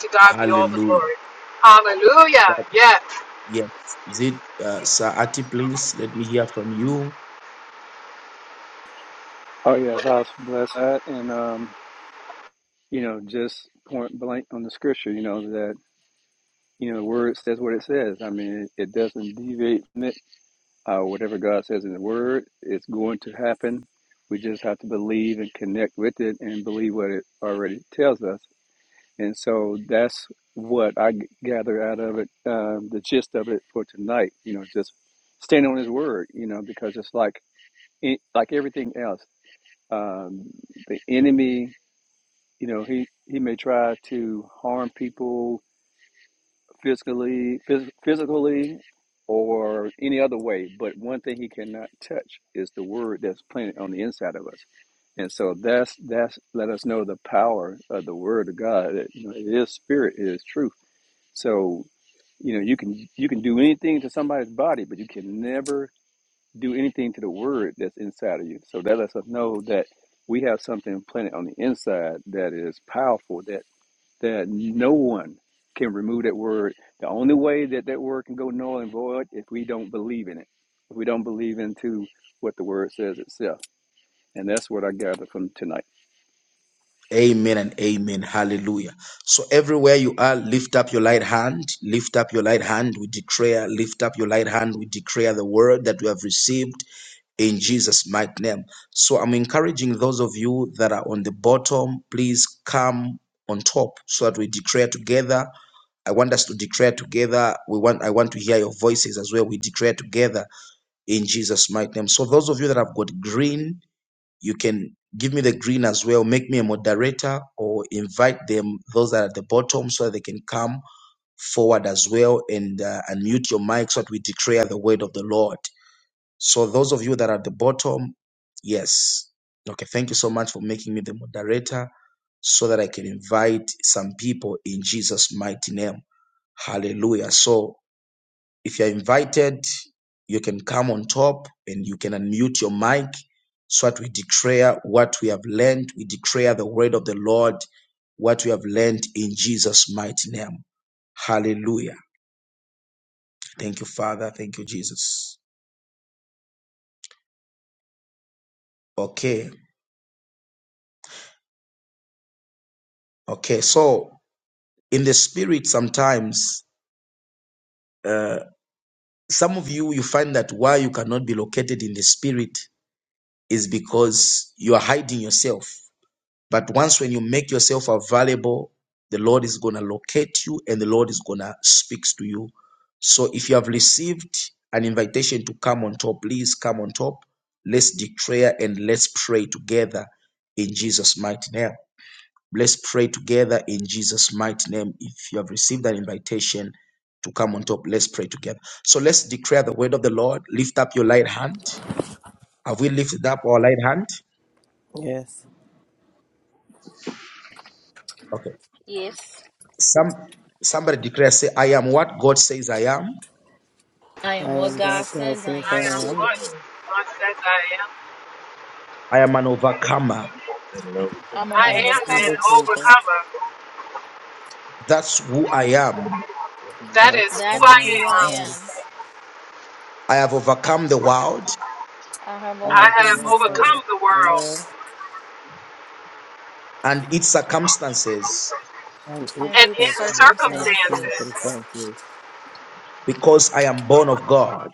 [SPEAKER 7] To God be all the
[SPEAKER 1] Hallelujah.
[SPEAKER 7] glory. Hallelujah.
[SPEAKER 1] That-
[SPEAKER 7] Yes,
[SPEAKER 1] yes. Is it uh, Sir Ati, please? Let me hear from you.
[SPEAKER 8] yes, I was blessed that, and um, you know, just point blank on the scripture, you know, that you know, the word says what it says. I mean, it, it doesn't deviate. Uh, whatever God says in the Word, it's going to happen. We just have to believe and connect with it and believe what it already tells us. And so that's what I g- gather out of it, um, the gist of it for tonight. You know, just stand on His Word. You know, because it's like it- like everything else, um, the enemy. You know, he he may try to harm people physically, phys- physically, or any other way. But one thing he cannot touch is the word that's planted on the inside of us. And so that's that's let us know the power of the word of God. That you know, it is spirit, it is truth. So you know you can you can do anything to somebody's body, but you can never do anything to the word that's inside of you. So that lets us know that we have something planted on the inside that is powerful, That that no one can remove that word. The only way that that word can go null and void if we don't believe in it. If we don't believe into what the word says itself, and that's what I gathered from tonight.
[SPEAKER 1] Amen and amen. Hallelujah. So everywhere you are, lift up your light hand. Lift up your light hand. We declare, lift up your light hand. We declare the word that we have received in Jesus' mighty name. So I'm encouraging those of you that are on the bottom, please come on top so that we declare together. I want us to declare together. We want I want to hear your voices as well. We declare together in Jesus' mighty name. So those of you that have got green, you can give me the green as well make me a moderator or invite them those that are at the bottom so that they can come forward as well and uh, unmute your mic so that we declare the word of the lord so those of you that are at the bottom yes okay thank you so much for making me the moderator so that i can invite some people in jesus mighty name hallelujah so if you're invited, you can come on top and you can unmute your mic so that we declare what we have learned. We declare the word of the Lord, what we have learned in Jesus' mighty name. Hallelujah. Thank you, Father. Thank you, Jesus. Okay. Okay. So, in the spirit, sometimes some of you, you find that why you cannot be located in the spirit is because you are hiding yourself. But once when you make yourself available, the Lord is going to locate you and the Lord is going to speak to you. So if you have received an invitation to come on top, please come on top. Let's declare and let's pray together in Jesus' mighty name. Let's pray together in Jesus' mighty name. If you have received an invitation to come on top, let's pray together. So let's declare the word of the Lord. Lift up your light hand. Have we lifted up our light hand?
[SPEAKER 3] Yes.
[SPEAKER 1] Okay. Some somebody declares, say, I am what God says I am.
[SPEAKER 6] I
[SPEAKER 3] I
[SPEAKER 6] am what
[SPEAKER 3] am God,
[SPEAKER 6] God
[SPEAKER 3] God
[SPEAKER 6] says I
[SPEAKER 3] says
[SPEAKER 7] I am
[SPEAKER 6] am.
[SPEAKER 3] I am.
[SPEAKER 7] what
[SPEAKER 10] Amen.
[SPEAKER 7] God says I am.
[SPEAKER 1] I am an overcomer.
[SPEAKER 10] And over to
[SPEAKER 6] I'm an
[SPEAKER 7] I
[SPEAKER 3] I'm
[SPEAKER 7] am an
[SPEAKER 6] overcomer.
[SPEAKER 3] overtaken.
[SPEAKER 7] overcomer.
[SPEAKER 1] That's who I am.
[SPEAKER 10] God.
[SPEAKER 7] That is
[SPEAKER 3] That's
[SPEAKER 7] who
[SPEAKER 6] That's
[SPEAKER 3] who
[SPEAKER 7] I
[SPEAKER 3] I
[SPEAKER 6] who I
[SPEAKER 3] am.
[SPEAKER 7] am.
[SPEAKER 6] am.
[SPEAKER 1] I have overcome the world
[SPEAKER 6] I have
[SPEAKER 7] I
[SPEAKER 3] I'll be
[SPEAKER 6] overcome
[SPEAKER 7] have
[SPEAKER 6] the
[SPEAKER 7] overcome
[SPEAKER 6] world
[SPEAKER 3] with
[SPEAKER 7] the
[SPEAKER 3] power
[SPEAKER 7] world
[SPEAKER 1] and its circumstances
[SPEAKER 3] and
[SPEAKER 6] and
[SPEAKER 3] its
[SPEAKER 7] and
[SPEAKER 6] its
[SPEAKER 7] its
[SPEAKER 3] circumstances will
[SPEAKER 7] circumstances.
[SPEAKER 6] circumstances.
[SPEAKER 3] confess you.
[SPEAKER 1] because I am born of God.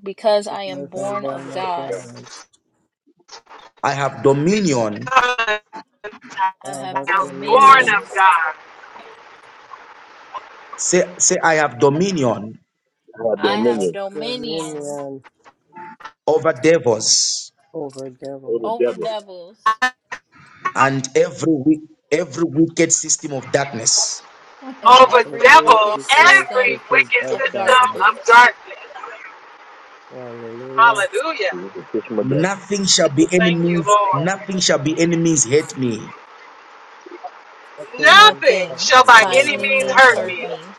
[SPEAKER 6] Because I am
[SPEAKER 3] Because I'm
[SPEAKER 6] born of
[SPEAKER 3] born of
[SPEAKER 6] God,
[SPEAKER 3] God.
[SPEAKER 1] I have
[SPEAKER 7] I
[SPEAKER 1] dominion.
[SPEAKER 3] I
[SPEAKER 6] I
[SPEAKER 3] have
[SPEAKER 6] have
[SPEAKER 7] am born
[SPEAKER 3] dominion.
[SPEAKER 6] dominion
[SPEAKER 10] Dominion.
[SPEAKER 7] of God.
[SPEAKER 1] Say, say I have dominion
[SPEAKER 10] Our
[SPEAKER 6] I
[SPEAKER 3] I have
[SPEAKER 6] have
[SPEAKER 10] dominion
[SPEAKER 6] dominion
[SPEAKER 3] dominion
[SPEAKER 1] over devils
[SPEAKER 3] over
[SPEAKER 10] over
[SPEAKER 3] devil
[SPEAKER 6] over
[SPEAKER 10] Deborah.
[SPEAKER 6] devils
[SPEAKER 1] and every wi- every wicked system of darkness.
[SPEAKER 6] and
[SPEAKER 3] and
[SPEAKER 7] Over
[SPEAKER 6] every
[SPEAKER 3] every
[SPEAKER 7] devil,
[SPEAKER 6] wicked
[SPEAKER 3] wicked
[SPEAKER 7] every
[SPEAKER 6] system
[SPEAKER 3] spirit
[SPEAKER 7] wicked
[SPEAKER 3] of
[SPEAKER 6] of
[SPEAKER 7] system
[SPEAKER 3] darkness.
[SPEAKER 7] of
[SPEAKER 6] darkness.
[SPEAKER 7] darkness.
[SPEAKER 3] Hallelujah.
[SPEAKER 7] Hallelujah.
[SPEAKER 10] It was a fish my devil.
[SPEAKER 1] Nothing shall be
[SPEAKER 7] Thank you,
[SPEAKER 1] enemies.
[SPEAKER 7] Lord.
[SPEAKER 1] Nothing shall be enemies hate me
[SPEAKER 3] Nothing
[SPEAKER 7] Nothing
[SPEAKER 3] that
[SPEAKER 6] Nothing
[SPEAKER 7] shall
[SPEAKER 3] my
[SPEAKER 7] by
[SPEAKER 6] by
[SPEAKER 3] enemy
[SPEAKER 7] any
[SPEAKER 3] will
[SPEAKER 6] any
[SPEAKER 7] means
[SPEAKER 3] hurt
[SPEAKER 6] means
[SPEAKER 7] hurt
[SPEAKER 3] me.
[SPEAKER 6] hurt
[SPEAKER 7] me.
[SPEAKER 6] me.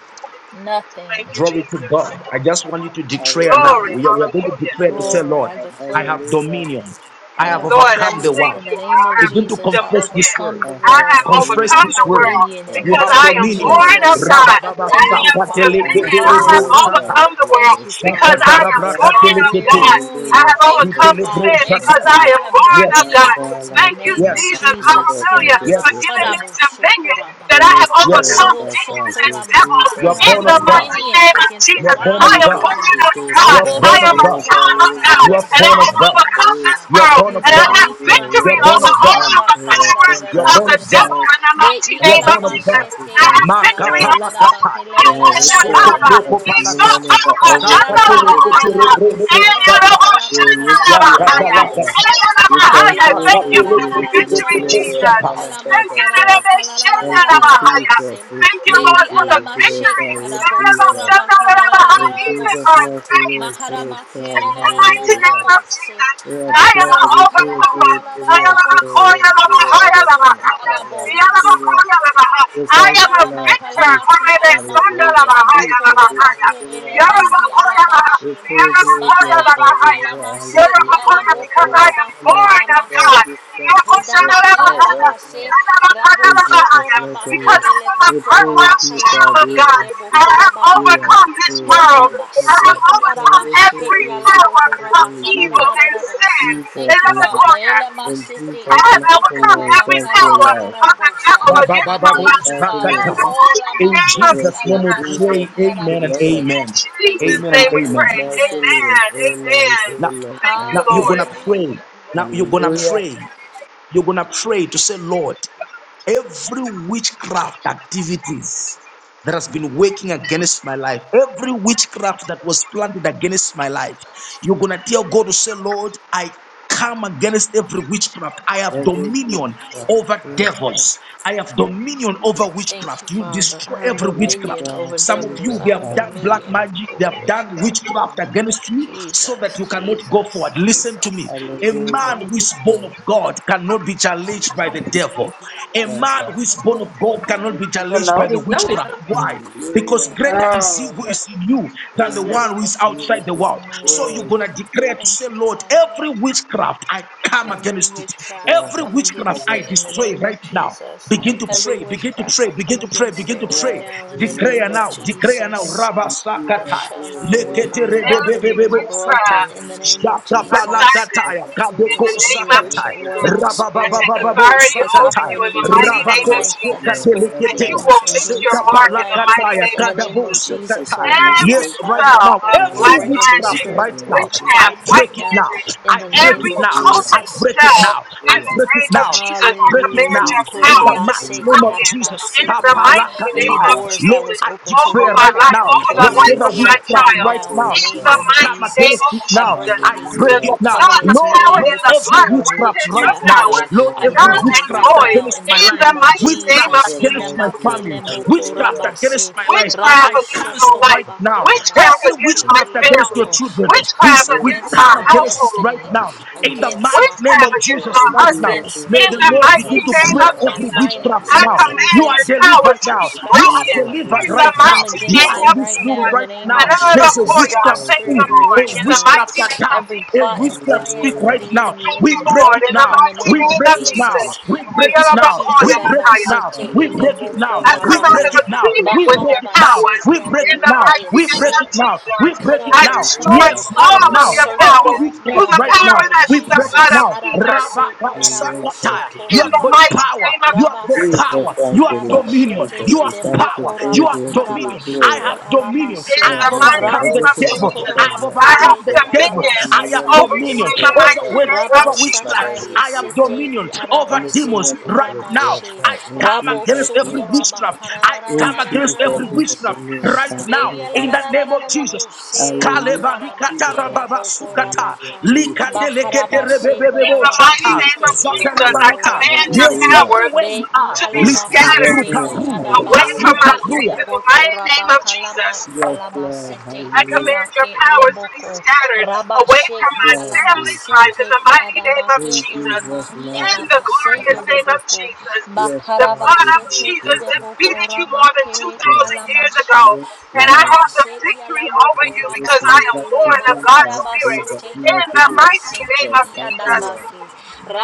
[SPEAKER 7] Thank
[SPEAKER 6] Nothing.
[SPEAKER 7] you,
[SPEAKER 1] Glory to God.
[SPEAKER 7] Jesus.
[SPEAKER 1] I just want you to declare
[SPEAKER 3] Hallelujah.
[SPEAKER 1] now.
[SPEAKER 7] Glory.
[SPEAKER 1] We are, we are going to
[SPEAKER 7] Hallelujah.
[SPEAKER 1] declare to
[SPEAKER 3] Glory
[SPEAKER 1] say,
[SPEAKER 3] to
[SPEAKER 6] Glory,
[SPEAKER 1] Lord,
[SPEAKER 6] I
[SPEAKER 3] God.
[SPEAKER 1] I have
[SPEAKER 6] declare.
[SPEAKER 3] Hallelujah.
[SPEAKER 1] dominion. I
[SPEAKER 6] I
[SPEAKER 3] I
[SPEAKER 1] have
[SPEAKER 6] have
[SPEAKER 7] Lord, I
[SPEAKER 1] overcome the
[SPEAKER 3] have
[SPEAKER 6] dominion
[SPEAKER 7] thank
[SPEAKER 6] in
[SPEAKER 1] world.
[SPEAKER 6] the
[SPEAKER 7] you.
[SPEAKER 6] name
[SPEAKER 7] I
[SPEAKER 6] of
[SPEAKER 7] have
[SPEAKER 1] Begin to
[SPEAKER 6] Jesus. I
[SPEAKER 1] confess
[SPEAKER 7] dominion.
[SPEAKER 1] this word.
[SPEAKER 3] dominion.
[SPEAKER 6] overcome
[SPEAKER 3] I
[SPEAKER 6] the
[SPEAKER 7] I
[SPEAKER 3] have
[SPEAKER 6] world.
[SPEAKER 7] have
[SPEAKER 1] Confess
[SPEAKER 6] I
[SPEAKER 7] overcome
[SPEAKER 6] have
[SPEAKER 3] dominion
[SPEAKER 1] this
[SPEAKER 7] the
[SPEAKER 1] word.
[SPEAKER 3] over the
[SPEAKER 7] world
[SPEAKER 6] dominion in the
[SPEAKER 1] You
[SPEAKER 3] world.
[SPEAKER 7] because
[SPEAKER 1] have
[SPEAKER 7] I
[SPEAKER 6] name
[SPEAKER 7] am
[SPEAKER 6] of
[SPEAKER 3] I have
[SPEAKER 1] dominion.
[SPEAKER 7] born of
[SPEAKER 6] Jesus.
[SPEAKER 3] dominion
[SPEAKER 7] God.
[SPEAKER 3] over
[SPEAKER 6] I
[SPEAKER 1] Rabababa
[SPEAKER 3] the
[SPEAKER 7] I
[SPEAKER 6] thank
[SPEAKER 3] world.
[SPEAKER 6] you,
[SPEAKER 7] have
[SPEAKER 3] I'm
[SPEAKER 6] Father.
[SPEAKER 1] sapateleke
[SPEAKER 3] a
[SPEAKER 7] dominion. I
[SPEAKER 3] child
[SPEAKER 7] have
[SPEAKER 1] derebro
[SPEAKER 3] of
[SPEAKER 1] zata.
[SPEAKER 6] Hallelujah.
[SPEAKER 3] Christ.
[SPEAKER 7] overcome the world
[SPEAKER 6] Thank you,
[SPEAKER 3] Jesus, we
[SPEAKER 7] because
[SPEAKER 3] thank
[SPEAKER 6] Father.
[SPEAKER 7] I
[SPEAKER 1] Shakata
[SPEAKER 3] you,
[SPEAKER 7] am
[SPEAKER 3] Lord.
[SPEAKER 7] born of
[SPEAKER 1] rabrakatelekete.
[SPEAKER 7] God. I
[SPEAKER 6] Hallelujah.
[SPEAKER 3] Hallelujah.
[SPEAKER 7] have
[SPEAKER 3] Jesus,
[SPEAKER 6] Thank you,
[SPEAKER 7] overcome
[SPEAKER 1] Utelebro
[SPEAKER 6] Father.
[SPEAKER 7] sin
[SPEAKER 3] we
[SPEAKER 6] Thank
[SPEAKER 1] zata.
[SPEAKER 6] you,
[SPEAKER 7] because
[SPEAKER 3] thank
[SPEAKER 6] God.
[SPEAKER 7] I
[SPEAKER 3] you.
[SPEAKER 6] I
[SPEAKER 7] am
[SPEAKER 6] have
[SPEAKER 7] born of
[SPEAKER 3] And
[SPEAKER 1] Yes,
[SPEAKER 6] dominion
[SPEAKER 7] God.
[SPEAKER 6] in
[SPEAKER 3] ball
[SPEAKER 6] the
[SPEAKER 7] Thank
[SPEAKER 3] after
[SPEAKER 7] you,
[SPEAKER 6] name
[SPEAKER 3] and
[SPEAKER 6] of
[SPEAKER 1] yes,
[SPEAKER 7] Jesus.
[SPEAKER 3] hallelujah,
[SPEAKER 6] Jesus.
[SPEAKER 3] thank
[SPEAKER 7] Hallelujah.
[SPEAKER 3] you,
[SPEAKER 7] For
[SPEAKER 1] yes,
[SPEAKER 7] giving me
[SPEAKER 3] Jesus.
[SPEAKER 7] dominion
[SPEAKER 6] Hidamakarabosotorabaka,
[SPEAKER 3] We
[SPEAKER 7] that I have
[SPEAKER 3] pray
[SPEAKER 1] yes.
[SPEAKER 3] that
[SPEAKER 7] overcome
[SPEAKER 3] I thank
[SPEAKER 7] demons
[SPEAKER 3] you,
[SPEAKER 7] and
[SPEAKER 6] rebosotorabaka.
[SPEAKER 7] devils
[SPEAKER 1] You
[SPEAKER 6] I
[SPEAKER 1] are
[SPEAKER 3] Jesus,
[SPEAKER 7] in
[SPEAKER 6] have
[SPEAKER 1] born
[SPEAKER 7] the
[SPEAKER 1] of God.
[SPEAKER 7] mighty
[SPEAKER 3] hallelujah.
[SPEAKER 6] dominion
[SPEAKER 7] name of
[SPEAKER 6] against the
[SPEAKER 1] You are
[SPEAKER 7] Jesus.
[SPEAKER 1] born
[SPEAKER 7] I
[SPEAKER 6] wiles
[SPEAKER 1] of
[SPEAKER 6] of
[SPEAKER 7] am
[SPEAKER 6] the
[SPEAKER 1] God.
[SPEAKER 7] born
[SPEAKER 3] Jesus, we
[SPEAKER 6] enemy.
[SPEAKER 7] of
[SPEAKER 3] praise you,
[SPEAKER 1] You
[SPEAKER 7] God.
[SPEAKER 1] are
[SPEAKER 3] God,
[SPEAKER 7] I
[SPEAKER 1] born
[SPEAKER 3] we
[SPEAKER 7] am
[SPEAKER 1] of
[SPEAKER 7] a
[SPEAKER 1] God.
[SPEAKER 3] glorify
[SPEAKER 7] child of
[SPEAKER 3] you, we give
[SPEAKER 7] God.
[SPEAKER 1] You
[SPEAKER 3] you
[SPEAKER 1] are
[SPEAKER 7] And
[SPEAKER 3] honor
[SPEAKER 7] I
[SPEAKER 1] born of
[SPEAKER 7] have
[SPEAKER 3] and we
[SPEAKER 1] God.
[SPEAKER 7] overcome this
[SPEAKER 3] praise.
[SPEAKER 6] Rebosotorabakarabaseialamasha.
[SPEAKER 1] You are
[SPEAKER 7] world.
[SPEAKER 6] He
[SPEAKER 1] born of
[SPEAKER 6] is
[SPEAKER 7] And I
[SPEAKER 1] God.
[SPEAKER 7] have
[SPEAKER 6] beneath
[SPEAKER 3] Hallelujah,
[SPEAKER 6] my
[SPEAKER 1] You are
[SPEAKER 3] we've
[SPEAKER 7] victory
[SPEAKER 6] feet.
[SPEAKER 1] born
[SPEAKER 7] over
[SPEAKER 1] of
[SPEAKER 7] all
[SPEAKER 1] God.
[SPEAKER 7] of
[SPEAKER 3] overcome
[SPEAKER 7] the powers
[SPEAKER 3] everything
[SPEAKER 1] You're
[SPEAKER 7] of
[SPEAKER 3] of
[SPEAKER 1] born
[SPEAKER 7] the
[SPEAKER 1] of
[SPEAKER 3] this
[SPEAKER 1] God.
[SPEAKER 6] Hadamakaradarabose.
[SPEAKER 7] devil
[SPEAKER 3] earth.
[SPEAKER 7] in the mighty
[SPEAKER 1] You're
[SPEAKER 3] Lord
[SPEAKER 7] name of
[SPEAKER 1] born of
[SPEAKER 7] Jesus.
[SPEAKER 1] God.
[SPEAKER 3] Jesus, we
[SPEAKER 7] I
[SPEAKER 3] thank
[SPEAKER 7] have
[SPEAKER 3] you,
[SPEAKER 7] victory
[SPEAKER 3] Lord.
[SPEAKER 7] Thank
[SPEAKER 1] Makapalakatai.
[SPEAKER 3] We have victory and we have
[SPEAKER 6] Meialamasheteialamakarabakelelelelelelelelelelebose.
[SPEAKER 3] dominion
[SPEAKER 1] Sokopropopalatai.
[SPEAKER 3] over everything in this world.
[SPEAKER 1] Zakateleketirebrobo
[SPEAKER 6] Mahalalalalalalalalabosora
[SPEAKER 1] Zapaya.
[SPEAKER 3] will lift you up,
[SPEAKER 1] Yakatalakatai.
[SPEAKER 3] We thank
[SPEAKER 6] Mahala
[SPEAKER 3] you for
[SPEAKER 7] you
[SPEAKER 3] you.
[SPEAKER 7] for the
[SPEAKER 3] We
[SPEAKER 7] victory,
[SPEAKER 3] glory
[SPEAKER 6] makalalalalalalabose
[SPEAKER 3] and
[SPEAKER 7] Jesus.
[SPEAKER 6] i
[SPEAKER 1] Zakateleketebetokoshatai.
[SPEAKER 3] honor,
[SPEAKER 6] ala
[SPEAKER 7] Thank
[SPEAKER 3] Father
[SPEAKER 7] you,
[SPEAKER 6] makara
[SPEAKER 3] God. And to Jesus,
[SPEAKER 6] makalalalalalalalabose
[SPEAKER 3] we
[SPEAKER 7] Thank you,
[SPEAKER 6] be
[SPEAKER 3] praise
[SPEAKER 7] Lord,
[SPEAKER 6] i
[SPEAKER 3] you,
[SPEAKER 7] for the
[SPEAKER 6] ala
[SPEAKER 3] we
[SPEAKER 6] mashe
[SPEAKER 7] victory.
[SPEAKER 3] glorify
[SPEAKER 6] i
[SPEAKER 3] you,
[SPEAKER 6] arabokora
[SPEAKER 3] Jesus. In
[SPEAKER 7] Even
[SPEAKER 3] Jesus'
[SPEAKER 7] my
[SPEAKER 6] makalalalalabose
[SPEAKER 3] mighty
[SPEAKER 7] faith.
[SPEAKER 3] name,
[SPEAKER 6] mahara
[SPEAKER 3] praise
[SPEAKER 7] In
[SPEAKER 3] God.
[SPEAKER 7] the mighty
[SPEAKER 3] Hallelujah.
[SPEAKER 7] name of
[SPEAKER 6] makelelelelelelabose
[SPEAKER 7] Jesus,
[SPEAKER 3] Yes,
[SPEAKER 7] I am
[SPEAKER 3] Lord,
[SPEAKER 6] mahara
[SPEAKER 7] an
[SPEAKER 3] we praise
[SPEAKER 7] overcomer.
[SPEAKER 3] you, we give
[SPEAKER 7] I am
[SPEAKER 3] you
[SPEAKER 7] a
[SPEAKER 6] makalalalalalalalabose
[SPEAKER 3] glory,
[SPEAKER 7] koya
[SPEAKER 3] we
[SPEAKER 6] i
[SPEAKER 3] give
[SPEAKER 7] lava,
[SPEAKER 3] you
[SPEAKER 6] ala
[SPEAKER 3] our
[SPEAKER 7] haya
[SPEAKER 6] mase
[SPEAKER 7] lava,
[SPEAKER 6] i
[SPEAKER 3] God.
[SPEAKER 7] haya.
[SPEAKER 6] alabo
[SPEAKER 7] Yana ba
[SPEAKER 3] Hallelujah.
[SPEAKER 7] koya lava, ha.
[SPEAKER 3] We
[SPEAKER 7] I
[SPEAKER 3] thank
[SPEAKER 7] am a
[SPEAKER 3] you,
[SPEAKER 6] Bahalama
[SPEAKER 3] Lord
[SPEAKER 7] victor.
[SPEAKER 6] kalamaki
[SPEAKER 3] Jesus.
[SPEAKER 7] Haya de sonda
[SPEAKER 6] alamake
[SPEAKER 3] Hallelujah.
[SPEAKER 7] lava, haya
[SPEAKER 6] eleboko
[SPEAKER 7] lava,
[SPEAKER 3] Jesus, we
[SPEAKER 7] haya.
[SPEAKER 6] rabake
[SPEAKER 3] thank you, Lord
[SPEAKER 7] Yana ba
[SPEAKER 3] Jesus.
[SPEAKER 6] elemahi
[SPEAKER 7] koya lava,
[SPEAKER 3] We
[SPEAKER 6] alamashe.
[SPEAKER 7] yana
[SPEAKER 3] praise
[SPEAKER 7] ba
[SPEAKER 3] you, we
[SPEAKER 7] koya
[SPEAKER 3] glorify
[SPEAKER 7] lava,
[SPEAKER 6] Maharaba
[SPEAKER 3] you,
[SPEAKER 7] haya.
[SPEAKER 3] we honor
[SPEAKER 6] kalamase
[SPEAKER 7] Yana
[SPEAKER 3] you,
[SPEAKER 6] i
[SPEAKER 7] ba koya
[SPEAKER 3] we are
[SPEAKER 7] because
[SPEAKER 6] alamoko
[SPEAKER 7] I am
[SPEAKER 6] rabaki
[SPEAKER 3] overcome
[SPEAKER 7] born
[SPEAKER 3] we
[SPEAKER 7] of
[SPEAKER 3] God,
[SPEAKER 6] alamashe.
[SPEAKER 7] God.
[SPEAKER 3] you
[SPEAKER 7] Yana
[SPEAKER 3] thank
[SPEAKER 7] ba
[SPEAKER 3] you for
[SPEAKER 7] shana
[SPEAKER 3] now,
[SPEAKER 6] Edambaki
[SPEAKER 7] lava, haya.
[SPEAKER 3] right
[SPEAKER 6] arabase
[SPEAKER 3] now,
[SPEAKER 7] Yana ba koya
[SPEAKER 6] rabo
[SPEAKER 3] in
[SPEAKER 7] lava,
[SPEAKER 3] Jesus'
[SPEAKER 6] soto
[SPEAKER 3] mighty
[SPEAKER 6] rabake
[SPEAKER 3] name.
[SPEAKER 7] Because I
[SPEAKER 6] elebo
[SPEAKER 7] I've
[SPEAKER 3] We praise
[SPEAKER 7] unlocked the
[SPEAKER 6] korabaka
[SPEAKER 3] you,
[SPEAKER 7] kingdom
[SPEAKER 3] God,
[SPEAKER 7] of
[SPEAKER 3] we
[SPEAKER 6] lamake
[SPEAKER 7] God.
[SPEAKER 3] bless
[SPEAKER 6] elebo
[SPEAKER 7] I
[SPEAKER 3] you,
[SPEAKER 7] have
[SPEAKER 6] korabaka
[SPEAKER 3] we are
[SPEAKER 7] overcome this
[SPEAKER 6] he
[SPEAKER 3] praised, we
[SPEAKER 7] world.
[SPEAKER 3] have
[SPEAKER 7] I
[SPEAKER 6] lamase
[SPEAKER 7] have
[SPEAKER 6] i
[SPEAKER 3] overcome
[SPEAKER 7] overcome
[SPEAKER 3] this
[SPEAKER 6] arabashe
[SPEAKER 3] world,
[SPEAKER 7] every
[SPEAKER 6] i
[SPEAKER 3] we will
[SPEAKER 6] alabo
[SPEAKER 7] power
[SPEAKER 3] stand
[SPEAKER 7] of
[SPEAKER 3] in
[SPEAKER 6] korabaka la la
[SPEAKER 7] evil
[SPEAKER 3] you,
[SPEAKER 6] la la
[SPEAKER 7] and
[SPEAKER 6] la
[SPEAKER 7] sin.
[SPEAKER 6] bose.
[SPEAKER 7] And
[SPEAKER 6] Thank
[SPEAKER 3] Jesus'
[SPEAKER 6] you,
[SPEAKER 7] other
[SPEAKER 6] Father.
[SPEAKER 3] name.
[SPEAKER 7] glory.
[SPEAKER 3] In
[SPEAKER 6] Elamase
[SPEAKER 7] I
[SPEAKER 6] te
[SPEAKER 3] Jesus' mighty
[SPEAKER 7] have
[SPEAKER 6] edebo
[SPEAKER 7] overcome
[SPEAKER 3] name,
[SPEAKER 7] every
[SPEAKER 3] thank
[SPEAKER 6] korabaka la
[SPEAKER 3] you,
[SPEAKER 6] la
[SPEAKER 7] power
[SPEAKER 6] la la
[SPEAKER 3] Lord.
[SPEAKER 6] la
[SPEAKER 7] of
[SPEAKER 6] la
[SPEAKER 7] the
[SPEAKER 6] bosa.
[SPEAKER 7] devil
[SPEAKER 3] In
[SPEAKER 7] against
[SPEAKER 6] I
[SPEAKER 7] my
[SPEAKER 3] Jesus'
[SPEAKER 1] Rababababo
[SPEAKER 6] thank you,
[SPEAKER 7] life.
[SPEAKER 3] mighty
[SPEAKER 7] In
[SPEAKER 6] Father.
[SPEAKER 3] name,
[SPEAKER 1] Zakatai.
[SPEAKER 7] the
[SPEAKER 6] Hola
[SPEAKER 7] mighty
[SPEAKER 1] In
[SPEAKER 7] name
[SPEAKER 6] mase
[SPEAKER 7] of
[SPEAKER 6] i
[SPEAKER 3] thank
[SPEAKER 1] Jesus' name
[SPEAKER 3] you,
[SPEAKER 1] we
[SPEAKER 7] Jesus.
[SPEAKER 3] Jesus,
[SPEAKER 6] alamashe
[SPEAKER 1] pray,
[SPEAKER 6] i
[SPEAKER 3] thank you,
[SPEAKER 1] amen and
[SPEAKER 3] Lord.
[SPEAKER 6] arabose.
[SPEAKER 7] In
[SPEAKER 1] amen.
[SPEAKER 3] In
[SPEAKER 6] Thank you,
[SPEAKER 7] Jesus'
[SPEAKER 1] Amen and
[SPEAKER 7] name we
[SPEAKER 6] Father.
[SPEAKER 3] Jesus'
[SPEAKER 7] pray.
[SPEAKER 1] amen.
[SPEAKER 3] mighty
[SPEAKER 6] Amen.
[SPEAKER 3] name,
[SPEAKER 7] Amen.
[SPEAKER 3] amen,
[SPEAKER 7] Amen.
[SPEAKER 1] Now,
[SPEAKER 3] amen,
[SPEAKER 7] Thank
[SPEAKER 3] and
[SPEAKER 7] you,
[SPEAKER 1] now you're
[SPEAKER 3] amen.
[SPEAKER 7] Lord.
[SPEAKER 1] gonna pray.
[SPEAKER 6] Hallelujah.
[SPEAKER 1] Now you're gonna
[SPEAKER 3] Hallelujah.
[SPEAKER 1] pray. You're gonna pray to say, Lord. every witchcraft activities that has been working against my life, every witchcraft that was planted against my life, you're going to tell God to say, Lord, I come against every witchcraft. I have
[SPEAKER 3] Every good
[SPEAKER 1] dominion over
[SPEAKER 3] thing,
[SPEAKER 1] devils. I have dominion over
[SPEAKER 6] Thank
[SPEAKER 1] witchcraft.
[SPEAKER 6] you,
[SPEAKER 1] You
[SPEAKER 6] Father. I
[SPEAKER 1] destroy
[SPEAKER 6] have
[SPEAKER 1] every
[SPEAKER 3] yes,
[SPEAKER 6] dominion
[SPEAKER 1] witchcraft.
[SPEAKER 3] Lord
[SPEAKER 6] over
[SPEAKER 1] Some of
[SPEAKER 6] devils.
[SPEAKER 1] you,
[SPEAKER 3] Jesus,
[SPEAKER 1] they
[SPEAKER 6] I
[SPEAKER 1] have
[SPEAKER 6] have
[SPEAKER 1] done black
[SPEAKER 6] dominion
[SPEAKER 3] hallelujah.
[SPEAKER 1] magic, they
[SPEAKER 6] over
[SPEAKER 1] have done
[SPEAKER 6] witchcraft.
[SPEAKER 1] witchcraft against you so that
[SPEAKER 6] Jesus,
[SPEAKER 1] you cannot go forward.
[SPEAKER 6] Jesus,
[SPEAKER 1] Listen to me.
[SPEAKER 6] Jesus,
[SPEAKER 1] A
[SPEAKER 6] Jesus.
[SPEAKER 3] Hallelujah,
[SPEAKER 1] man who is born
[SPEAKER 3] Jesus,
[SPEAKER 1] of God cannot be challenged by the devil. A
[SPEAKER 3] my
[SPEAKER 1] man
[SPEAKER 3] God.
[SPEAKER 1] who is
[SPEAKER 11] Hello?
[SPEAKER 1] born of God cannot be challenged by the
[SPEAKER 11] no,
[SPEAKER 1] witchcraft. Why? Because
[SPEAKER 3] Hallelujah.
[SPEAKER 1] greater
[SPEAKER 6] Thank you
[SPEAKER 1] is he who is in you than the
[SPEAKER 3] Hallelujah,
[SPEAKER 1] one who
[SPEAKER 6] that
[SPEAKER 1] is
[SPEAKER 6] He was
[SPEAKER 1] outside
[SPEAKER 3] Jesus
[SPEAKER 1] the
[SPEAKER 6] us
[SPEAKER 3] is the
[SPEAKER 1] world.
[SPEAKER 6] in the
[SPEAKER 1] So you're
[SPEAKER 3] word.
[SPEAKER 6] world.
[SPEAKER 1] gonna declare to say,
[SPEAKER 6] Thank you,
[SPEAKER 1] Lord,
[SPEAKER 6] Father.
[SPEAKER 1] every witchcraft I come
[SPEAKER 3] Yes,
[SPEAKER 6] Every
[SPEAKER 1] against it,
[SPEAKER 6] witchcraft, I
[SPEAKER 3] Lord,
[SPEAKER 1] every
[SPEAKER 6] come
[SPEAKER 1] witchcraft
[SPEAKER 6] against
[SPEAKER 1] I
[SPEAKER 3] hallelujah.
[SPEAKER 6] it in the
[SPEAKER 1] destroy
[SPEAKER 6] name
[SPEAKER 1] right
[SPEAKER 6] of
[SPEAKER 1] now.
[SPEAKER 6] Jesus.
[SPEAKER 1] Begin to
[SPEAKER 6] Every
[SPEAKER 1] pray, begin to
[SPEAKER 6] witchcraft,
[SPEAKER 1] pray,
[SPEAKER 6] I
[SPEAKER 1] begin
[SPEAKER 6] come
[SPEAKER 1] to pray,
[SPEAKER 6] against
[SPEAKER 3] Yes,
[SPEAKER 1] begin
[SPEAKER 6] it
[SPEAKER 1] to
[SPEAKER 6] right
[SPEAKER 1] pray.
[SPEAKER 3] Lord,
[SPEAKER 6] now in the name
[SPEAKER 1] Declare
[SPEAKER 3] hallelujah.
[SPEAKER 6] of
[SPEAKER 1] now, declare now,
[SPEAKER 6] Jesus.
[SPEAKER 3] In
[SPEAKER 6] It
[SPEAKER 1] Rabasakata,
[SPEAKER 3] Jesus'
[SPEAKER 6] shall
[SPEAKER 3] name,
[SPEAKER 6] not, will not
[SPEAKER 3] hallelujah.
[SPEAKER 6] happen.
[SPEAKER 7] Every
[SPEAKER 6] It is
[SPEAKER 1] Leketerebebebebebo sata.
[SPEAKER 6] broken
[SPEAKER 7] witchcraft.
[SPEAKER 6] in the name
[SPEAKER 3] Hallelujah,
[SPEAKER 6] of Jesus.
[SPEAKER 7] assignment
[SPEAKER 1] Shatabalakataya,
[SPEAKER 6] I come
[SPEAKER 7] in
[SPEAKER 3] Jesus.
[SPEAKER 1] Kabeko
[SPEAKER 7] the
[SPEAKER 6] against every
[SPEAKER 7] name of
[SPEAKER 6] witch and
[SPEAKER 1] Sakataya,
[SPEAKER 7] Jesus.
[SPEAKER 6] warlock
[SPEAKER 3] Hallelujah.
[SPEAKER 7] I take
[SPEAKER 6] spirit that
[SPEAKER 1] Rabababababo
[SPEAKER 7] authority
[SPEAKER 6] has
[SPEAKER 3] Therefore,
[SPEAKER 7] over
[SPEAKER 1] Sakataya,
[SPEAKER 7] you in
[SPEAKER 6] operated
[SPEAKER 3] fear
[SPEAKER 7] the
[SPEAKER 3] to
[SPEAKER 6] against
[SPEAKER 7] mighty
[SPEAKER 3] the
[SPEAKER 6] my
[SPEAKER 7] name
[SPEAKER 1] Rabako
[SPEAKER 7] of
[SPEAKER 3] earth
[SPEAKER 6] life,
[SPEAKER 3] and
[SPEAKER 6] that has
[SPEAKER 7] Jesus.
[SPEAKER 3] your
[SPEAKER 6] spoke
[SPEAKER 7] That you
[SPEAKER 3] bloodline
[SPEAKER 1] Sekateliketea,
[SPEAKER 6] things
[SPEAKER 7] will miss
[SPEAKER 3] suffered
[SPEAKER 7] your
[SPEAKER 6] against my
[SPEAKER 7] mark
[SPEAKER 3] by
[SPEAKER 7] in the
[SPEAKER 6] life
[SPEAKER 3] disease.
[SPEAKER 7] mighty
[SPEAKER 1] Sekapalakataya,
[SPEAKER 7] name
[SPEAKER 6] in the
[SPEAKER 7] of
[SPEAKER 6] name
[SPEAKER 1] Kadabo
[SPEAKER 6] of
[SPEAKER 7] Jesus.
[SPEAKER 3] After
[SPEAKER 6] Jesus or
[SPEAKER 1] Sekataya.
[SPEAKER 3] created,
[SPEAKER 6] against my
[SPEAKER 1] Yes,
[SPEAKER 7] Every
[SPEAKER 1] right
[SPEAKER 7] spell
[SPEAKER 6] family.
[SPEAKER 1] now,
[SPEAKER 7] of
[SPEAKER 6] God, we
[SPEAKER 3] we
[SPEAKER 1] every
[SPEAKER 7] black
[SPEAKER 3] are
[SPEAKER 6] break every
[SPEAKER 3] now
[SPEAKER 1] witchcraft
[SPEAKER 7] magic,
[SPEAKER 3] to
[SPEAKER 6] spirit
[SPEAKER 1] right
[SPEAKER 6] of
[SPEAKER 1] now, I
[SPEAKER 7] witchcraft,
[SPEAKER 6] witchcraft
[SPEAKER 3] the
[SPEAKER 1] break
[SPEAKER 7] white
[SPEAKER 6] right
[SPEAKER 1] it
[SPEAKER 6] now
[SPEAKER 1] now,
[SPEAKER 7] magic,
[SPEAKER 6] in
[SPEAKER 1] I
[SPEAKER 6] the
[SPEAKER 1] break
[SPEAKER 6] name
[SPEAKER 1] it
[SPEAKER 7] every
[SPEAKER 6] of
[SPEAKER 1] now,
[SPEAKER 3] Hallelujah.
[SPEAKER 1] I
[SPEAKER 7] occultic
[SPEAKER 6] Jesus.
[SPEAKER 1] break it
[SPEAKER 7] spell
[SPEAKER 1] now, I
[SPEAKER 7] in
[SPEAKER 3] Hallelujah.
[SPEAKER 7] the
[SPEAKER 1] break it
[SPEAKER 7] name of
[SPEAKER 1] now, I
[SPEAKER 7] Jesus, I
[SPEAKER 1] break it
[SPEAKER 3] In
[SPEAKER 7] command
[SPEAKER 1] now.
[SPEAKER 6] Hallelujah.
[SPEAKER 7] your
[SPEAKER 1] In
[SPEAKER 3] Jesus'
[SPEAKER 7] power
[SPEAKER 1] the
[SPEAKER 3] name,
[SPEAKER 7] to be
[SPEAKER 1] mighty
[SPEAKER 6] Korabase
[SPEAKER 1] name
[SPEAKER 3] amen.
[SPEAKER 7] broken
[SPEAKER 1] of Jesus,
[SPEAKER 7] in
[SPEAKER 6] yarabase
[SPEAKER 7] the
[SPEAKER 6] yara.
[SPEAKER 7] mighty
[SPEAKER 6] Any
[SPEAKER 7] name
[SPEAKER 1] Kapalakataya,
[SPEAKER 7] of
[SPEAKER 3] Hallelujah.
[SPEAKER 6] doors that
[SPEAKER 1] Lord,
[SPEAKER 7] Jesus,
[SPEAKER 6] was
[SPEAKER 1] I
[SPEAKER 6] open to
[SPEAKER 7] over
[SPEAKER 1] declare
[SPEAKER 7] my
[SPEAKER 1] right
[SPEAKER 6] witchcraft,
[SPEAKER 7] life,
[SPEAKER 6] I
[SPEAKER 1] now,
[SPEAKER 7] over the
[SPEAKER 6] close
[SPEAKER 1] whatever
[SPEAKER 3] Hallelujah.
[SPEAKER 7] life
[SPEAKER 6] it
[SPEAKER 7] of
[SPEAKER 1] over
[SPEAKER 7] my
[SPEAKER 6] shut
[SPEAKER 3] Yes,
[SPEAKER 1] witchcraft
[SPEAKER 6] right
[SPEAKER 3] Lord.
[SPEAKER 7] child,
[SPEAKER 1] right
[SPEAKER 6] now in
[SPEAKER 3] Praise
[SPEAKER 1] now.
[SPEAKER 6] the
[SPEAKER 7] in
[SPEAKER 6] name
[SPEAKER 1] I
[SPEAKER 7] the
[SPEAKER 3] God.
[SPEAKER 6] of
[SPEAKER 1] come
[SPEAKER 7] mighty name
[SPEAKER 6] Jesus.
[SPEAKER 1] against
[SPEAKER 7] of
[SPEAKER 1] it
[SPEAKER 6] I
[SPEAKER 1] now.
[SPEAKER 7] Jesus.
[SPEAKER 6] break
[SPEAKER 1] I
[SPEAKER 6] any
[SPEAKER 1] break
[SPEAKER 7] The
[SPEAKER 3] Hallelujah.
[SPEAKER 1] it
[SPEAKER 6] legal
[SPEAKER 1] now.
[SPEAKER 3] Yes,
[SPEAKER 7] blood, the
[SPEAKER 6] covenants
[SPEAKER 1] Lord,
[SPEAKER 3] Lord.
[SPEAKER 7] power
[SPEAKER 6] made
[SPEAKER 1] break
[SPEAKER 7] in
[SPEAKER 6] with the
[SPEAKER 7] the
[SPEAKER 1] every
[SPEAKER 7] blood
[SPEAKER 6] spirit of
[SPEAKER 1] witchcraft
[SPEAKER 7] renders your
[SPEAKER 1] right
[SPEAKER 3] Jesus'
[SPEAKER 6] witchcraft,
[SPEAKER 1] now.
[SPEAKER 7] power
[SPEAKER 3] name,
[SPEAKER 6] God.
[SPEAKER 1] Lord,
[SPEAKER 6] I
[SPEAKER 3] amen.
[SPEAKER 1] every
[SPEAKER 7] null
[SPEAKER 6] break
[SPEAKER 3] Lord
[SPEAKER 6] it
[SPEAKER 7] and
[SPEAKER 1] witchcraft
[SPEAKER 6] right
[SPEAKER 3] Jesus.
[SPEAKER 7] void
[SPEAKER 6] now
[SPEAKER 1] against
[SPEAKER 6] in the
[SPEAKER 1] my
[SPEAKER 7] in
[SPEAKER 1] life,
[SPEAKER 7] the
[SPEAKER 6] name of
[SPEAKER 3] In
[SPEAKER 7] mighty name
[SPEAKER 1] witchcraft
[SPEAKER 7] of
[SPEAKER 6] Jesus.
[SPEAKER 3] Jesus'
[SPEAKER 1] against
[SPEAKER 3] name,
[SPEAKER 1] my
[SPEAKER 7] Jesus.
[SPEAKER 1] family,
[SPEAKER 3] amen.
[SPEAKER 6] Hindabakelebo
[SPEAKER 1] witchcraft
[SPEAKER 3] Hallelujah.
[SPEAKER 1] against
[SPEAKER 6] korabase.
[SPEAKER 1] my life.
[SPEAKER 7] Witchcraft
[SPEAKER 1] I
[SPEAKER 3] In
[SPEAKER 7] against
[SPEAKER 3] Jesus'
[SPEAKER 7] my
[SPEAKER 1] cancel right
[SPEAKER 7] life,
[SPEAKER 1] now.
[SPEAKER 7] witchcraft
[SPEAKER 1] Every
[SPEAKER 6] Rabosotorabakarabase
[SPEAKER 7] against
[SPEAKER 3] name,
[SPEAKER 7] my
[SPEAKER 6] te
[SPEAKER 1] witchcraft against
[SPEAKER 3] amen.
[SPEAKER 7] family,
[SPEAKER 1] your
[SPEAKER 6] eleboko.
[SPEAKER 1] children, we,
[SPEAKER 6] Witchcraft
[SPEAKER 7] witchcraft
[SPEAKER 3] Yes,
[SPEAKER 1] we
[SPEAKER 7] against
[SPEAKER 6] against
[SPEAKER 7] my
[SPEAKER 1] come
[SPEAKER 3] Lord
[SPEAKER 6] my
[SPEAKER 1] against
[SPEAKER 3] Jesus.
[SPEAKER 1] it
[SPEAKER 7] household
[SPEAKER 1] right
[SPEAKER 6] destiny
[SPEAKER 1] now. In the
[SPEAKER 3] Hallelujah.
[SPEAKER 6] against my
[SPEAKER 1] mighty name
[SPEAKER 7] witchcraft
[SPEAKER 1] of
[SPEAKER 7] against
[SPEAKER 1] Jesus,
[SPEAKER 7] my
[SPEAKER 3] In
[SPEAKER 6] future,
[SPEAKER 1] right now.
[SPEAKER 7] husband.
[SPEAKER 3] Jesus'
[SPEAKER 6] against
[SPEAKER 1] May
[SPEAKER 7] In
[SPEAKER 1] the
[SPEAKER 7] the
[SPEAKER 3] name,
[SPEAKER 6] me,
[SPEAKER 1] Lord
[SPEAKER 3] amen.
[SPEAKER 1] begin
[SPEAKER 7] mighty
[SPEAKER 1] to
[SPEAKER 6] against
[SPEAKER 7] name
[SPEAKER 1] break
[SPEAKER 7] of
[SPEAKER 6] my
[SPEAKER 1] every
[SPEAKER 7] Jesus,
[SPEAKER 3] hallelujah, hallelujah,
[SPEAKER 1] witchcraft
[SPEAKER 7] I
[SPEAKER 1] now.
[SPEAKER 6] finances,
[SPEAKER 3] hallelujah.
[SPEAKER 7] command
[SPEAKER 1] You are
[SPEAKER 7] your
[SPEAKER 6] against my
[SPEAKER 7] power
[SPEAKER 1] delivered
[SPEAKER 7] to
[SPEAKER 6] future
[SPEAKER 1] now.
[SPEAKER 7] be
[SPEAKER 3] In
[SPEAKER 1] You
[SPEAKER 6] spouse,
[SPEAKER 1] are
[SPEAKER 7] broken.
[SPEAKER 3] Jesus'
[SPEAKER 6] Father.
[SPEAKER 1] delivered
[SPEAKER 7] In
[SPEAKER 3] name,
[SPEAKER 7] the
[SPEAKER 6] We
[SPEAKER 1] right
[SPEAKER 6] come
[SPEAKER 1] now.
[SPEAKER 7] mighty
[SPEAKER 1] You
[SPEAKER 6] against
[SPEAKER 7] name
[SPEAKER 1] are
[SPEAKER 6] it
[SPEAKER 3] hallelujah.
[SPEAKER 7] of
[SPEAKER 1] in this
[SPEAKER 6] right
[SPEAKER 1] room
[SPEAKER 6] now
[SPEAKER 7] Jesus,
[SPEAKER 6] in the
[SPEAKER 1] right
[SPEAKER 6] name
[SPEAKER 7] and
[SPEAKER 1] now,
[SPEAKER 6] of
[SPEAKER 7] I
[SPEAKER 3] Yes,
[SPEAKER 7] have a
[SPEAKER 1] there's a
[SPEAKER 7] for
[SPEAKER 6] Jesus.
[SPEAKER 3] Lord,
[SPEAKER 7] you.
[SPEAKER 6] Every
[SPEAKER 7] I
[SPEAKER 1] witchcraft
[SPEAKER 3] thank
[SPEAKER 7] Thank
[SPEAKER 3] you,
[SPEAKER 6] spirit
[SPEAKER 7] you,
[SPEAKER 1] spirit,
[SPEAKER 6] of
[SPEAKER 1] a
[SPEAKER 7] Lord. In
[SPEAKER 3] Jesus.
[SPEAKER 7] the
[SPEAKER 1] witchcraft
[SPEAKER 7] mighty name
[SPEAKER 6] witchcraft, [SNIFFS]
[SPEAKER 7] of
[SPEAKER 1] attack,
[SPEAKER 6] every
[SPEAKER 1] a
[SPEAKER 6] plot and
[SPEAKER 7] Jesus.
[SPEAKER 1] witchcraft spirit
[SPEAKER 6] plan of
[SPEAKER 3] Hallelujah.
[SPEAKER 1] right
[SPEAKER 6] the
[SPEAKER 1] now.
[SPEAKER 6] enemy,
[SPEAKER 7] Thank
[SPEAKER 6] it
[SPEAKER 1] We
[SPEAKER 7] you,
[SPEAKER 6] is
[SPEAKER 1] break
[SPEAKER 7] Lord.
[SPEAKER 1] it
[SPEAKER 7] In
[SPEAKER 6] broken
[SPEAKER 7] the
[SPEAKER 1] now.
[SPEAKER 6] in the
[SPEAKER 7] mighty
[SPEAKER 1] We
[SPEAKER 6] name of
[SPEAKER 7] name
[SPEAKER 1] break
[SPEAKER 7] of
[SPEAKER 1] it
[SPEAKER 3] Yes,
[SPEAKER 1] now.
[SPEAKER 7] Jesus.
[SPEAKER 3] Lord.
[SPEAKER 6] Jesus.
[SPEAKER 1] We
[SPEAKER 7] I
[SPEAKER 1] break it
[SPEAKER 7] have a
[SPEAKER 1] now.
[SPEAKER 6] Hetiki
[SPEAKER 7] for
[SPEAKER 1] We
[SPEAKER 7] you,
[SPEAKER 1] break it
[SPEAKER 7] Micaiah.
[SPEAKER 1] now.
[SPEAKER 6] adabasete
[SPEAKER 1] We break it
[SPEAKER 3] Hallelujah,
[SPEAKER 1] now.
[SPEAKER 6] edeboko
[SPEAKER 7] I
[SPEAKER 1] We
[SPEAKER 7] come out
[SPEAKER 1] break
[SPEAKER 7] of
[SPEAKER 6] rabaka.
[SPEAKER 1] it
[SPEAKER 3] hallelujah.
[SPEAKER 1] now.
[SPEAKER 7] agreement
[SPEAKER 1] We
[SPEAKER 7] with
[SPEAKER 1] break
[SPEAKER 7] their
[SPEAKER 1] it now.
[SPEAKER 6] Baharabase,
[SPEAKER 7] powers
[SPEAKER 1] We break
[SPEAKER 6] every
[SPEAKER 7] in
[SPEAKER 1] it
[SPEAKER 7] the
[SPEAKER 1] now.
[SPEAKER 6] lie of
[SPEAKER 7] mighty
[SPEAKER 1] We
[SPEAKER 7] name
[SPEAKER 1] break
[SPEAKER 7] of
[SPEAKER 1] it
[SPEAKER 6] Satan.
[SPEAKER 1] now.
[SPEAKER 6] We
[SPEAKER 7] Jesus.
[SPEAKER 1] We
[SPEAKER 6] cut
[SPEAKER 1] break it
[SPEAKER 6] off
[SPEAKER 7] I
[SPEAKER 6] the
[SPEAKER 1] now.
[SPEAKER 7] destroy
[SPEAKER 6] tongue
[SPEAKER 3] Hallelujah,
[SPEAKER 1] Yes, right
[SPEAKER 6] of
[SPEAKER 7] all
[SPEAKER 6] the
[SPEAKER 7] of
[SPEAKER 1] now.
[SPEAKER 7] your
[SPEAKER 3] hallelujah.
[SPEAKER 6] serpent
[SPEAKER 1] Every
[SPEAKER 7] powers
[SPEAKER 6] right
[SPEAKER 1] witchcraft
[SPEAKER 7] through
[SPEAKER 6] now
[SPEAKER 7] the
[SPEAKER 6] in the
[SPEAKER 1] right now.
[SPEAKER 7] power
[SPEAKER 6] name of
[SPEAKER 7] that's
[SPEAKER 1] We
[SPEAKER 7] in the
[SPEAKER 1] break it
[SPEAKER 7] blood
[SPEAKER 6] Jesus.
[SPEAKER 7] of
[SPEAKER 1] now.
[SPEAKER 7] Jesus.
[SPEAKER 1] Rabba
[SPEAKER 6] Harabase
[SPEAKER 3] In
[SPEAKER 6] iarabo
[SPEAKER 1] Zakataya.
[SPEAKER 3] Jesus'
[SPEAKER 1] You
[SPEAKER 7] In
[SPEAKER 1] have
[SPEAKER 7] the
[SPEAKER 3] name.
[SPEAKER 1] got
[SPEAKER 7] mighty
[SPEAKER 6] sotorabaka.
[SPEAKER 1] power.
[SPEAKER 7] name of
[SPEAKER 1] You have
[SPEAKER 7] Jesus.
[SPEAKER 1] got
[SPEAKER 6] Rabasete
[SPEAKER 3] Jesus,
[SPEAKER 1] power.
[SPEAKER 3] thank
[SPEAKER 1] You
[SPEAKER 3] you,
[SPEAKER 1] have
[SPEAKER 3] Lord.
[SPEAKER 1] dominion.
[SPEAKER 6] iarabashete
[SPEAKER 3] Jesus,
[SPEAKER 1] You
[SPEAKER 3] we
[SPEAKER 1] have
[SPEAKER 6] edebo
[SPEAKER 3] thank you,
[SPEAKER 1] power. You
[SPEAKER 3] praise
[SPEAKER 1] have
[SPEAKER 3] you, to be
[SPEAKER 1] dominion dominion. I
[SPEAKER 6] korabakarabashe
[SPEAKER 1] have
[SPEAKER 3] glorious.
[SPEAKER 1] dominion. I
[SPEAKER 7] In
[SPEAKER 3] Yeah,
[SPEAKER 6] ialamase.
[SPEAKER 1] have
[SPEAKER 7] the
[SPEAKER 3] over
[SPEAKER 7] mighty
[SPEAKER 1] overcome the
[SPEAKER 7] name
[SPEAKER 6] Rabo
[SPEAKER 7] of
[SPEAKER 3] everything
[SPEAKER 1] devil.
[SPEAKER 3] that is
[SPEAKER 7] Jesus.
[SPEAKER 1] I
[SPEAKER 3] of
[SPEAKER 1] have
[SPEAKER 3] my
[SPEAKER 7] I
[SPEAKER 1] overcome
[SPEAKER 6] sotorabakele
[SPEAKER 7] have
[SPEAKER 1] the
[SPEAKER 3] Jesus. We
[SPEAKER 1] devil.
[SPEAKER 3] have
[SPEAKER 7] dominion
[SPEAKER 1] I have
[SPEAKER 3] communion in
[SPEAKER 7] over
[SPEAKER 3] the
[SPEAKER 6] ialamasataye
[SPEAKER 7] you
[SPEAKER 1] dominion
[SPEAKER 3] earth,
[SPEAKER 7] in
[SPEAKER 3] we
[SPEAKER 7] the
[SPEAKER 3] have
[SPEAKER 6] sete.
[SPEAKER 1] over
[SPEAKER 7] mighty
[SPEAKER 3] over
[SPEAKER 1] witch,
[SPEAKER 3] anything
[SPEAKER 7] name of
[SPEAKER 1] over
[SPEAKER 3] that is not
[SPEAKER 1] witchcraft.
[SPEAKER 7] Jesus.
[SPEAKER 3] of you,
[SPEAKER 6] Rabasataye
[SPEAKER 1] I have
[SPEAKER 3] Jesus.
[SPEAKER 6] sete
[SPEAKER 1] dominion over
[SPEAKER 3] Anything
[SPEAKER 6] iarabase
[SPEAKER 1] demons
[SPEAKER 3] that is
[SPEAKER 1] right
[SPEAKER 3] with
[SPEAKER 1] now.
[SPEAKER 3] blood
[SPEAKER 6] ialamase.
[SPEAKER 1] I
[SPEAKER 3] now. In
[SPEAKER 1] come
[SPEAKER 6] Rabo
[SPEAKER 1] against
[SPEAKER 3] Jesus'
[SPEAKER 1] every
[SPEAKER 3] name.
[SPEAKER 1] witchcraft. I
[SPEAKER 3] In
[SPEAKER 1] come against
[SPEAKER 3] Jesus'
[SPEAKER 1] every
[SPEAKER 3] mighty
[SPEAKER 1] witchcraft
[SPEAKER 6] sotorabakararararararabose.
[SPEAKER 3] name.
[SPEAKER 1] right now
[SPEAKER 6] Beya la
[SPEAKER 1] in
[SPEAKER 6] la
[SPEAKER 3] Hallelujah.
[SPEAKER 1] the
[SPEAKER 6] la la
[SPEAKER 1] name
[SPEAKER 6] la
[SPEAKER 1] of
[SPEAKER 6] la la
[SPEAKER 1] Jesus.
[SPEAKER 6] bo se la ma
[SPEAKER 3] Hallelujah,
[SPEAKER 1] Skaleba likata
[SPEAKER 3] Jesus.
[SPEAKER 6] la
[SPEAKER 1] rababa
[SPEAKER 6] bo ko ra ba
[SPEAKER 1] sukata
[SPEAKER 3] Hallelujah,
[SPEAKER 6] ka
[SPEAKER 3] Jesus.
[SPEAKER 6] ba
[SPEAKER 1] likate
[SPEAKER 6] ha ra
[SPEAKER 1] lekete
[SPEAKER 6] ba
[SPEAKER 3] my God.
[SPEAKER 6] se
[SPEAKER 7] In
[SPEAKER 1] rebebebebo
[SPEAKER 6] la
[SPEAKER 7] the
[SPEAKER 6] ma
[SPEAKER 7] mighty
[SPEAKER 1] shata
[SPEAKER 6] she
[SPEAKER 7] name
[SPEAKER 6] te
[SPEAKER 7] of
[SPEAKER 3] Jesus,
[SPEAKER 6] e
[SPEAKER 3] we
[SPEAKER 6] le
[SPEAKER 1] zata
[SPEAKER 6] bo
[SPEAKER 7] Jesus, I
[SPEAKER 3] pray.
[SPEAKER 6] ko
[SPEAKER 1] labalota.
[SPEAKER 6] ra ba
[SPEAKER 7] command your
[SPEAKER 6] ka
[SPEAKER 1] Yes,
[SPEAKER 3] Hallelujah.
[SPEAKER 7] powers
[SPEAKER 1] everywhere
[SPEAKER 6] be
[SPEAKER 1] you
[SPEAKER 6] i
[SPEAKER 1] are,
[SPEAKER 7] to be
[SPEAKER 6] la
[SPEAKER 3] In
[SPEAKER 6] ma
[SPEAKER 1] list
[SPEAKER 6] se
[SPEAKER 1] kabru
[SPEAKER 3] Jesus'
[SPEAKER 7] scattered
[SPEAKER 6] te i
[SPEAKER 3] name.
[SPEAKER 6] a
[SPEAKER 1] kabru
[SPEAKER 6] da ba
[SPEAKER 7] away
[SPEAKER 6] se
[SPEAKER 3] Hallelujah.
[SPEAKER 1] kabru
[SPEAKER 7] from my
[SPEAKER 6] te e
[SPEAKER 1] kabru.
[SPEAKER 7] life
[SPEAKER 6] de
[SPEAKER 3] Hallelujah.
[SPEAKER 7] in
[SPEAKER 6] bo
[SPEAKER 7] the
[SPEAKER 6] ko
[SPEAKER 7] mighty
[SPEAKER 6] ra ba
[SPEAKER 7] name of
[SPEAKER 6] ka la ma
[SPEAKER 7] Jesus.
[SPEAKER 6] i a
[SPEAKER 3] Yes,
[SPEAKER 6] la ma se
[SPEAKER 3] Lord.
[SPEAKER 6] te e
[SPEAKER 7] I
[SPEAKER 6] de
[SPEAKER 3] Hallelujah.
[SPEAKER 7] command your
[SPEAKER 6] ke e le
[SPEAKER 7] powers
[SPEAKER 6] bo
[SPEAKER 7] to be
[SPEAKER 6] ko
[SPEAKER 7] scattered
[SPEAKER 6] ra ba
[SPEAKER 7] away
[SPEAKER 6] she
[SPEAKER 3] Yes,
[SPEAKER 7] from my
[SPEAKER 3] Lord,
[SPEAKER 7] family's
[SPEAKER 6] se
[SPEAKER 3] Jesus.
[SPEAKER 7] life
[SPEAKER 6] te
[SPEAKER 7] in the
[SPEAKER 6] i a
[SPEAKER 7] mighty
[SPEAKER 6] da ba
[SPEAKER 7] name of
[SPEAKER 6] ke
[SPEAKER 3] In
[SPEAKER 6] e le
[SPEAKER 7] Jesus.
[SPEAKER 6] ma
[SPEAKER 3] Jesus'
[SPEAKER 6] hi a la
[SPEAKER 3] mighty
[SPEAKER 7] In
[SPEAKER 3] name.
[SPEAKER 7] the
[SPEAKER 6] ma se e
[SPEAKER 7] glorious
[SPEAKER 3] Hallelujah.
[SPEAKER 7] name of Jesus.
[SPEAKER 3] Yes,
[SPEAKER 7] The
[SPEAKER 3] God,
[SPEAKER 7] blood
[SPEAKER 3] we
[SPEAKER 7] of
[SPEAKER 6] te
[SPEAKER 3] praise
[SPEAKER 6] e
[SPEAKER 7] Jesus
[SPEAKER 3] you.
[SPEAKER 6] de bo
[SPEAKER 7] defeated you more than 2,000
[SPEAKER 6] le i
[SPEAKER 3] Yes,
[SPEAKER 6] a la ma
[SPEAKER 7] years
[SPEAKER 6] she
[SPEAKER 7] ago.
[SPEAKER 3] yes,
[SPEAKER 7] And I
[SPEAKER 3] Lord.
[SPEAKER 7] have the
[SPEAKER 6] Harabase
[SPEAKER 7] victory over
[SPEAKER 3] And
[SPEAKER 6] ialamoko
[SPEAKER 7] you
[SPEAKER 3] we
[SPEAKER 7] because I
[SPEAKER 6] rabake
[SPEAKER 3] come
[SPEAKER 7] am
[SPEAKER 3] back to
[SPEAKER 7] born
[SPEAKER 6] elebok
[SPEAKER 7] of God's
[SPEAKER 3] Sunday in
[SPEAKER 7] Spirit.
[SPEAKER 6] harabasete
[SPEAKER 3] Jesus'
[SPEAKER 7] In
[SPEAKER 3] mighty
[SPEAKER 7] the
[SPEAKER 3] name.
[SPEAKER 7] mighty
[SPEAKER 6] ialamasete
[SPEAKER 7] name of
[SPEAKER 3] Jesus, thank you,
[SPEAKER 7] Jesus.
[SPEAKER 3] Lord.
[SPEAKER 6] iadabake.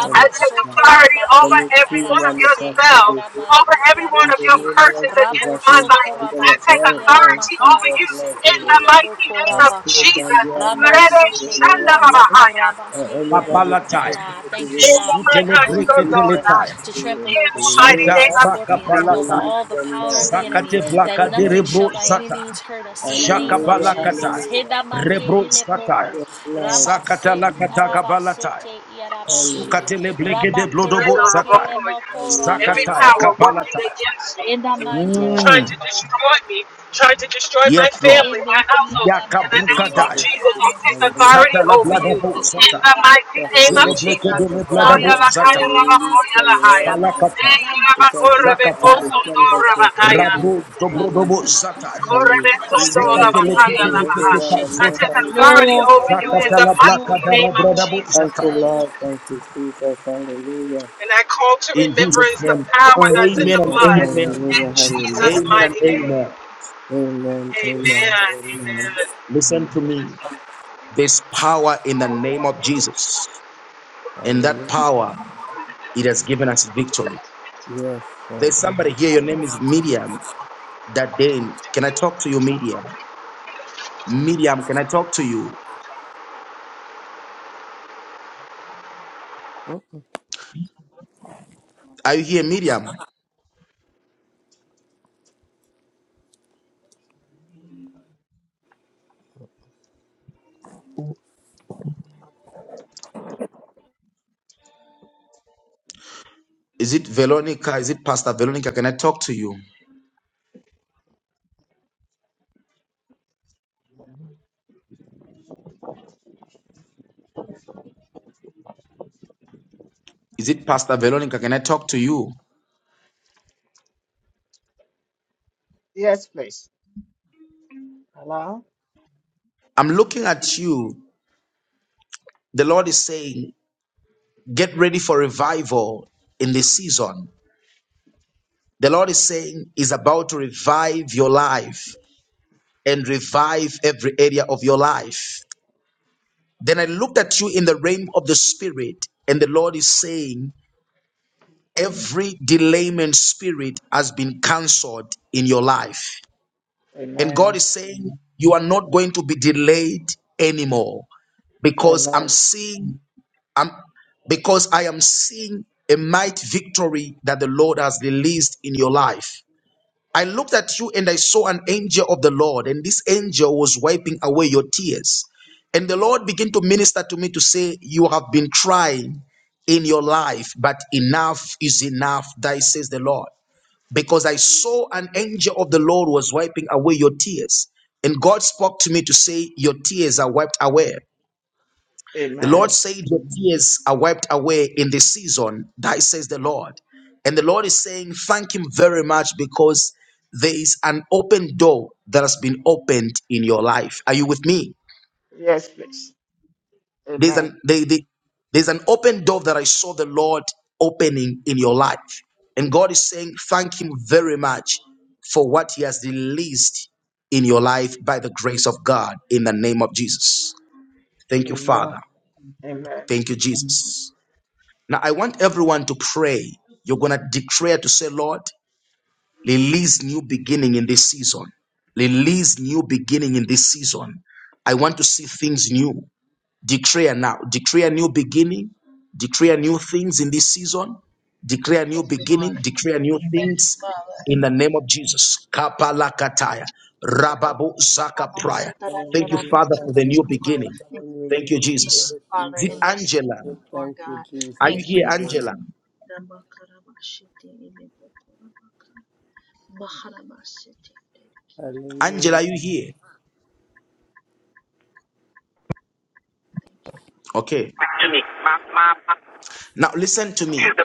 [SPEAKER 3] Oh,
[SPEAKER 7] I
[SPEAKER 3] my
[SPEAKER 7] take
[SPEAKER 3] God.
[SPEAKER 6] soto
[SPEAKER 7] authority
[SPEAKER 6] rabake
[SPEAKER 3] And
[SPEAKER 7] over
[SPEAKER 3] we
[SPEAKER 7] every
[SPEAKER 3] see
[SPEAKER 7] one of your
[SPEAKER 6] ialamase
[SPEAKER 3] manifested
[SPEAKER 7] spells,
[SPEAKER 3] in
[SPEAKER 6] iadama
[SPEAKER 7] over every one of
[SPEAKER 3] the
[SPEAKER 7] your
[SPEAKER 6] ialamase.
[SPEAKER 3] name of
[SPEAKER 7] curses
[SPEAKER 6] Rabo
[SPEAKER 7] against
[SPEAKER 3] Jesus,
[SPEAKER 7] my
[SPEAKER 3] we
[SPEAKER 6] soto
[SPEAKER 7] life.
[SPEAKER 3] bind them
[SPEAKER 7] I
[SPEAKER 3] up
[SPEAKER 6] rabake
[SPEAKER 7] take
[SPEAKER 3] right now in
[SPEAKER 7] authority over
[SPEAKER 3] Jesus'
[SPEAKER 7] you
[SPEAKER 6] ialamakaramase
[SPEAKER 7] in
[SPEAKER 3] mighty
[SPEAKER 7] the
[SPEAKER 3] name.
[SPEAKER 7] mighty
[SPEAKER 6] eleboko
[SPEAKER 7] name
[SPEAKER 3] and
[SPEAKER 7] of
[SPEAKER 3] pray
[SPEAKER 6] rabaka.
[SPEAKER 3] and
[SPEAKER 7] Jesus.
[SPEAKER 3] you are anointed
[SPEAKER 7] Rebe
[SPEAKER 3] with
[SPEAKER 6] Rabasete
[SPEAKER 3] all
[SPEAKER 7] shanda
[SPEAKER 3] over you.
[SPEAKER 6] elemoko
[SPEAKER 7] rabahaya.
[SPEAKER 3] And
[SPEAKER 6] rabake
[SPEAKER 3] anybody
[SPEAKER 1] Kapalataya.
[SPEAKER 6] ialamokara. Thank you,
[SPEAKER 3] associated
[SPEAKER 7] In the
[SPEAKER 3] with
[SPEAKER 6] God, for
[SPEAKER 1] Sutele
[SPEAKER 7] mighty
[SPEAKER 6] power
[SPEAKER 3] in
[SPEAKER 6] and
[SPEAKER 3] Jesus'
[SPEAKER 7] shondola.
[SPEAKER 6] authority
[SPEAKER 1] breketeletai.
[SPEAKER 6] to
[SPEAKER 3] mighty name.
[SPEAKER 6] trample
[SPEAKER 7] In
[SPEAKER 6] over
[SPEAKER 7] the mighty
[SPEAKER 6] serpents
[SPEAKER 1] Suda
[SPEAKER 7] name
[SPEAKER 6] and
[SPEAKER 7] of
[SPEAKER 3] Hallelujah.
[SPEAKER 6] scorpions
[SPEAKER 7] Jesus.
[SPEAKER 6] and over
[SPEAKER 1] brakapalatai.
[SPEAKER 3] Release
[SPEAKER 6] all the
[SPEAKER 3] them
[SPEAKER 6] power
[SPEAKER 3] now
[SPEAKER 6] of the
[SPEAKER 3] in the
[SPEAKER 6] enemy
[SPEAKER 1] Zakate
[SPEAKER 3] mighty
[SPEAKER 6] that
[SPEAKER 1] blaka
[SPEAKER 3] name
[SPEAKER 1] de
[SPEAKER 3] of
[SPEAKER 6] nothing
[SPEAKER 1] rebro
[SPEAKER 6] shall by any
[SPEAKER 3] Jesus.
[SPEAKER 1] zata.
[SPEAKER 6] means hurt us in the name of
[SPEAKER 3] Hallelujah.
[SPEAKER 1] Jakabalakatai.
[SPEAKER 6] Jesus.
[SPEAKER 3] Hallelujah.
[SPEAKER 1] Rebro
[SPEAKER 6] Hedamake
[SPEAKER 1] zata.
[SPEAKER 6] eleboko,
[SPEAKER 3] Yes, Lord. Thank
[SPEAKER 1] Zakata
[SPEAKER 6] rabase
[SPEAKER 3] you,
[SPEAKER 6] i
[SPEAKER 1] lakata
[SPEAKER 3] Jesus.
[SPEAKER 1] kabalatai,
[SPEAKER 6] arabasete i arabashe,
[SPEAKER 3] Hallelujah.
[SPEAKER 1] Sukatele bleke de blodobo
[SPEAKER 7] Rebe
[SPEAKER 6] rabakelebake
[SPEAKER 1] zatai.
[SPEAKER 7] rabahoya.
[SPEAKER 6] lemoko
[SPEAKER 7] Every
[SPEAKER 3] Hallelujah.
[SPEAKER 1] Zakataya
[SPEAKER 6] rabaraba,
[SPEAKER 7] power working
[SPEAKER 1] kabalatai.
[SPEAKER 7] against me.
[SPEAKER 6] edama
[SPEAKER 3] Yes,
[SPEAKER 6] i
[SPEAKER 3] Lord.
[SPEAKER 7] trying
[SPEAKER 1] Mm.
[SPEAKER 6] araba,
[SPEAKER 7] to destroy me, trying to destroy my
[SPEAKER 1] Yes, Lord.
[SPEAKER 7] family, my
[SPEAKER 6] ebeki
[SPEAKER 7] household. In the
[SPEAKER 3] In the
[SPEAKER 7] name
[SPEAKER 3] name
[SPEAKER 6] arabasete
[SPEAKER 7] of
[SPEAKER 1] Yakabrukadai.
[SPEAKER 6] i
[SPEAKER 3] of
[SPEAKER 7] Jesus, I
[SPEAKER 3] Jesus.
[SPEAKER 7] take
[SPEAKER 6] arabasete
[SPEAKER 1] Zata
[SPEAKER 7] authority
[SPEAKER 1] la
[SPEAKER 7] over you.
[SPEAKER 1] bladabo
[SPEAKER 3] Hallelujah.
[SPEAKER 7] In
[SPEAKER 1] zata.
[SPEAKER 7] the mighty
[SPEAKER 3] Just to
[SPEAKER 7] name of
[SPEAKER 1] Jele
[SPEAKER 3] with the
[SPEAKER 1] bleke
[SPEAKER 7] Jesus.
[SPEAKER 1] de
[SPEAKER 3] Father
[SPEAKER 1] le
[SPEAKER 3] God, we
[SPEAKER 1] bladabo
[SPEAKER 3] ask you
[SPEAKER 1] zata.
[SPEAKER 3] to
[SPEAKER 7] Koyalakaya
[SPEAKER 6] Rabosora
[SPEAKER 3] release
[SPEAKER 6] maki
[SPEAKER 3] from
[SPEAKER 7] labakoyalahaya.
[SPEAKER 3] right
[SPEAKER 6] eleba
[SPEAKER 3] now.
[SPEAKER 1] Palakata.
[SPEAKER 6] yalamasi.
[SPEAKER 3] Because you
[SPEAKER 7] Deyalabakorebe
[SPEAKER 3] forgive
[SPEAKER 1] Zakata,
[SPEAKER 3] the
[SPEAKER 6] Ramakura
[SPEAKER 3] sinners of
[SPEAKER 6] maki
[SPEAKER 7] kosondorabakaya.
[SPEAKER 1] Rabu
[SPEAKER 6] elebukura
[SPEAKER 3] sin
[SPEAKER 1] Dobrodobo Zata,
[SPEAKER 6] makarabasete
[SPEAKER 3] and you
[SPEAKER 7] Korebe
[SPEAKER 3] believe
[SPEAKER 6] elebaki
[SPEAKER 3] that you
[SPEAKER 1] Zekate
[SPEAKER 3] shall
[SPEAKER 7] sondorabakaya
[SPEAKER 1] Lekete
[SPEAKER 3] free
[SPEAKER 7] labaha.
[SPEAKER 1] Lekete
[SPEAKER 3] everyone
[SPEAKER 6] elelelelebushe.
[SPEAKER 3] of
[SPEAKER 7] I
[SPEAKER 3] my
[SPEAKER 1] Kazota,
[SPEAKER 7] take
[SPEAKER 3] family
[SPEAKER 7] authority
[SPEAKER 3] members
[SPEAKER 6] Glory,
[SPEAKER 7] over you
[SPEAKER 3] in
[SPEAKER 7] in
[SPEAKER 1] Zakata
[SPEAKER 3] Jesus'
[SPEAKER 6] glory,
[SPEAKER 7] the
[SPEAKER 3] name.
[SPEAKER 7] mighty
[SPEAKER 6] glory,
[SPEAKER 3] amen.
[SPEAKER 7] name of
[SPEAKER 6] glory.
[SPEAKER 7] Jesus.
[SPEAKER 3] Thank you,
[SPEAKER 1] Zata.
[SPEAKER 3] Lord.
[SPEAKER 6] Hallelujah.
[SPEAKER 3] Thank you, Jesus. Hallelujah.
[SPEAKER 7] And I call to
[SPEAKER 1] In Jesus'
[SPEAKER 7] remembrance the
[SPEAKER 1] name,
[SPEAKER 7] power
[SPEAKER 3] Oh,
[SPEAKER 7] that's in
[SPEAKER 1] amen
[SPEAKER 7] the
[SPEAKER 1] and
[SPEAKER 3] Jesus.
[SPEAKER 7] blood.
[SPEAKER 1] amen.
[SPEAKER 7] In
[SPEAKER 3] Hallelujah.
[SPEAKER 7] Jesus'
[SPEAKER 3] Hallelujah.
[SPEAKER 1] Amen and
[SPEAKER 7] mighty name.
[SPEAKER 1] amen.
[SPEAKER 3] Amen. Amen.
[SPEAKER 7] Amen.
[SPEAKER 3] Amen.
[SPEAKER 7] Amen.
[SPEAKER 1] Listen to me. There's power in the name of Jesus, and that power,
[SPEAKER 3] Hallelujah.
[SPEAKER 1] it has given us victory.
[SPEAKER 3] Yes,
[SPEAKER 1] There's
[SPEAKER 3] yes.
[SPEAKER 1] somebody here, your name is Medium. That day, can I talk to you, Medium? Medium, can I talk to you? Are you here, Medium? Is it Veronica? Is it Pastor Veronica? Can I talk to you? Is it Pastor Veronica? Can I talk to you?
[SPEAKER 11] Yes, please. Hello?
[SPEAKER 1] I'm looking at you. The Lord is saying, get ready for revival in this season. The Lord is saying, is about to revive your life and revive every area of your life. Then I looked at you in the realm of the spirit, and the Lord is saying, every delayment spirit has been cancelled in your life. And God
[SPEAKER 11] Amen.
[SPEAKER 1] is saying, You are not going to be delayed anymore because I'm
[SPEAKER 11] Amen.
[SPEAKER 1] seeing, I'm, because I am seeing a might victory that the Lord has released in your life. I looked at you and I saw an angel of the Lord, and this angel was wiping away your tears. And the Lord began to minister to me to say, You have been crying in your life, but enough is enough, thy says the Lord because I saw an angel of the Lord was wiping away your tears. And God spoke to me to say, Your tears are wiped away. The Lord
[SPEAKER 11] Amen.
[SPEAKER 1] said, Your tears are wiped away in this season. That says the Lord. And the Lord is saying, Thank Him very much because there is an open door that has been opened in your life. Are you with me?
[SPEAKER 11] Yes, please.
[SPEAKER 1] There's an
[SPEAKER 11] Amen.
[SPEAKER 1] there- there- there's an open door that I saw the Lord opening in your life, and God is saying, "Thank Him very much for what He has released in your life by the grace of God." In the name of Jesus, thank you,
[SPEAKER 11] Amen.
[SPEAKER 1] Father.
[SPEAKER 11] Amen.
[SPEAKER 1] Thank you, Jesus. Now I want everyone to pray. You're gonna declare to say, "Lord, release new beginning in this season." Release new beginning in this season. I want to see things new. Declare now. Declare new beginning. Declare new things in this season. Declare new
[SPEAKER 6] Thank you,
[SPEAKER 1] beginning.
[SPEAKER 6] Lord.
[SPEAKER 1] Declare new
[SPEAKER 6] Thank you,
[SPEAKER 1] things
[SPEAKER 6] Father.
[SPEAKER 1] in the name of Jesus. Kapalakataya.
[SPEAKER 6] Thank you,
[SPEAKER 1] Rababu
[SPEAKER 6] Father.
[SPEAKER 1] Zaka Prior. Thank you,
[SPEAKER 3] Hallelujah.
[SPEAKER 1] Father, for
[SPEAKER 3] Thank
[SPEAKER 6] Rabasotarabosorabosora.
[SPEAKER 1] the new
[SPEAKER 3] you,
[SPEAKER 6] Thank
[SPEAKER 1] beginning.
[SPEAKER 3] Jesus.
[SPEAKER 6] you
[SPEAKER 3] Hallelujah.
[SPEAKER 6] for
[SPEAKER 1] Thank you,
[SPEAKER 6] new
[SPEAKER 3] Beginning to
[SPEAKER 6] beginning,
[SPEAKER 1] Jesus.
[SPEAKER 3] the
[SPEAKER 6] Father,
[SPEAKER 1] Is it
[SPEAKER 3] season.
[SPEAKER 6] in this
[SPEAKER 1] Angela?
[SPEAKER 6] season,
[SPEAKER 3] We
[SPEAKER 6] Lord
[SPEAKER 3] Thank you,
[SPEAKER 6] God.
[SPEAKER 1] Are
[SPEAKER 3] Jesus.
[SPEAKER 1] you
[SPEAKER 6] Thank you,
[SPEAKER 1] here,
[SPEAKER 6] Father.
[SPEAKER 1] Angela?
[SPEAKER 6] Rabakarabashete elebukura
[SPEAKER 3] Hallelujah.
[SPEAKER 1] Angela, are you here? Okay.
[SPEAKER 5] Back to me. My my, my
[SPEAKER 1] Now listen to
[SPEAKER 5] to
[SPEAKER 1] me.
[SPEAKER 5] the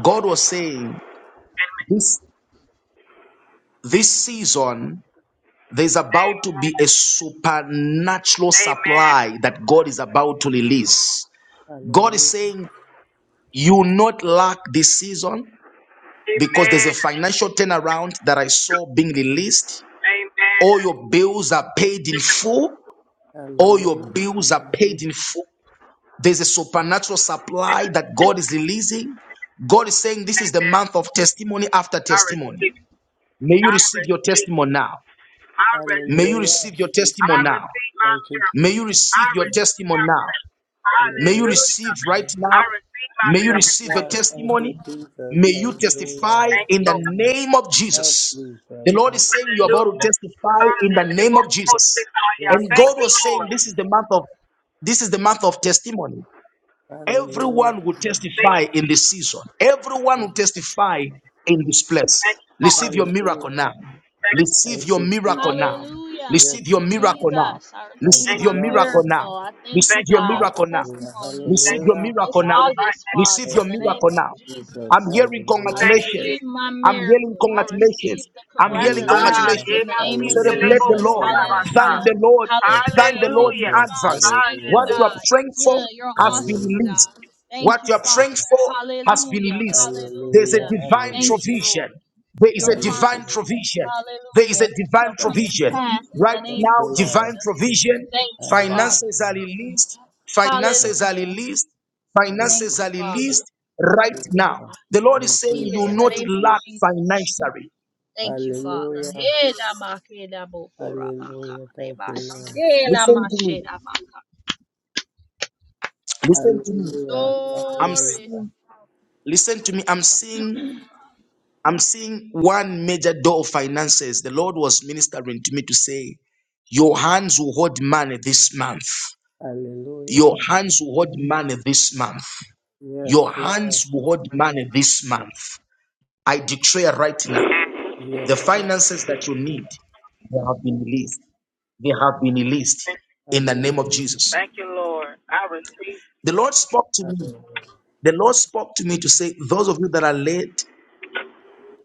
[SPEAKER 1] God was saying
[SPEAKER 5] amen.
[SPEAKER 1] this this season there's about to be a supernatural
[SPEAKER 5] Amen.
[SPEAKER 1] supply that God is about to release. God is
[SPEAKER 3] Hallelujah.
[SPEAKER 1] saying, You will not lack this season because there's a
[SPEAKER 5] Amen.
[SPEAKER 1] financial turnaround that I saw being released.
[SPEAKER 5] Amen.
[SPEAKER 1] All your bills are paid in full.
[SPEAKER 3] Hallelujah.
[SPEAKER 1] All your
[SPEAKER 3] Hallelujah.
[SPEAKER 1] bills are paid in full. There's a supernatural supply that God is releasing. God is saying, This is the
[SPEAKER 5] Amen.
[SPEAKER 1] month of testimony after
[SPEAKER 5] I
[SPEAKER 1] testimony.
[SPEAKER 5] receive. it.
[SPEAKER 1] May you
[SPEAKER 5] I
[SPEAKER 1] receive your
[SPEAKER 5] receive.
[SPEAKER 1] testimony now.
[SPEAKER 5] I
[SPEAKER 1] May you
[SPEAKER 5] receive
[SPEAKER 3] Hallelujah.
[SPEAKER 5] it.
[SPEAKER 1] receive your
[SPEAKER 5] I
[SPEAKER 1] testimony now.
[SPEAKER 5] receive my
[SPEAKER 3] Thank you,
[SPEAKER 5] miracle.
[SPEAKER 1] May you
[SPEAKER 3] Jesus.
[SPEAKER 5] I
[SPEAKER 1] receive your
[SPEAKER 5] receive
[SPEAKER 1] testimony
[SPEAKER 5] my
[SPEAKER 1] now.
[SPEAKER 5] miracle.
[SPEAKER 1] May you
[SPEAKER 3] Hallelujah.
[SPEAKER 5] Hallelujah.
[SPEAKER 1] receive right now.
[SPEAKER 5] I receive my
[SPEAKER 1] May you
[SPEAKER 3] Yes,
[SPEAKER 5] miracle.
[SPEAKER 1] receive a
[SPEAKER 3] Lord. Thank you,
[SPEAKER 1] testimony.
[SPEAKER 3] Jesus.
[SPEAKER 1] May you
[SPEAKER 3] Hallelujah.
[SPEAKER 1] testify
[SPEAKER 5] Thank you,
[SPEAKER 1] in the
[SPEAKER 5] Lord.
[SPEAKER 1] name of
[SPEAKER 3] Oh,
[SPEAKER 1] Jesus. The
[SPEAKER 3] Jesus.
[SPEAKER 1] Lord
[SPEAKER 3] Hall-
[SPEAKER 1] is saying you're about to
[SPEAKER 5] Hallelujah. Hallelujah.
[SPEAKER 1] testify in the name of
[SPEAKER 5] Thank you,
[SPEAKER 1] Jesus.
[SPEAKER 3] Yes,
[SPEAKER 1] And God
[SPEAKER 3] Lord.
[SPEAKER 1] was saying
[SPEAKER 5] Lord.
[SPEAKER 1] this is the month of this is the month of testimony.
[SPEAKER 3] Hallelujah.
[SPEAKER 1] Everyone will testify in this season. Everyone will testify in this place. Receive your
[SPEAKER 3] Hallelujah.
[SPEAKER 1] miracle now. Receive
[SPEAKER 3] Thank
[SPEAKER 1] your
[SPEAKER 3] you,
[SPEAKER 1] miracle now.
[SPEAKER 3] Jesus.
[SPEAKER 6] Hallelujah.
[SPEAKER 1] Receive
[SPEAKER 6] Thank
[SPEAKER 3] Yes,
[SPEAKER 1] your
[SPEAKER 6] you,
[SPEAKER 3] Lord.
[SPEAKER 1] miracle now.
[SPEAKER 6] Jesus. I
[SPEAKER 5] Thank you.
[SPEAKER 3] Thank
[SPEAKER 6] received
[SPEAKER 1] Receive
[SPEAKER 3] you,
[SPEAKER 6] my
[SPEAKER 5] Thank
[SPEAKER 1] your
[SPEAKER 5] you,
[SPEAKER 3] Lord.
[SPEAKER 1] miracle now.
[SPEAKER 6] miracle. I thank you,
[SPEAKER 1] Receive
[SPEAKER 5] Lord. Thank you. Thank you. Thank you,
[SPEAKER 1] your
[SPEAKER 5] Lord.
[SPEAKER 6] God, for
[SPEAKER 1] miracle now.
[SPEAKER 3] Hallelujah!
[SPEAKER 6] testimonies
[SPEAKER 5] Thank
[SPEAKER 1] Receive
[SPEAKER 6] for,
[SPEAKER 1] your
[SPEAKER 5] you.
[SPEAKER 6] for
[SPEAKER 3] Hallelujah.
[SPEAKER 6] this
[SPEAKER 1] miracle now.
[SPEAKER 5] All right,
[SPEAKER 6] August,
[SPEAKER 5] thank you.
[SPEAKER 6] Father,
[SPEAKER 1] Receive your
[SPEAKER 6] in
[SPEAKER 3] Yes,
[SPEAKER 6] the
[SPEAKER 3] Lord
[SPEAKER 6] name
[SPEAKER 1] miracle
[SPEAKER 6] of
[SPEAKER 1] now.
[SPEAKER 3] Jesus.
[SPEAKER 1] I'm
[SPEAKER 6] Jesus.
[SPEAKER 1] hearing
[SPEAKER 6] I
[SPEAKER 3] Hallelujah.
[SPEAKER 5] Thank you,
[SPEAKER 6] receive
[SPEAKER 1] congratulations.
[SPEAKER 5] Jesus.
[SPEAKER 6] my
[SPEAKER 1] I'm hearing
[SPEAKER 6] miracle. I receive
[SPEAKER 1] congratulations.
[SPEAKER 6] the
[SPEAKER 1] I'm hearing
[SPEAKER 5] Ah,
[SPEAKER 6] congratulations
[SPEAKER 3] Hallelujah.
[SPEAKER 1] congratulations.
[SPEAKER 5] yeah,
[SPEAKER 6] in the
[SPEAKER 5] my
[SPEAKER 6] name
[SPEAKER 5] feet,
[SPEAKER 6] of
[SPEAKER 5] the
[SPEAKER 3] Hallelujah.
[SPEAKER 1] Celebrate
[SPEAKER 5] label
[SPEAKER 1] the
[SPEAKER 3] Thank
[SPEAKER 6] Jesus.
[SPEAKER 5] for
[SPEAKER 3] you,
[SPEAKER 1] Lord.
[SPEAKER 3] Lord.
[SPEAKER 5] Rabbi.
[SPEAKER 1] Thank
[SPEAKER 6] Hallelujah.
[SPEAKER 1] the Lord.
[SPEAKER 3] Thank you,
[SPEAKER 1] Thank
[SPEAKER 6] Hallelujah.
[SPEAKER 1] the
[SPEAKER 6] Thank
[SPEAKER 1] Lord in
[SPEAKER 6] you,
[SPEAKER 5] Hallelujah.
[SPEAKER 3] Jesus.
[SPEAKER 6] Father.
[SPEAKER 1] advance.
[SPEAKER 6] Thank you,
[SPEAKER 1] What
[SPEAKER 3] Hallelujah.
[SPEAKER 1] you
[SPEAKER 5] Hallelujah.
[SPEAKER 1] are
[SPEAKER 6] God. You're
[SPEAKER 1] praying for
[SPEAKER 6] good. You're
[SPEAKER 1] has been
[SPEAKER 6] awesome,
[SPEAKER 3] Hallelujah.
[SPEAKER 1] released.
[SPEAKER 6] God.
[SPEAKER 1] What
[SPEAKER 6] Thank you,
[SPEAKER 1] you are praying
[SPEAKER 6] Father.
[SPEAKER 1] for has been
[SPEAKER 6] Hallelujah.
[SPEAKER 1] released. There is a
[SPEAKER 6] Hallelujah.
[SPEAKER 3] Hallelujah.
[SPEAKER 1] divine
[SPEAKER 3] Hallelujah.
[SPEAKER 6] Thank you,
[SPEAKER 1] provision.
[SPEAKER 6] Lord.
[SPEAKER 1] There is
[SPEAKER 6] Your
[SPEAKER 1] a
[SPEAKER 3] Hallelujah.
[SPEAKER 1] divine
[SPEAKER 6] promises,
[SPEAKER 1] provision. There is a
[SPEAKER 6] hallelujah, shall
[SPEAKER 1] divine
[SPEAKER 6] come to
[SPEAKER 1] provision.
[SPEAKER 6] pass in the
[SPEAKER 1] Right
[SPEAKER 3] Thank
[SPEAKER 6] name
[SPEAKER 3] you,
[SPEAKER 1] now,
[SPEAKER 6] of
[SPEAKER 3] Lord.
[SPEAKER 1] divine
[SPEAKER 6] Jesus.
[SPEAKER 1] provision.
[SPEAKER 6] Thank you, Father.
[SPEAKER 1] Finances are
[SPEAKER 3] Hallelujah.
[SPEAKER 1] released. Finances are
[SPEAKER 6] Hallelujah.
[SPEAKER 1] released.
[SPEAKER 6] Thank
[SPEAKER 1] Finances
[SPEAKER 6] you,
[SPEAKER 1] are
[SPEAKER 3] Hallelujah.
[SPEAKER 6] Father.
[SPEAKER 1] released right now.
[SPEAKER 3] Thank
[SPEAKER 1] The Lord is
[SPEAKER 3] you,
[SPEAKER 1] saying,
[SPEAKER 6] Receive
[SPEAKER 1] You
[SPEAKER 6] it
[SPEAKER 1] will
[SPEAKER 6] in
[SPEAKER 3] Jesus.
[SPEAKER 6] the
[SPEAKER 1] not
[SPEAKER 6] name of
[SPEAKER 1] lack
[SPEAKER 6] Jesus.
[SPEAKER 1] financially.
[SPEAKER 6] Thank you, Father.
[SPEAKER 3] Hallelujah.
[SPEAKER 6] Hela Lama, Ke, Lama, Ko, Rama, Ka,
[SPEAKER 3] Hallelujah. Thank you,
[SPEAKER 6] Reba, Si,
[SPEAKER 3] Lord.
[SPEAKER 1] Listen to me.
[SPEAKER 6] She, Lama,
[SPEAKER 1] Listen to me.
[SPEAKER 3] Hallelujah.
[SPEAKER 1] I'm
[SPEAKER 6] Glory.
[SPEAKER 3] Hallelujah.
[SPEAKER 1] seeing, listen to me, I'm seeing, I'm seeing one major door of finances. The Lord was ministering to me to say, Your hands will hold money this month. Your
[SPEAKER 3] Hallelujah.
[SPEAKER 1] hands will hold money this month.
[SPEAKER 3] Yes,
[SPEAKER 1] Your
[SPEAKER 3] Lord.
[SPEAKER 1] hands will hold money this month. I declare right now, the
[SPEAKER 3] Yes, Lord.
[SPEAKER 1] finances that you need, they have been released. They have been released in the name of
[SPEAKER 3] Hallelujah.
[SPEAKER 1] Jesus.
[SPEAKER 5] Thank you, Lord. I receive
[SPEAKER 1] The Lord spoke to
[SPEAKER 3] Yes,
[SPEAKER 1] me. The Lord spoke to me to say, those of you that are late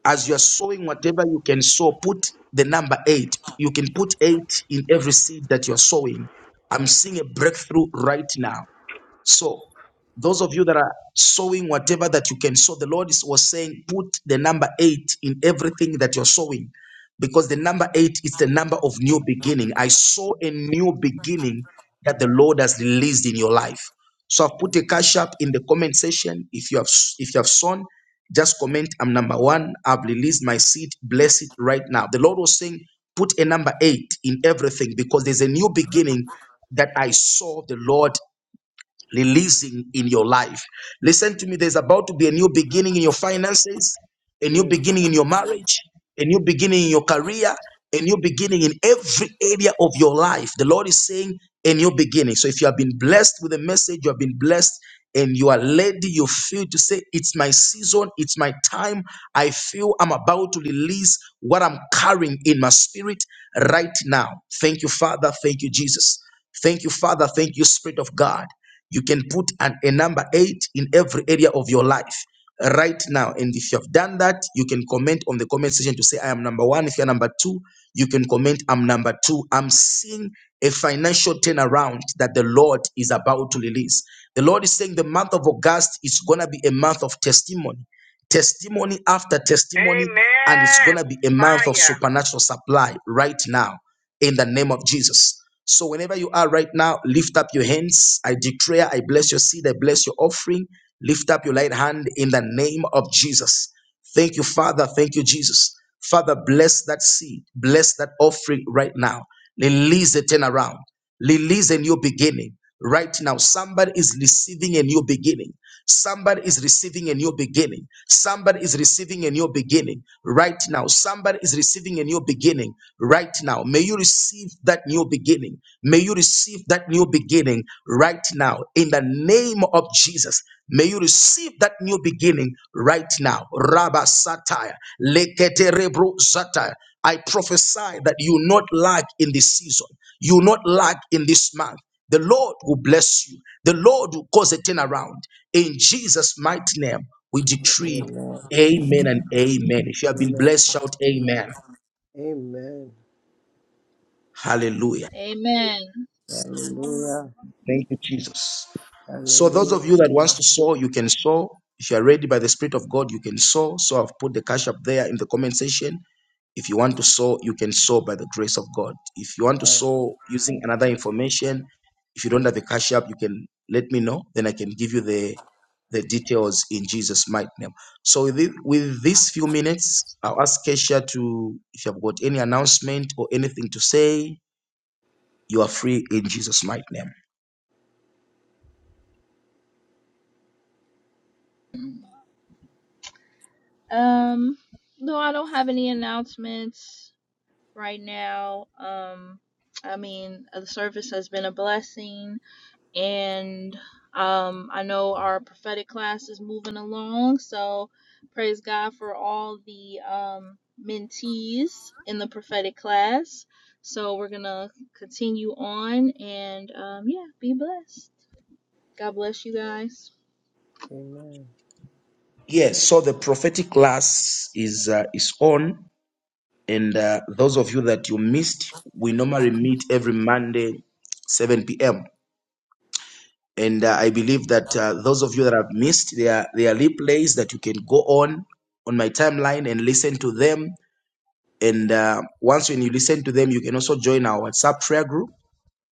[SPEAKER 1] as you are sowing whatever you can sow, put the number eight. You can put eight in every seed that you're sowing. I'm seeing a breakthrough right now. So, those of you that are sowing whatever that you can sow, the Lord is, was saying, put the number eight in everything that you're sowing because the number eight is the number of new beginning. I saw a new beginning that the Lord has released in your life. So I've put a cash up in the comment section. If you have if you have sown, just comment. I'm number one. I've released my seed. Bless it right now. The Lord was saying, put a number eight in everything because there's a new beginning that I saw the Lord releasing in your life. Listen to me, there's about to be a new beginning in your finances, a new beginning in your marriage, a new beginning in your career, a new beginning in every area of your life. The Lord is saying a new beginning. So if you have been blessed with a message, you have been blessed and you are led, you feel to say, It's my season, it's my time. I feel I'm about to release what I'm carrying in my spirit right now. Thank you, Father. Thank you, Jesus. Thank you, Father. Thank you, Spirit of God. You can put an, a number eight in every area of your life right now. And if you have done that, you can comment on the comment section to say, I am number one. If you're number two, you can comment, I'm number two. I'm seeing a financial turnaround that the Lord is about to release. The Lord is saying the month of August is going to be a month of testimony testimony after testimony, and it's going
[SPEAKER 5] Amen.
[SPEAKER 1] to be a month of
[SPEAKER 5] Fire.
[SPEAKER 1] supernatural supply right now in the name of Jesus. So, whenever you are right now, lift up your hands. I declare, I bless your seed, I bless your offering. Lift up your right hand in the name of Jesus. Thank you, Father. Thank you, Jesus. Father, bless that seed, bless that offering right now. Release the turnaround. Release a new beginning. Right now, somebody is receiving a new beginning. Somebody is receiving a new beginning. Somebody is receiving a new beginning. Right now, somebody is receiving a new beginning. Right now, may you receive that new beginning. May you receive that new beginning right now. In the name of Jesus, may you receive that new beginning right now. Rabba Satire. Leketerebro Satire. I prophesy that you will not lack in this season. You will not lack in this month. The Lord will bless you. The Lord will cause a turnaround. In Jesus' mighty name, we decree
[SPEAKER 3] amen,
[SPEAKER 1] amen and amen. If you have been
[SPEAKER 3] amen,
[SPEAKER 1] blessed, shout
[SPEAKER 3] amen,
[SPEAKER 1] amen.
[SPEAKER 3] amen.
[SPEAKER 1] Hallelujah.
[SPEAKER 6] Amen.
[SPEAKER 3] Hallelujah,
[SPEAKER 1] Thank you, Jesus. So those of you
[SPEAKER 3] hallelujah,
[SPEAKER 1] that wants to sow, you can sow. If you are ready by the Spirit of God, you can sow. So I've put the cash up there in the comment section. If you want to sow, you can sow by the grace of God. If you want to sow using another information, if you don't have the cash up, you can let me know. Then I can give you the the details in Jesus' mighty name. So with, thi- with these few minutes, I'll ask Kesha to, if you have got any announcement or anything to say, you are free in Jesus' mighty name.
[SPEAKER 6] Um, no, I don't have any announcements right now. Um, I mean, uh, the service has been a blessing. and um, I know our prophetic class is moving along. So praise God for all the um, mentees in the prophetic class. So we're gonna continue on, and um, yeah, be blessed. God bless you guys.
[SPEAKER 3] amen,
[SPEAKER 1] Yes, so the prophetic class is uh, is on, and uh, those of you that you missed, we normally meet every Monday, 7 p.m. And uh, I believe that uh, those of you that have missed, there are there are replays that you can go on on my timeline and listen to them. And uh, once when you listen to them, you can also join our WhatsApp prayer group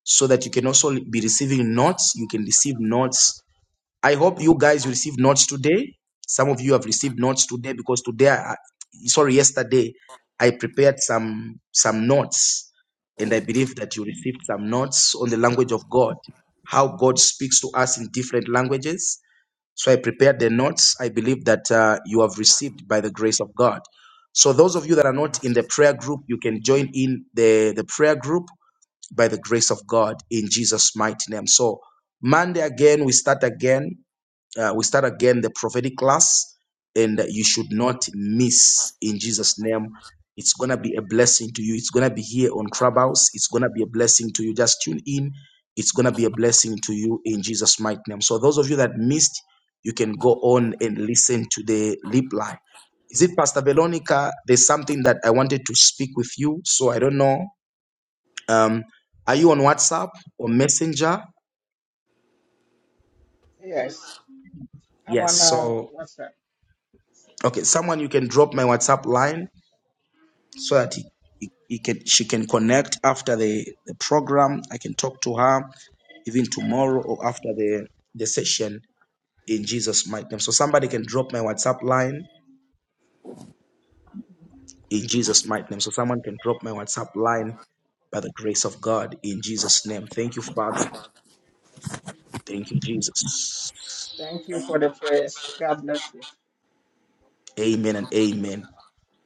[SPEAKER 1] so that you can also be receiving notes. You can receive notes I hope you guys received notes today. Some of you have received notes today because today, I, sorry, yesterday, I prepared some some notes, and I believe that you received some notes on the language of God, how God speaks to us in different languages. So I prepared the notes. I believe that uh, you have received by the grace of God. So those of you that are not in the prayer group, you can join in the, the prayer group by the grace of God in Jesus' mighty name. So Monday again, we start again. Uh, we start again the prophetic class, and you should not miss in Jesus' name. It's gonna be a blessing to you. It's gonna be here on Clubhouse. It's gonna be a blessing to you. Just tune in. It's gonna be a blessing to you in Jesus' mighty name. So those of you that missed, you can go on and listen to the reply. Is it Pastor Veronica? There's something that I wanted to speak with you. So I don't know. Um, are you on WhatsApp or Messenger?
[SPEAKER 11] Yes. I'm
[SPEAKER 1] Yes.
[SPEAKER 11] on uh,
[SPEAKER 1] So
[SPEAKER 11] WhatsApp.
[SPEAKER 1] okay, someone you can drop my WhatsApp line so that he, he, he can she can connect after the, the program. I can talk to her even tomorrow or after the, the session in Jesus' mighty name. So somebody can drop my WhatsApp line in Jesus' mighty name. So someone can drop my WhatsApp line by the grace of God in Jesus' name. Thank you, Father. Thank you, Jesus.
[SPEAKER 11] Thank you for the prayers. God bless you.
[SPEAKER 1] Amen and amen.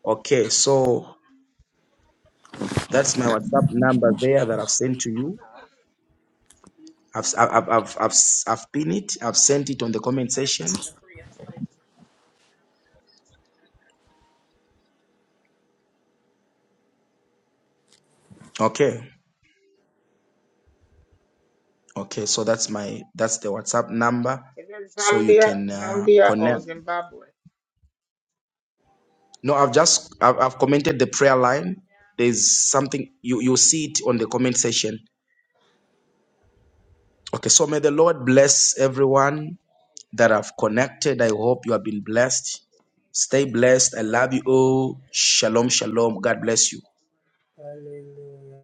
[SPEAKER 1] Okay, so that's my WhatsApp number there that I've sent to you. I've I've I've I've, I've, pinned it. I've sent it on the comment section. Okay. Okay, so that's my that's the WhatsApp number,
[SPEAKER 11] Is it
[SPEAKER 1] so you
[SPEAKER 11] Zambia,
[SPEAKER 1] can uh,
[SPEAKER 11] Zambia or
[SPEAKER 1] connect.
[SPEAKER 11] Zimbabwe?
[SPEAKER 1] No, I've just I've, I've commented the prayer line. There's something you you see it on the comment section. Okay, so may the Lord bless everyone that have connected. I hope you have been blessed. Stay blessed. I love you all. Shalom, shalom. God bless you.
[SPEAKER 3] hallelujah,